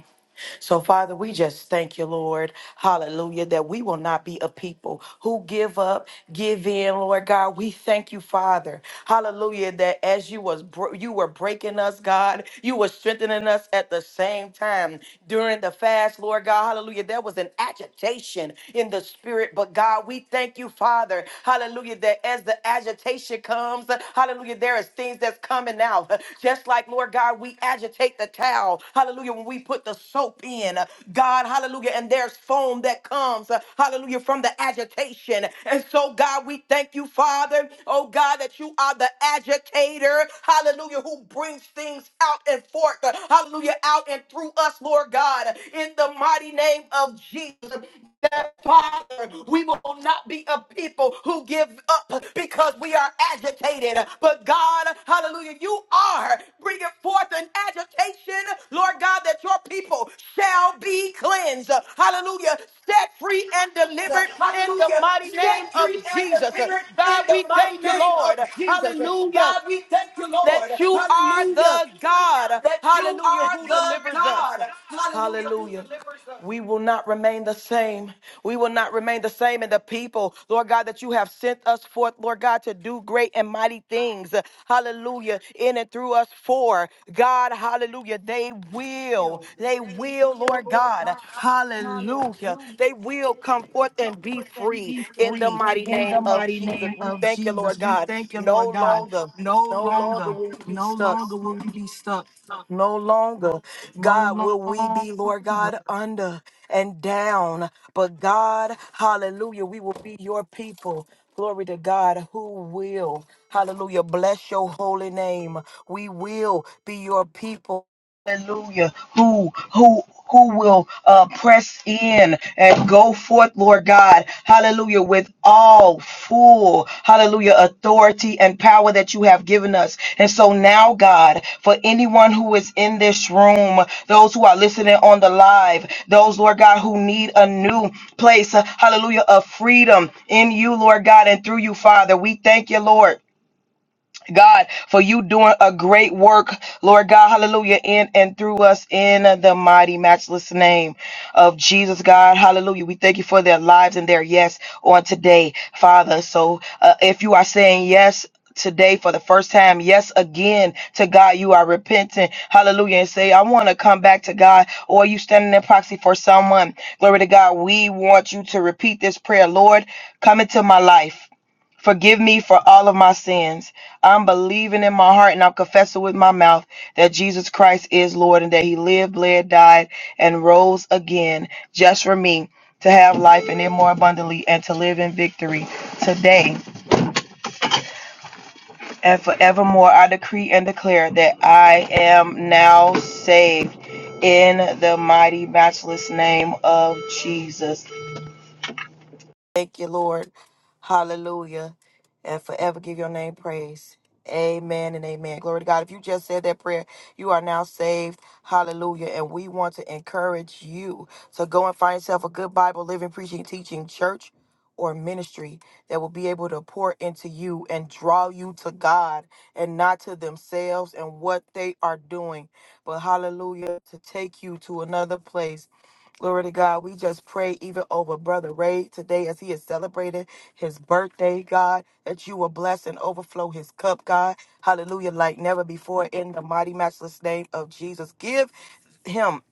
Speaker 1: So, Father, we just thank you, Lord. Hallelujah. That we will not be a people who give up, give in, Lord God. We thank you, Father. Hallelujah. That as you was br- you were breaking us, God, you were strengthening us at the same time during the fast, Lord God. Hallelujah. There was an agitation in the spirit, but God, we thank you, Father. Hallelujah. That as the agitation comes, comes. Hallelujah. There is things that's coming out. Just like, Lord God, we agitate the towel. Hallelujah. When we put the soap in, God, hallelujah. And there's foam that comes, hallelujah, from the agitation. And so, God, we thank you, Father. Oh, God, that you are the agitator. Hallelujah. Who brings things out and forth. Hallelujah. Out and through us, Lord God. In the mighty name name of Jesus. That Father, we will not be a people who give up because we are agitated. But God, hallelujah, you are bringing forth an agitation, Lord God, that your people shall be cleansed. Hallelujah, set free and
Speaker 4: The
Speaker 1: delivered in the
Speaker 4: hallelujah,
Speaker 1: mighty name
Speaker 4: set
Speaker 1: of
Speaker 4: free and
Speaker 1: Jesus.
Speaker 4: delivered in
Speaker 1: God,
Speaker 4: the
Speaker 1: we
Speaker 4: mighty
Speaker 1: thank you,
Speaker 4: name
Speaker 1: Lord.
Speaker 4: of Jesus.
Speaker 1: Hallelujah
Speaker 4: God, we thank you,
Speaker 1: that
Speaker 4: Lord.
Speaker 1: you are
Speaker 4: Hallelujah.
Speaker 1: the God,
Speaker 4: That you
Speaker 1: hallelujah,
Speaker 4: are
Speaker 1: who
Speaker 4: the
Speaker 1: delivers us.
Speaker 4: God. Hallelujah.
Speaker 1: Hallelujah. We will not remain the same. We will not remain the same in the people, Lord God, that you have sent us forth, Lord God, to do great and mighty things. Hallelujah. In and through us for God, hallelujah. They will,
Speaker 4: will.
Speaker 1: they
Speaker 4: They
Speaker 1: will,
Speaker 4: will,
Speaker 1: Lord
Speaker 4: Lord
Speaker 1: God,
Speaker 4: God.
Speaker 1: hallelujah.
Speaker 4: Hallelujah.
Speaker 1: They will come
Speaker 4: They will
Speaker 1: forth
Speaker 4: come
Speaker 1: and be
Speaker 4: forth and
Speaker 1: free
Speaker 4: be
Speaker 1: in the
Speaker 4: free
Speaker 1: mighty
Speaker 4: in the
Speaker 1: name of
Speaker 4: mighty
Speaker 1: Jesus.
Speaker 4: name
Speaker 1: We
Speaker 4: of
Speaker 1: thank you,
Speaker 4: Jesus.
Speaker 1: Lord
Speaker 4: We
Speaker 1: God,
Speaker 4: thank you,
Speaker 1: no
Speaker 4: Lord God.
Speaker 1: longer.
Speaker 4: No
Speaker 1: No longer
Speaker 4: longer,
Speaker 1: will we be
Speaker 4: no
Speaker 1: stuck.
Speaker 4: longer will we be stuck.
Speaker 1: No longer,
Speaker 4: No
Speaker 1: God, will we
Speaker 4: longer.
Speaker 1: be, Lord God, under and down. But God, hallelujah, we will be your people. Glory to God, who will, hallelujah, bless your holy name. We will be your people. Hallelujah. Who who who will uh, press in and go forth, Lord God, hallelujah, with all full, hallelujah, authority and power that you have given us. And so now, God, for anyone who is in this room, those who are listening on the live, those, Lord God, who need a new place, uh, hallelujah, of freedom in you, Lord God, and through you, Father, we thank you, Lord. God, for you doing a great work, Lord God, hallelujah, in and through us in the mighty, matchless name of Jesus, God, hallelujah. We thank you for their lives and their yes on today, Father. So uh, if you are saying yes, Today, for the first time, yes, again to God, you are repentant, hallelujah, and say, I want to come back to God, or you standing in proxy for someone, glory to God. We want you to repeat this prayer, Lord, come into my life. Forgive me for all of my sins. I'm believing in my heart and I'm confessing with my mouth that Jesus Christ is Lord and that He lived, bled, died, and rose again just for me to have life and it more abundantly and to live in victory today and forevermore. I decree and declare that I am now saved in the mighty, matchless name of Jesus. Thank you, Lord. Hallelujah. And forever give your name praise. Amen and amen. Glory to God. If you just said that prayer, you are now saved. Hallelujah. And we want to encourage you to go and find yourself a good Bible, living, preaching, teaching church or ministry that will be able to pour into you and draw you to God and not to themselves and what they are doing. But hallelujah, to take you to another place Glory to God. We just pray even over Brother Ray today as he is celebrating his birthday, God, that you will bless and overflow his cup, God. Hallelujah, like never before in the mighty, matchless name of Jesus. Give him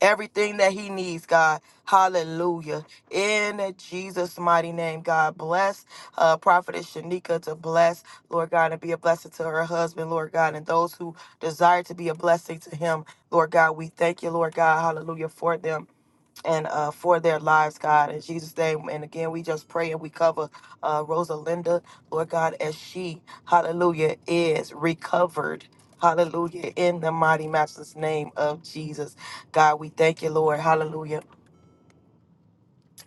Speaker 1: everything that he needs, God. Hallelujah. In Jesus' mighty name, God, bless uh, Prophetess Shanika to bless, Lord God, and be a blessing to her husband, Lord God, and those who desire to be a blessing to him, Lord God. We thank you, Lord God. Hallelujah for them and uh, for their lives, God, in Jesus' name. And again, we just pray and we cover uh, Rosalinda, Lord God, as she, hallelujah, is recovered. Hallelujah. In the mighty master's name of Jesus. God, we thank you, Lord. Hallelujah.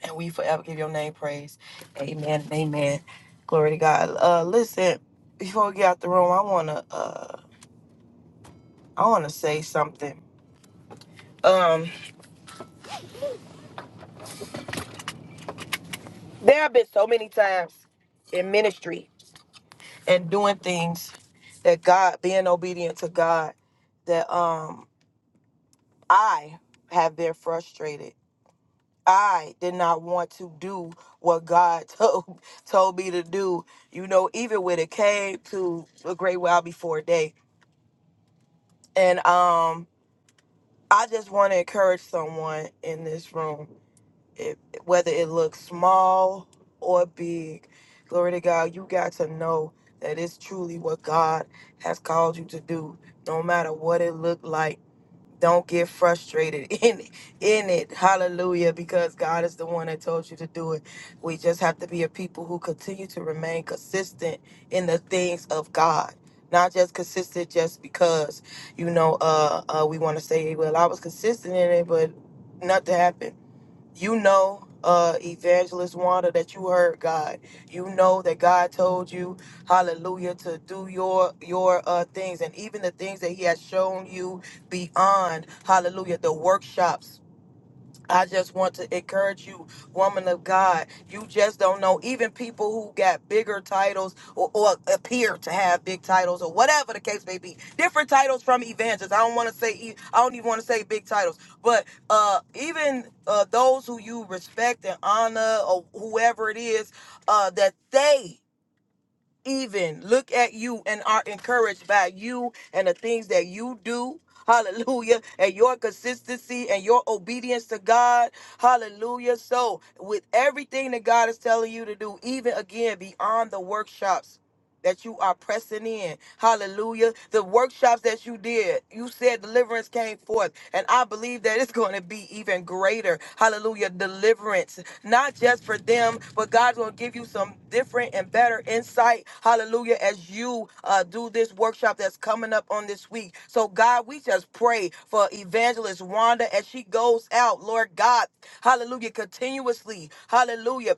Speaker 1: And we forever give your name praise. Amen. and Amen. Glory to God. Uh listen, before we get out the room, I wanna uh I wanna say something. Um, there have been so many times in ministry and doing things that God, being obedient to God, that um I have been frustrated. I did not want to do what God told told me to do. You know, even when it came to a great while before day. And um I just want to encourage someone in this room it, whether it looks small or big. Glory to God, you got to know that it's truly what God has called you to do, no matter what it looked like. Don't get frustrated in in it. Hallelujah, because God is the one that told you to do it. We just have to be a people who continue to remain consistent in the things of God. Not just consistent just because, you know, uh, uh we want to say, well, I was consistent in it, but nothing happened you know uh evangelist wanda that you heard god you know that god told you hallelujah to do your your uh things and even the things that he has shown you beyond hallelujah the workshops I just want to encourage you, woman of God. You just don't know. Even people who got bigger titles or, or appear to have big titles or whatever the case may be, different titles from evangelists. I don't want to say. e- I don't even want to say big titles, but uh, even uh, those who you respect and honor or whoever it is, uh, that they even look at you and are encouraged by you and the things that you do. Hallelujah. And your consistency and your obedience to God. Hallelujah. So, with everything that God is telling you to do, even again beyond the workshops, that you are pressing in. Hallelujah. The workshops that you did, you said deliverance came forth. And I believe that it's going to be even greater. Hallelujah. Deliverance, not just for them, but God's going to give you some different and better insight. Hallelujah. As you uh, do this workshop that's coming up on this week. So, God, we just pray for evangelist Wanda as she goes out, Lord God. Hallelujah. Continuously. Hallelujah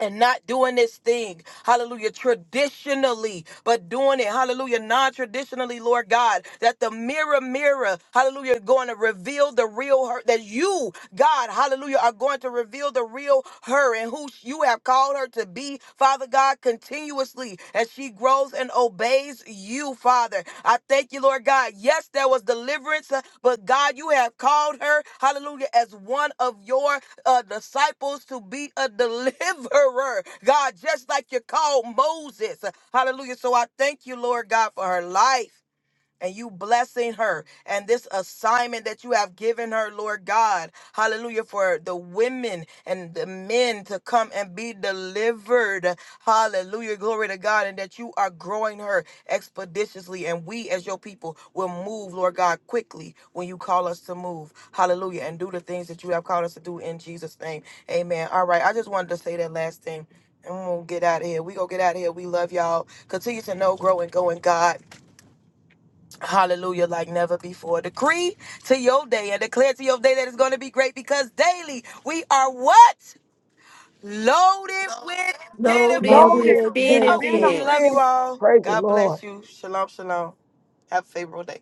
Speaker 1: and not doing this thing, hallelujah, traditionally, but doing it, hallelujah, non traditionally, Lord God, that the mirror, mirror, hallelujah, going to reveal the real her, that you, God, hallelujah, are going to reveal the real her and who you have called her to be, Father God, continuously as she grows and obeys you, Father. I thank you, Lord God. Yes, there was deliverance, uh, but God, you have called her, hallelujah, as one of your uh, disciples to be a deliverer, God, just like you called Moses, hallelujah. So I thank you, Lord God, for her life and you blessing her and this assignment that you have given her, Lord God. Hallelujah. For the women and the men to come and be delivered. Hallelujah. Glory to God. And that you are growing her expeditiously. And we, as your people, will move, Lord God, quickly when you call us to move. Hallelujah. And do the things that you have called us to do in Jesus' name. Amen. All right. I just wanted to say that last thing. And we'll get out of here. We gonna get out of here. We love y'all. Continue to know, grow, and go in God. Hallelujah, like never before. Decree to your day and declare to your day that it's going to be great because daily we are what? Loaded with
Speaker 2: Loaded
Speaker 5: Loaded
Speaker 7: Loaded
Speaker 2: with
Speaker 1: benefits.
Speaker 5: with
Speaker 7: with
Speaker 1: Oh, we love you
Speaker 2: benefits.
Speaker 7: benefits.
Speaker 5: benefits.
Speaker 1: all.
Speaker 7: Praise the
Speaker 1: God
Speaker 7: Lord.
Speaker 1: bless you. Shalom, shalom. Have a favorable day.